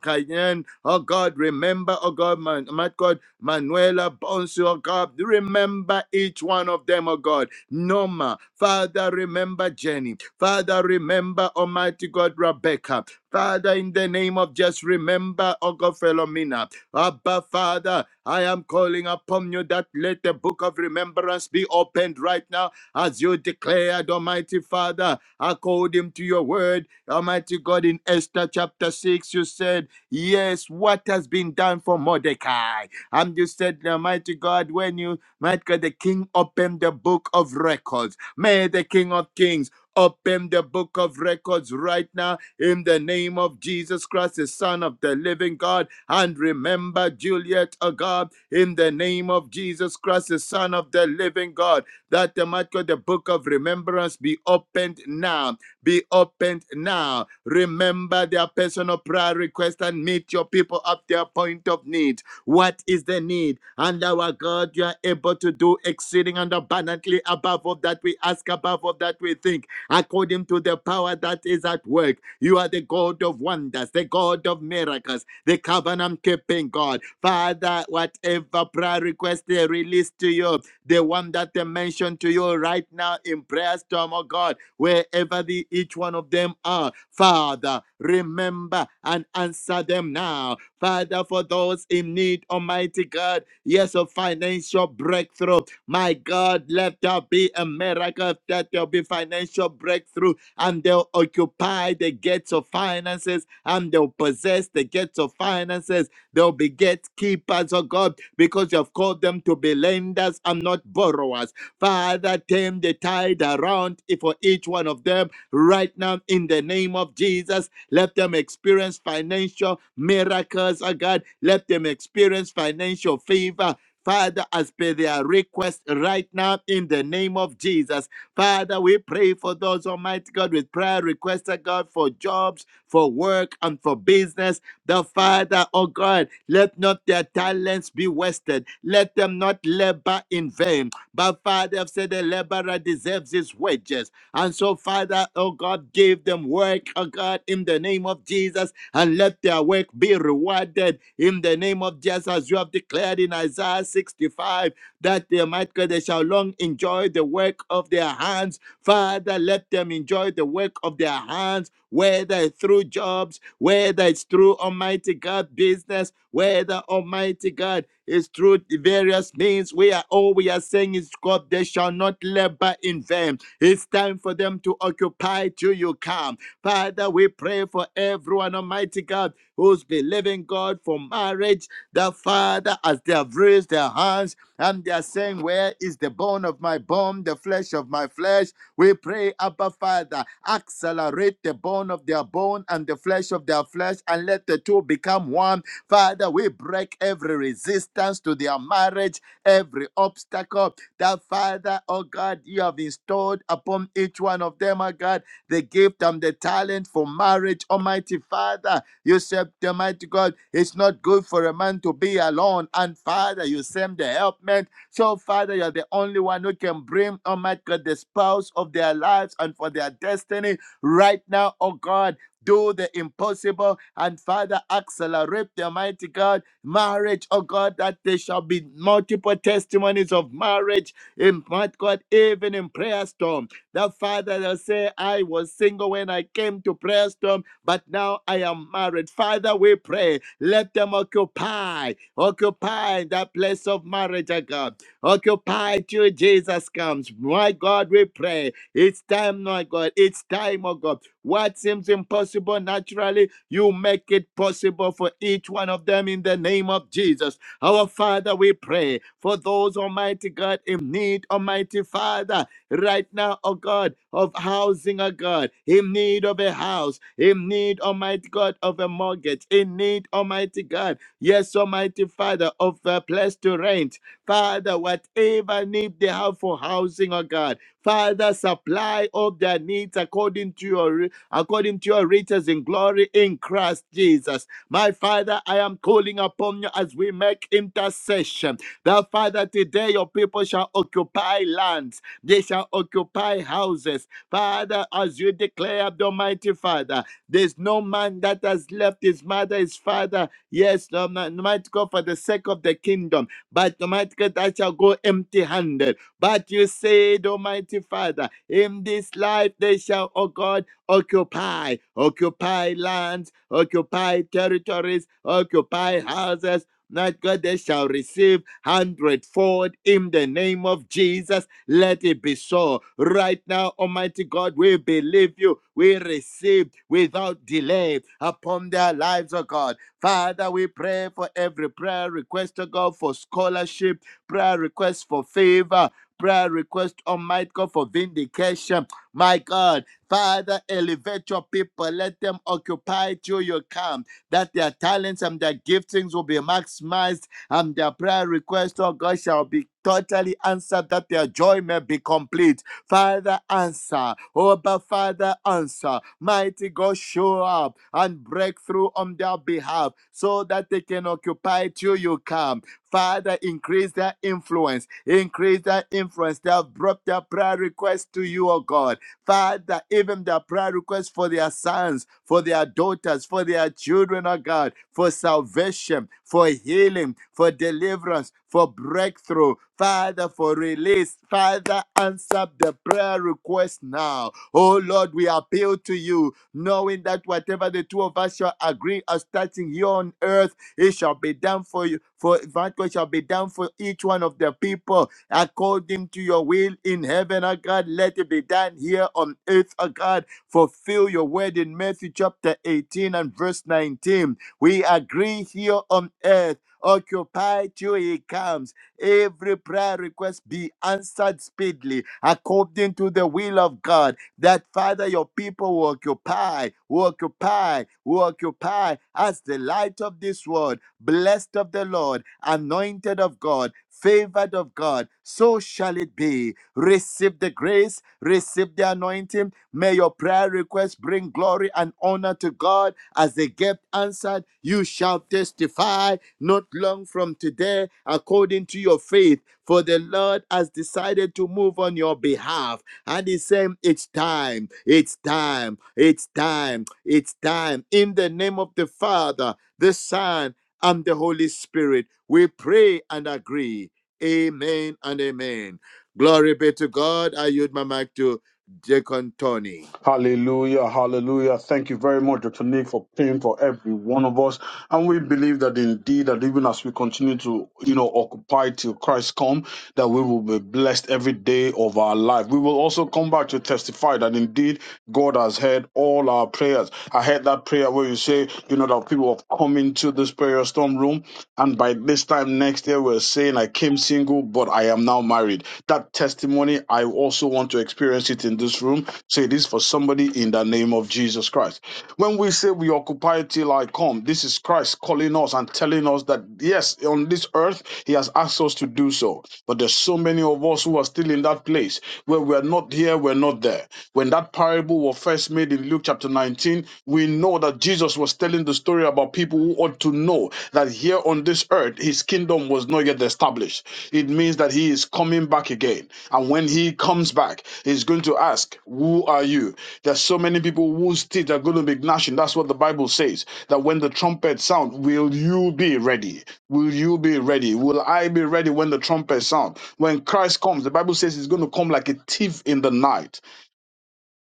S5: Cayenne. Oh God, remember, oh God, man, my God, Manuela Bonsu, oh God, remember each one of them, oh God. Noma, Father, remember Jenny. Father, remember Almighty God, Rebecca. Father, in the name of just remember, oh God, Philomena. Abba, Father, I am calling upon you that let the book of remembrance be opened right now as you declared, Almighty Father, according to your word Almighty God, in Esther chapter 6, you said, Yes, what has been done for Mordecai? And you said, Almighty God, when you, might God, the king opened the book of records, may the king of kings open the book of records right now in the name of Jesus Christ, the Son of the living God. And remember Juliet, oh God, in the name of Jesus Christ, the Son of the living God, that the, might God, the book of remembrance be opened now be opened now. Remember their personal prayer request and meet your people at their point of need. What is the need? And our God, you are able to do exceeding and abundantly above all that we ask, above all that we think, according to the power that is at work. You are the God of wonders, the God of miracles, the covenant keeping God. Father, whatever prayer request they release to you, the one that they mentioned to you right now in prayer storm, oh God, wherever the, each one of them are. Father, remember and answer them now. Father, for those in need, Almighty God, yes, of financial breakthrough. My God, let there be a miracle, that there'll be financial breakthrough, and they'll occupy the gates of finances, and they'll possess the gates of finances They'll be gatekeepers, oh God, because you have called them to be lenders and not borrowers. Father, turn the tide around for each one of them right now in the name of Jesus. Let them experience financial miracles, oh God. Let them experience financial favor. Father, as per their request right now in the name of Jesus. Father, we pray for those, Almighty God, with prayer requests, oh God, for jobs, for work, and for business. The Father, oh God, let not their talents be wasted. Let them not labor in vain. But Father, I've said the laborer deserves his wages. And so, Father, oh God, give them work, oh God, in the name of Jesus, and let their work be rewarded in the name of Jesus, you have declared in Isaiah 65 that they might God, they shall long enjoy the work of their hands. Father, let them enjoy the work of their hands, whether it's through jobs, whether it's through Almighty God business, whether Almighty God is through the various means. We are all we are saying is God, they shall not labor in vain. It's time for them to occupy till you come. Father, we pray for everyone, Almighty God, who's believing God for marriage. The Father, as they have raised their hands and they are saying, Where is the bone of my bone, the flesh of my flesh? We pray, Abba Father, accelerate the bone of their bone and the flesh of their flesh, and let the two become one. Father, we break every resistance to their marriage, every obstacle that, Father, oh God, you have installed upon each one of them, oh God, the gift and the talent for marriage, Almighty Father. You said, Almighty God, it's not good for a man to be alone. And Father, you send the helpmate. So, Father, you're the only one who can bring, Almighty God, the spouse of their lives and for their destiny right now, oh God. Do the impossible and Father, accelerate the mighty God marriage, oh God, that there shall be multiple testimonies of marriage in part God, even in prayer storm. That Father will say, I was single when I came to prayer storm, but now I am married. Father, we pray, let them occupy, occupy that place of marriage, oh God. Occupy till Jesus comes. My God, we pray. It's time, my God. It's time, oh God. What seems impossible naturally you make it possible for each one of them in the name of Jesus. Our Father, we pray for those, Almighty God, in need, Almighty Father, right now, oh God, of housing, oh God, in need of a house, in need, Almighty God, of a mortgage, in need, Almighty God, yes, Almighty Father, of a place to rent. Father, whatever need they have for housing, oh God. Father, supply all their needs according to your according to your riches in glory in Christ Jesus. My Father, I am calling upon you as we make intercession. That Father, today your people shall occupy lands, they shall occupy houses. Father, as you declare, the Almighty Father, there's no man that has left his mother, his father. Yes, Almighty God, for the sake of the kingdom. But Almighty God, that shall go empty handed. But you said, Almighty Father, in this life they shall, oh God, occupy, occupy lands, occupy territories, occupy houses. Not God, they shall receive hundredfold in the name of Jesus. Let it be so. Right now, Almighty God, we believe you. We receive without delay upon their lives, oh God. Father, we pray for every prayer request, oh God, for scholarship, prayer request for favor, prayer request, Almighty God, for vindication. My God, Father, elevate your people. Let them occupy till you come, that their talents and their giftings will be maximized and their prayer request, oh God, shall be totally answered that their joy may be complete. Father, answer. Oh, but Father, answer. Mighty God, show up and break through on their behalf so that they can occupy till you come. Father, increase their influence. Increase their influence. They have brought their prayer request to you, oh God. God. Father, even the prayer requests for their sons, for their daughters, for their children, oh God, for salvation, for healing, for deliverance, for breakthrough, Father, for release. Father, answer the prayer request now. Oh Lord, we appeal to you, knowing that whatever the two of us shall agree as touching here on earth it shall be done for you, for it shall be done for each one of the people according to your will in heaven, O God. Let it be done here on earth, O God. Fulfill your word in Matthew chapter 18 and verse 19. We agree here on earth. Occupy till he comes. Every prayer request be answered speedily according to the will of God. That Father, your people will occupy, will occupy, will occupy as the light of this world, blessed of the Lord, anointed of God, favored of God. So shall shall it be. Receive the grace, receive the anointing. May your prayer requests bring glory and honor to God as they get answered. You shall testify not long from today according to your faith, for the Lord has decided to move on your behalf. And He's saying, It's time, it's time, it's time, it's time. In the name of the Father, the Son, and the Holy Spirit, we pray and agree. Amen and amen. Glory be to God. I yield my mic to Deacon Tony.
S8: Hallelujah, hallelujah. Thank you very much, Dr. Nick, for praying for every one of us. And we believe that indeed that even as we continue to, you know, occupy till Christ come, that we will be blessed every day of our life. We will also come back to testify that indeed God has heard all our prayers. I heard that prayer where you say, you know, that people have come into this prayer storm room and by this time next year, we're saying, I came single, but I am now married. That testimony, I also want to experience it in this room. Say this for somebody in the name of Jesus Christ. When we say we occupy till I come, this is Christ calling us and telling us that, yes, on this earth, He has asked us to do so. But there's so many of of us who are still in that place where we're not here, we're not there. When that parable was first made in Luke chapter 19, we know that Jesus was telling the story about people who ought to know that here on this earth, his kingdom was not yet established. It means that he is coming back again. And when he comes back, he's going to ask, Who are you? There's so many people whose teeth are going to be gnashing. That's what the Bible says. That when the trumpet sound, will you be ready? Will you be ready? Will I be ready when the trumpet sound? When Christ comes, the Bible says he's going to come like a thief in the night.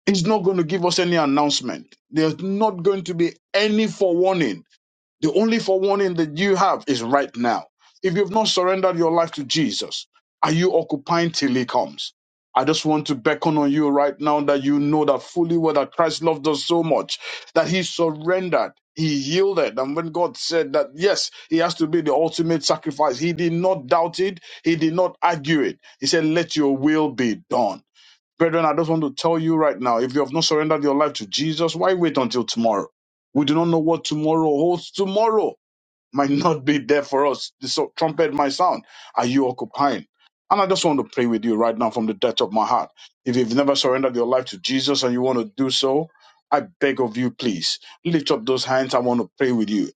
S8: He's not going to give us any announcement. There's not going to be any forewarning the only forewarning that you have is right now. If you've not surrendered your life to Jesus, are you occupying till he comes? I just want to beckon on you right now that you know that fully well that Christ loved us so much that he surrendered, he yielded. And when God said that, yes, he has to be the ultimate sacrifice, he did not doubt it, he did not argue it. He said, Let your will be done. Brethren, I just want to tell you right now if you have not surrendered your life to Jesus, why wait until tomorrow? We do not know what tomorrow holds. Tomorrow might *laughs* not be there for us. The so- trumpet might sound. Are you occupying? And I just want to pray with you right now from the depth of my heart. If you've never surrendered your life to Jesus and you want to do so, I beg of you, please lift up those hands. I want to pray with you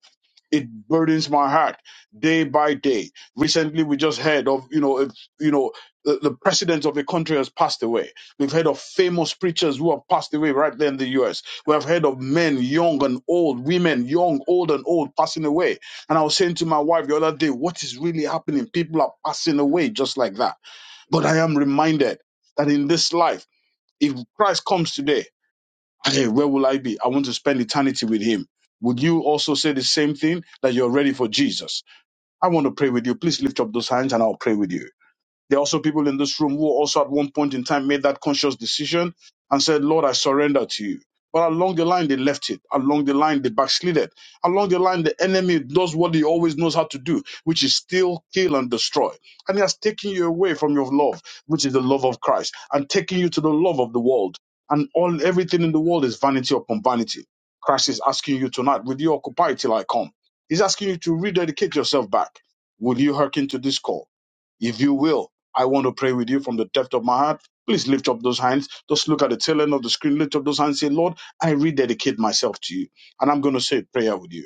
S8: it burdens my heart day by day. Recently, we just heard of you know if, you know the, the president of a country has passed away. We've heard of famous preachers who have passed away right there in the U.S. We have heard of men, young and old, women, young, old, and old, passing away. And I was saying to my wife the other day, what is really happening? People are passing away just like that. But I am reminded that in this life, if Christ comes today hey, where will I be? I want to spend eternity with him. Would you also say the same thing that you're ready for Jesus? I want to pray with you. Please lift up those hands and I'll pray with you. There are also people in this room who also at one point in time made that conscious decision and said, Lord, I surrender to you. But along the line, they left it. Along the line, they backslided. Along the line, the enemy does what he always knows how to do, which is steal, kill, and destroy. And he has taken you away from your love, which is the love of Christ, and taking you to the love of the world. And all everything in the world is vanity upon vanity. Christ is asking you tonight, will you occupy till I come? He's asking you to rededicate yourself back. Will you hearken to this call? If you will, I want to pray with you from the depth of my heart. Please lift up those hands. Just look at the tail end of the screen. Lift up those hands. Say, Lord, I rededicate myself to you. And I'm going to say a prayer with you.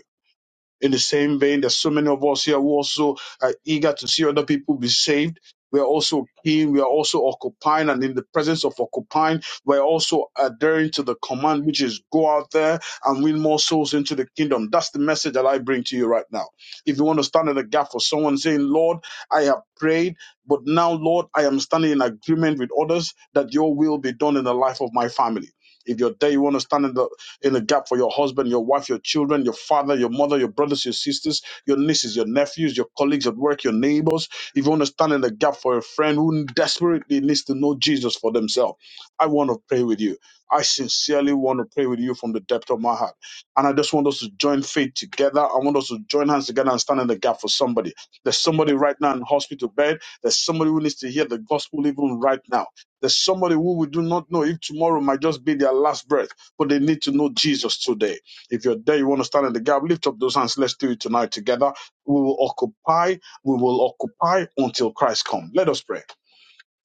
S8: In the same vein, there's so many of us here who also are eager to see other people be saved. We are also keen. We are also occupying, and in the presence of occupying, we're also adhering to the command, which is go out there and win more souls into the kingdom. That's the message that I bring to you right now. If you want to stand in the gap for someone saying, Lord, I have prayed, but now, Lord, I am standing in agreement with others that your will be done in the life of my family. If you're there, you want to stand in the in the gap for your husband, your wife, your children, your father, your mother, your brothers, your sisters, your nieces, your nephews, your colleagues at work, your neighbors. If you want to stand in the gap for a friend who desperately needs to know Jesus for themselves, I want to pray with you. I sincerely want to pray with you from the depth of my heart. And I just want us to join faith together. I want us to join hands together and stand in the gap for somebody. There's somebody right now in hospital bed. There's somebody who needs to hear the gospel even right now. There's somebody who we do not know if tomorrow might just be their last breath but they need to know Jesus today. If you're there, you want to stand in the gap, lift up those hands. Let's do it tonight together. We will occupy, we will occupy until Christ comes. Let us pray.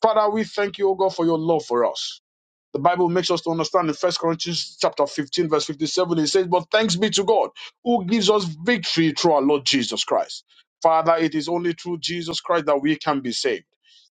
S8: Father, we thank you, O God, for your love for us. The Bible makes us to understand in First Corinthians chapter 15, verse 57, it says, But thanks be to God who gives us victory through our Lord Jesus Christ. Father, it is only through Jesus Christ that we can be saved.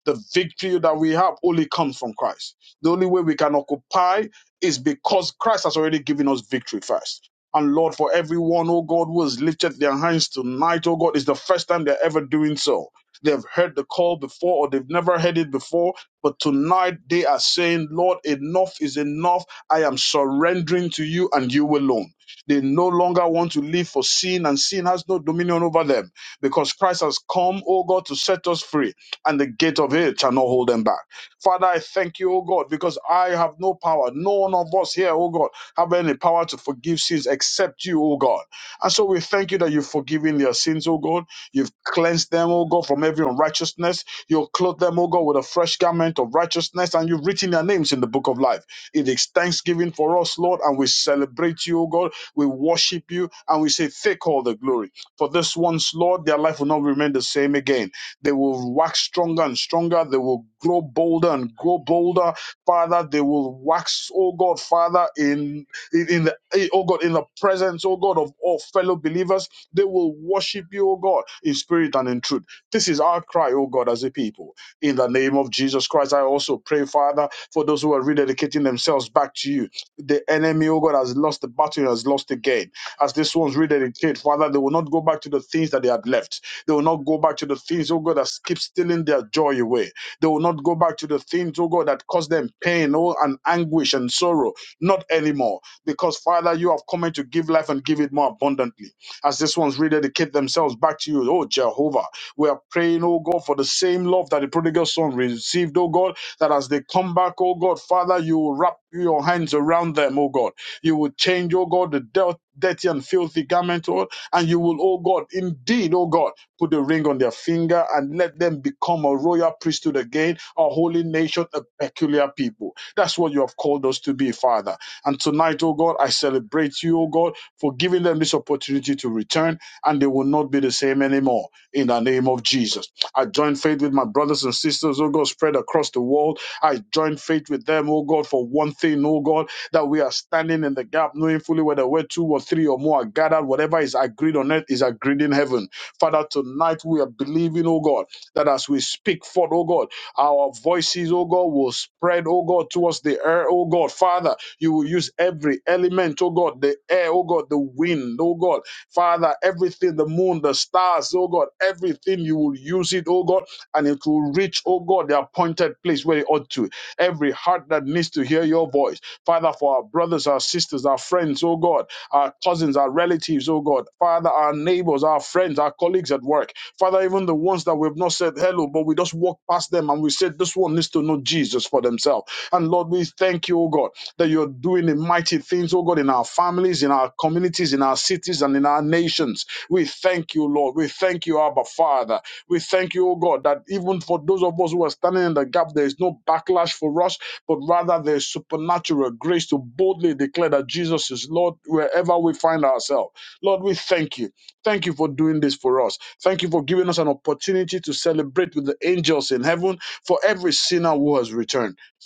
S8: The victory that we have only comes from Christ. The only way we can occupy is because Christ has already given us victory first. And Lord, for everyone, oh God, who has lifted their hands tonight, oh God, it's the first time they're ever doing so. They've heard the call before or they've never heard it before but tonight they are saying, Lord, enough is enough. I am surrendering to you and you alone. They no longer want to live for sin, and sin has no dominion over them because Christ has come, O God, to set us free, and the gate of hell shall not hold them back. Father, I thank you, O God, because I have no power. No one of us here, O God, have any power to forgive sins except you, O God. And so we thank you that you've forgiven their sins, O God. You've cleansed them, O God, from every unrighteousness. You'll clothe them, O God, with a fresh garment of righteousness, and you've written their names in the book of life. It is thanksgiving for us, Lord, and we celebrate you, O God. We worship you, and we say, Take all the glory. For this once, Lord, their life will not remain the same again. They will wax stronger and stronger. They will grow bolder and grow bolder. Father, they will wax, oh God, Father, in in, in the eh, oh God, in the presence, oh God, of all fellow believers. They will worship you, oh God, in spirit and in truth this is our cry, O God, as a people. In the name of Jesus Christ, I also pray, Father, for those who are rededicating themselves back to you. The enemy, O God, has lost the battle, has lost the game. As these ones rededicate, Father, they will not go back to the things that they had left. They will not go back to the things, O God, that keep stealing their joy away. They will not go back to the things, O God, that cause them pain, oh, and anguish and sorrow. Not anymore. Because, Father, you have come in to give life and give it more abundantly. As these ones rededicate themselves back to you, oh Jehovah, we are praying, oh God, for the same love that the prodigal son received, oh God, that as they come back, oh God, Father, you will wrap your hands around them, oh God. You will change, oh God, the dirt. Dirty and filthy garment, oh, and you will, oh God, indeed, oh God, put a ring on their finger and let them become a royal priesthood again, a holy nation, a peculiar people. That's what you have called us to be, Father. And tonight, oh God, I celebrate you, oh God, for giving them this opportunity to return, and they will not be the same anymore in the name of Jesus. I join faith with my brothers and sisters, oh God, spread across the world. I join faith with them, oh God, for one thing, oh God, that we are standing in the gap, knowing fully whether we're two or three or more are gathered, whatever is agreed on earth is agreed in heaven. Father, tonight we are believing, oh God, that as we speak forth, oh God, our voices, oh God, will spread, oh God, towards the air, oh God. Father, you will use every element, oh God, the air, oh God, the wind, oh God. Father, everything, the moon, the stars, oh God, everything you will use it, oh God, and it will reach, oh God, the appointed place where it ought to. Every heart that needs to hear your voice. Father, for our brothers, our sisters, our friends, oh God, our cousins, our relatives, oh God, Father, our neighbors, our friends, our colleagues at work, Father, even the ones that we've not said hello, but we just walk past them and we said, This one needs to know Jesus for themselves. And Lord, we thank you, oh God that you're doing the mighty things, oh God, in our families, in our communities, in our cities, and in our nations. We thank you, Lord. We thank you, Abba Father. We thank you, oh God, that even for those of us who are standing in the gap, there is no backlash for us, but rather there is supernatural grace to boldly declare that Jesus is Lord wherever we find ourselves. Lord, we thank you. Thank you for doing this for us. Thank you for giving us an opportunity to celebrate with the angels in heaven for every sinner who has returned.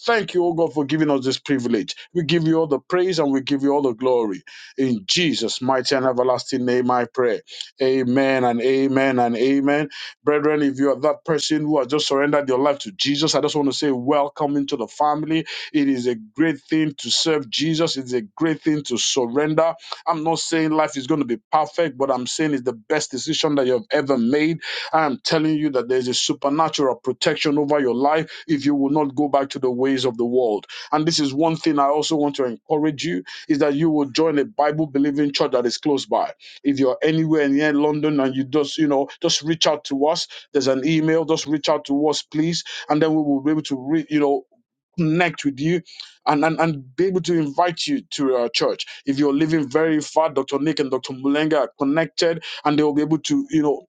S8: Thank you, O God, for giving us this privilege. We give you all the praise and we give you all the glory. In Jesus' mighty and everlasting name, I pray. Amen and amen and amen. Brethren, if you are that person who has just surrendered your life to Jesus, I just want to say, welcome into the family. It is a great thing to serve Jesus, it's a great thing to surrender. I'm not saying life is going to be perfect, but I'm saying it's the best decision that you have ever made. I am telling you that there's a supernatural protection over your life if you will not go back to the ways of the world. And this is one thing I also want to encourage you is that you will join a Bible believing church that is close by. If you're anywhere near London and you just, you know, just reach out to us. There's an email, just reach out to us, please. And then we will be able to, re- you know, connect with you and, and, and be able to invite you to our church. If you're living very far, Dr. Nick and Dr. Mulenga are connected and they will be able to, you know,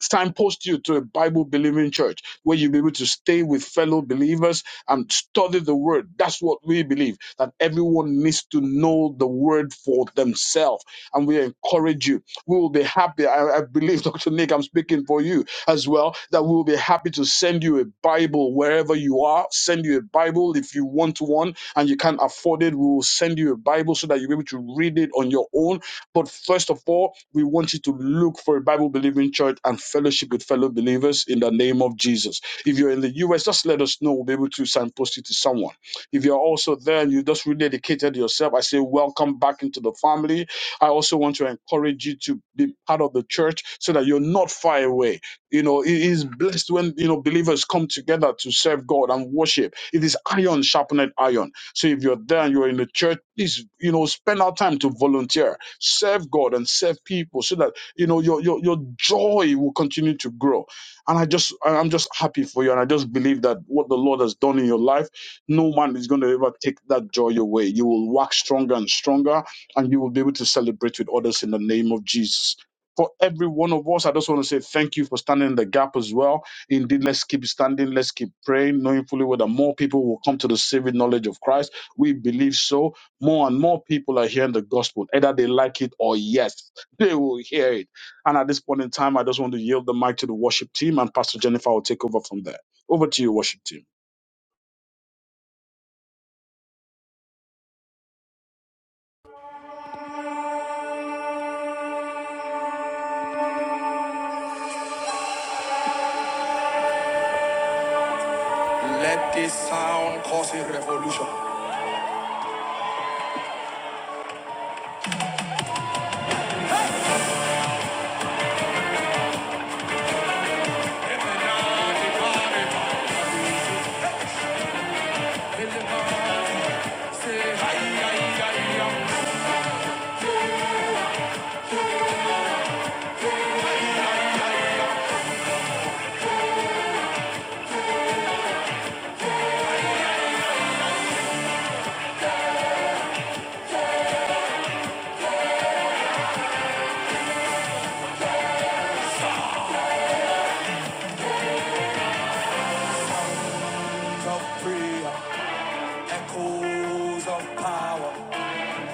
S8: signpost you to a Bible believing church where you'll be able to stay with fellow believers and study the word. That's what we believe that everyone needs to know the word for themselves. And we encourage you. We will be happy. I, I believe, *laughs* Dr. Nick, I'm speaking for you as well, that we will be happy to send you a Bible wherever you are. Send you a Bible if you want one and you can't afford it. We will send you a Bible so that you'll be able to read it on your own but first of all, we want you to look for a Bible believing church and fellowship with fellow believers in the name of Jesus. If you're in the US, just let us know. We'll be able to signpost you to someone. If you're also there and you just rededicated yourself, I say welcome back into the family. I also want to encourage you to be part of the church so that you're not far away. You know, it is blessed when you know believers come together to serve God and worship. It is iron sharpened iron. So if you're there and you're in the church, please, you know, spend our time to volunteer serve God and serve people so that you know your your, your joy will continue to grow. And I just I- am just happy for you. And I just believe that what the Lord has done in your life, no man is going to ever take that joy away. You will wax stronger and stronger and you will be able to celebrate with others in the name of Jesus. For every one of us, I just want to say thank you for standing in the gap as well. Indeed, let's keep standing, let's keep praying, knowing fully whether more people will come to the saving knowledge of Christ. We believe so more and more people are hearing the gospel, either they like it or yes, *laughs* they will hear it. And at this point in time, I just want to yield the mic to the worship team, and Pastor Jennifer will take over from there. Over to you, worship team.
S1: Let this sound cause a revolution. of prayer, echoes of power,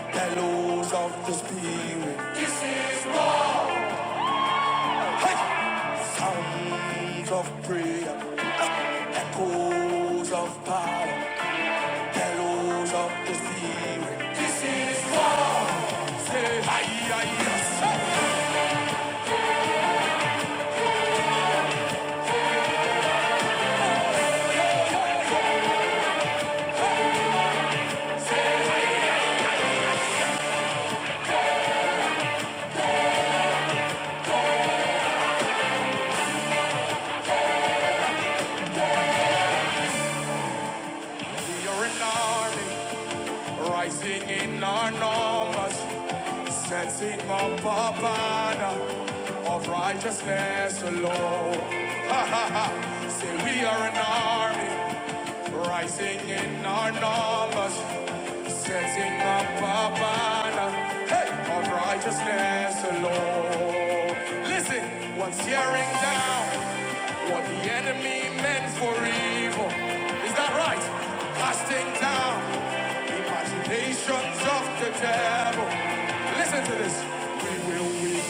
S1: bellows of the spirit. This is what hey! sounds of prayer, echoes of power, bellows of the spirit. This is it. yes. We are an army rising in our numbers, setting up a banner of righteousness alone. Say we are an army. Rising in our numbers, setting up a banner hey, of righteousness alone. Listen, what's tearing down what the enemy meant for evil? Is that right? Casting down imaginations of the devil. Listen to this. We will win.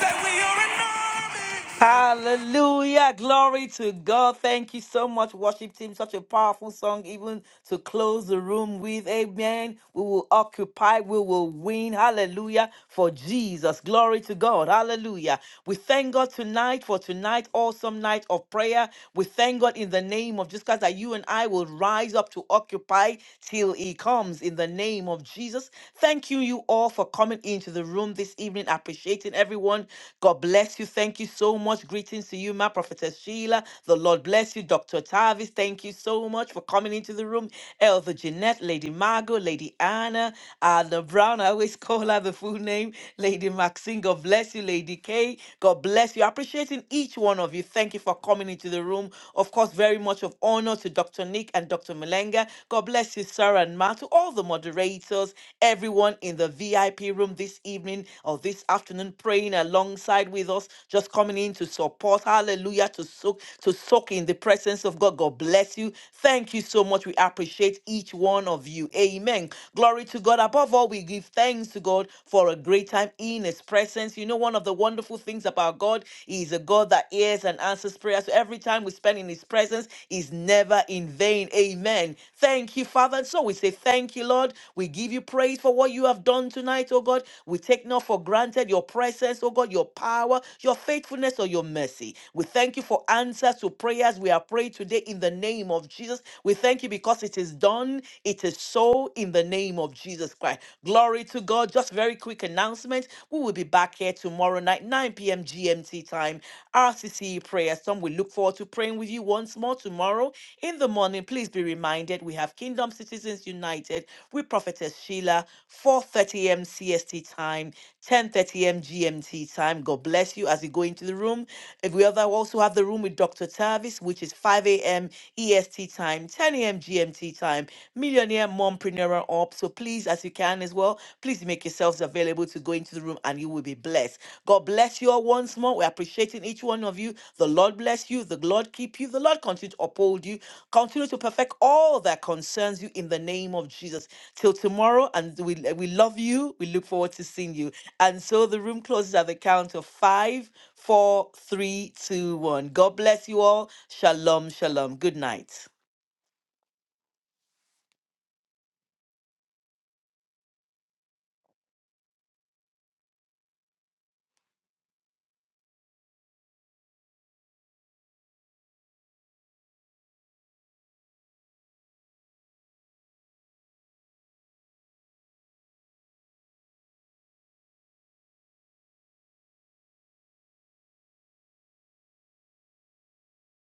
S1: said we are an army.
S6: Hallelujah. Glory to God. Thank you so much, worship team. Such a powerful song, even to close the room with. Amen. We will occupy, we will win. Hallelujah. For Jesus. Glory to God. Hallelujah. We thank God tonight for tonight, awesome night of prayer. We thank God in the name of Jesus Christ that you and I will rise up to occupy till He comes in the name of Jesus. Thank you, you all, for coming into the room this evening. Appreciating everyone. God bless you. Thank you so much. Greetings to you, my prophetess Sheila. The Lord bless you, Dr. Tavis. Thank you so much for coming into the room. Elder Jeanette, Lady Margot, Lady Anna. Uh, the Brown, I always *laughs* call her the full name. Lady Maxine, God bless you. Lady K, God bless you. Appreciating each one of you. Thank you for coming into the room. Of course, very much of honor to Dr. Nick and Dr. Malenga. God bless you, Sarah and Ma, to all the moderators, everyone in the VIP room this evening or this afternoon, praying alongside with us, just coming in to support. Hallelujah. To soak, to soak in the presence of God. God bless bless you. Thank you so much. We appreciate each one of you. Amen. Glory to God. Above all, we give thanks to God for a great time in His presence. You know, one of the wonderful things about God He is a God that hears and answers prayers. So every time we spend in His presence is never in vain. Amen. Thank you, Father. And so we say thank you, Lord. We give you praise for what you have done tonight, oh God. We take not for granted your presence, oh God, your power, your faithfulness or your mercy. We thank you for answers to prayers we have prayed today in the name of Jesus. We thank you because it is done. It is so in the name of Jesus Christ. Glory to God. Just very quick announcement. We will be back here tomorrow night, 9 p.m. GMT time. RCC prayer. Some we look forward to praying with you once more tomorrow in the morning. Please be reminded we have Kingdom Citizens United with Prophetess Sheila reminder 4.30 a.m cst time 10.30 a.m gmt time god bless you as you go into the room if we other also have the room with dr tavis which is 5 a.m est time 10 a.m gmt time millionaire mompreneur up so please as you can as well please make yourselves available to go into the room and you will be blessed god bless you all once more we're appreciating each one of you the lord bless you the lord keep you the lord continue to uphold you continue to perfect all that concerns you in the name of jesus Till tomorrow, and we we love you. We look forward to seeing you. And so the room closes at the count of five, four, three, two, one. God bless you all. Shalom, shalom. Good night.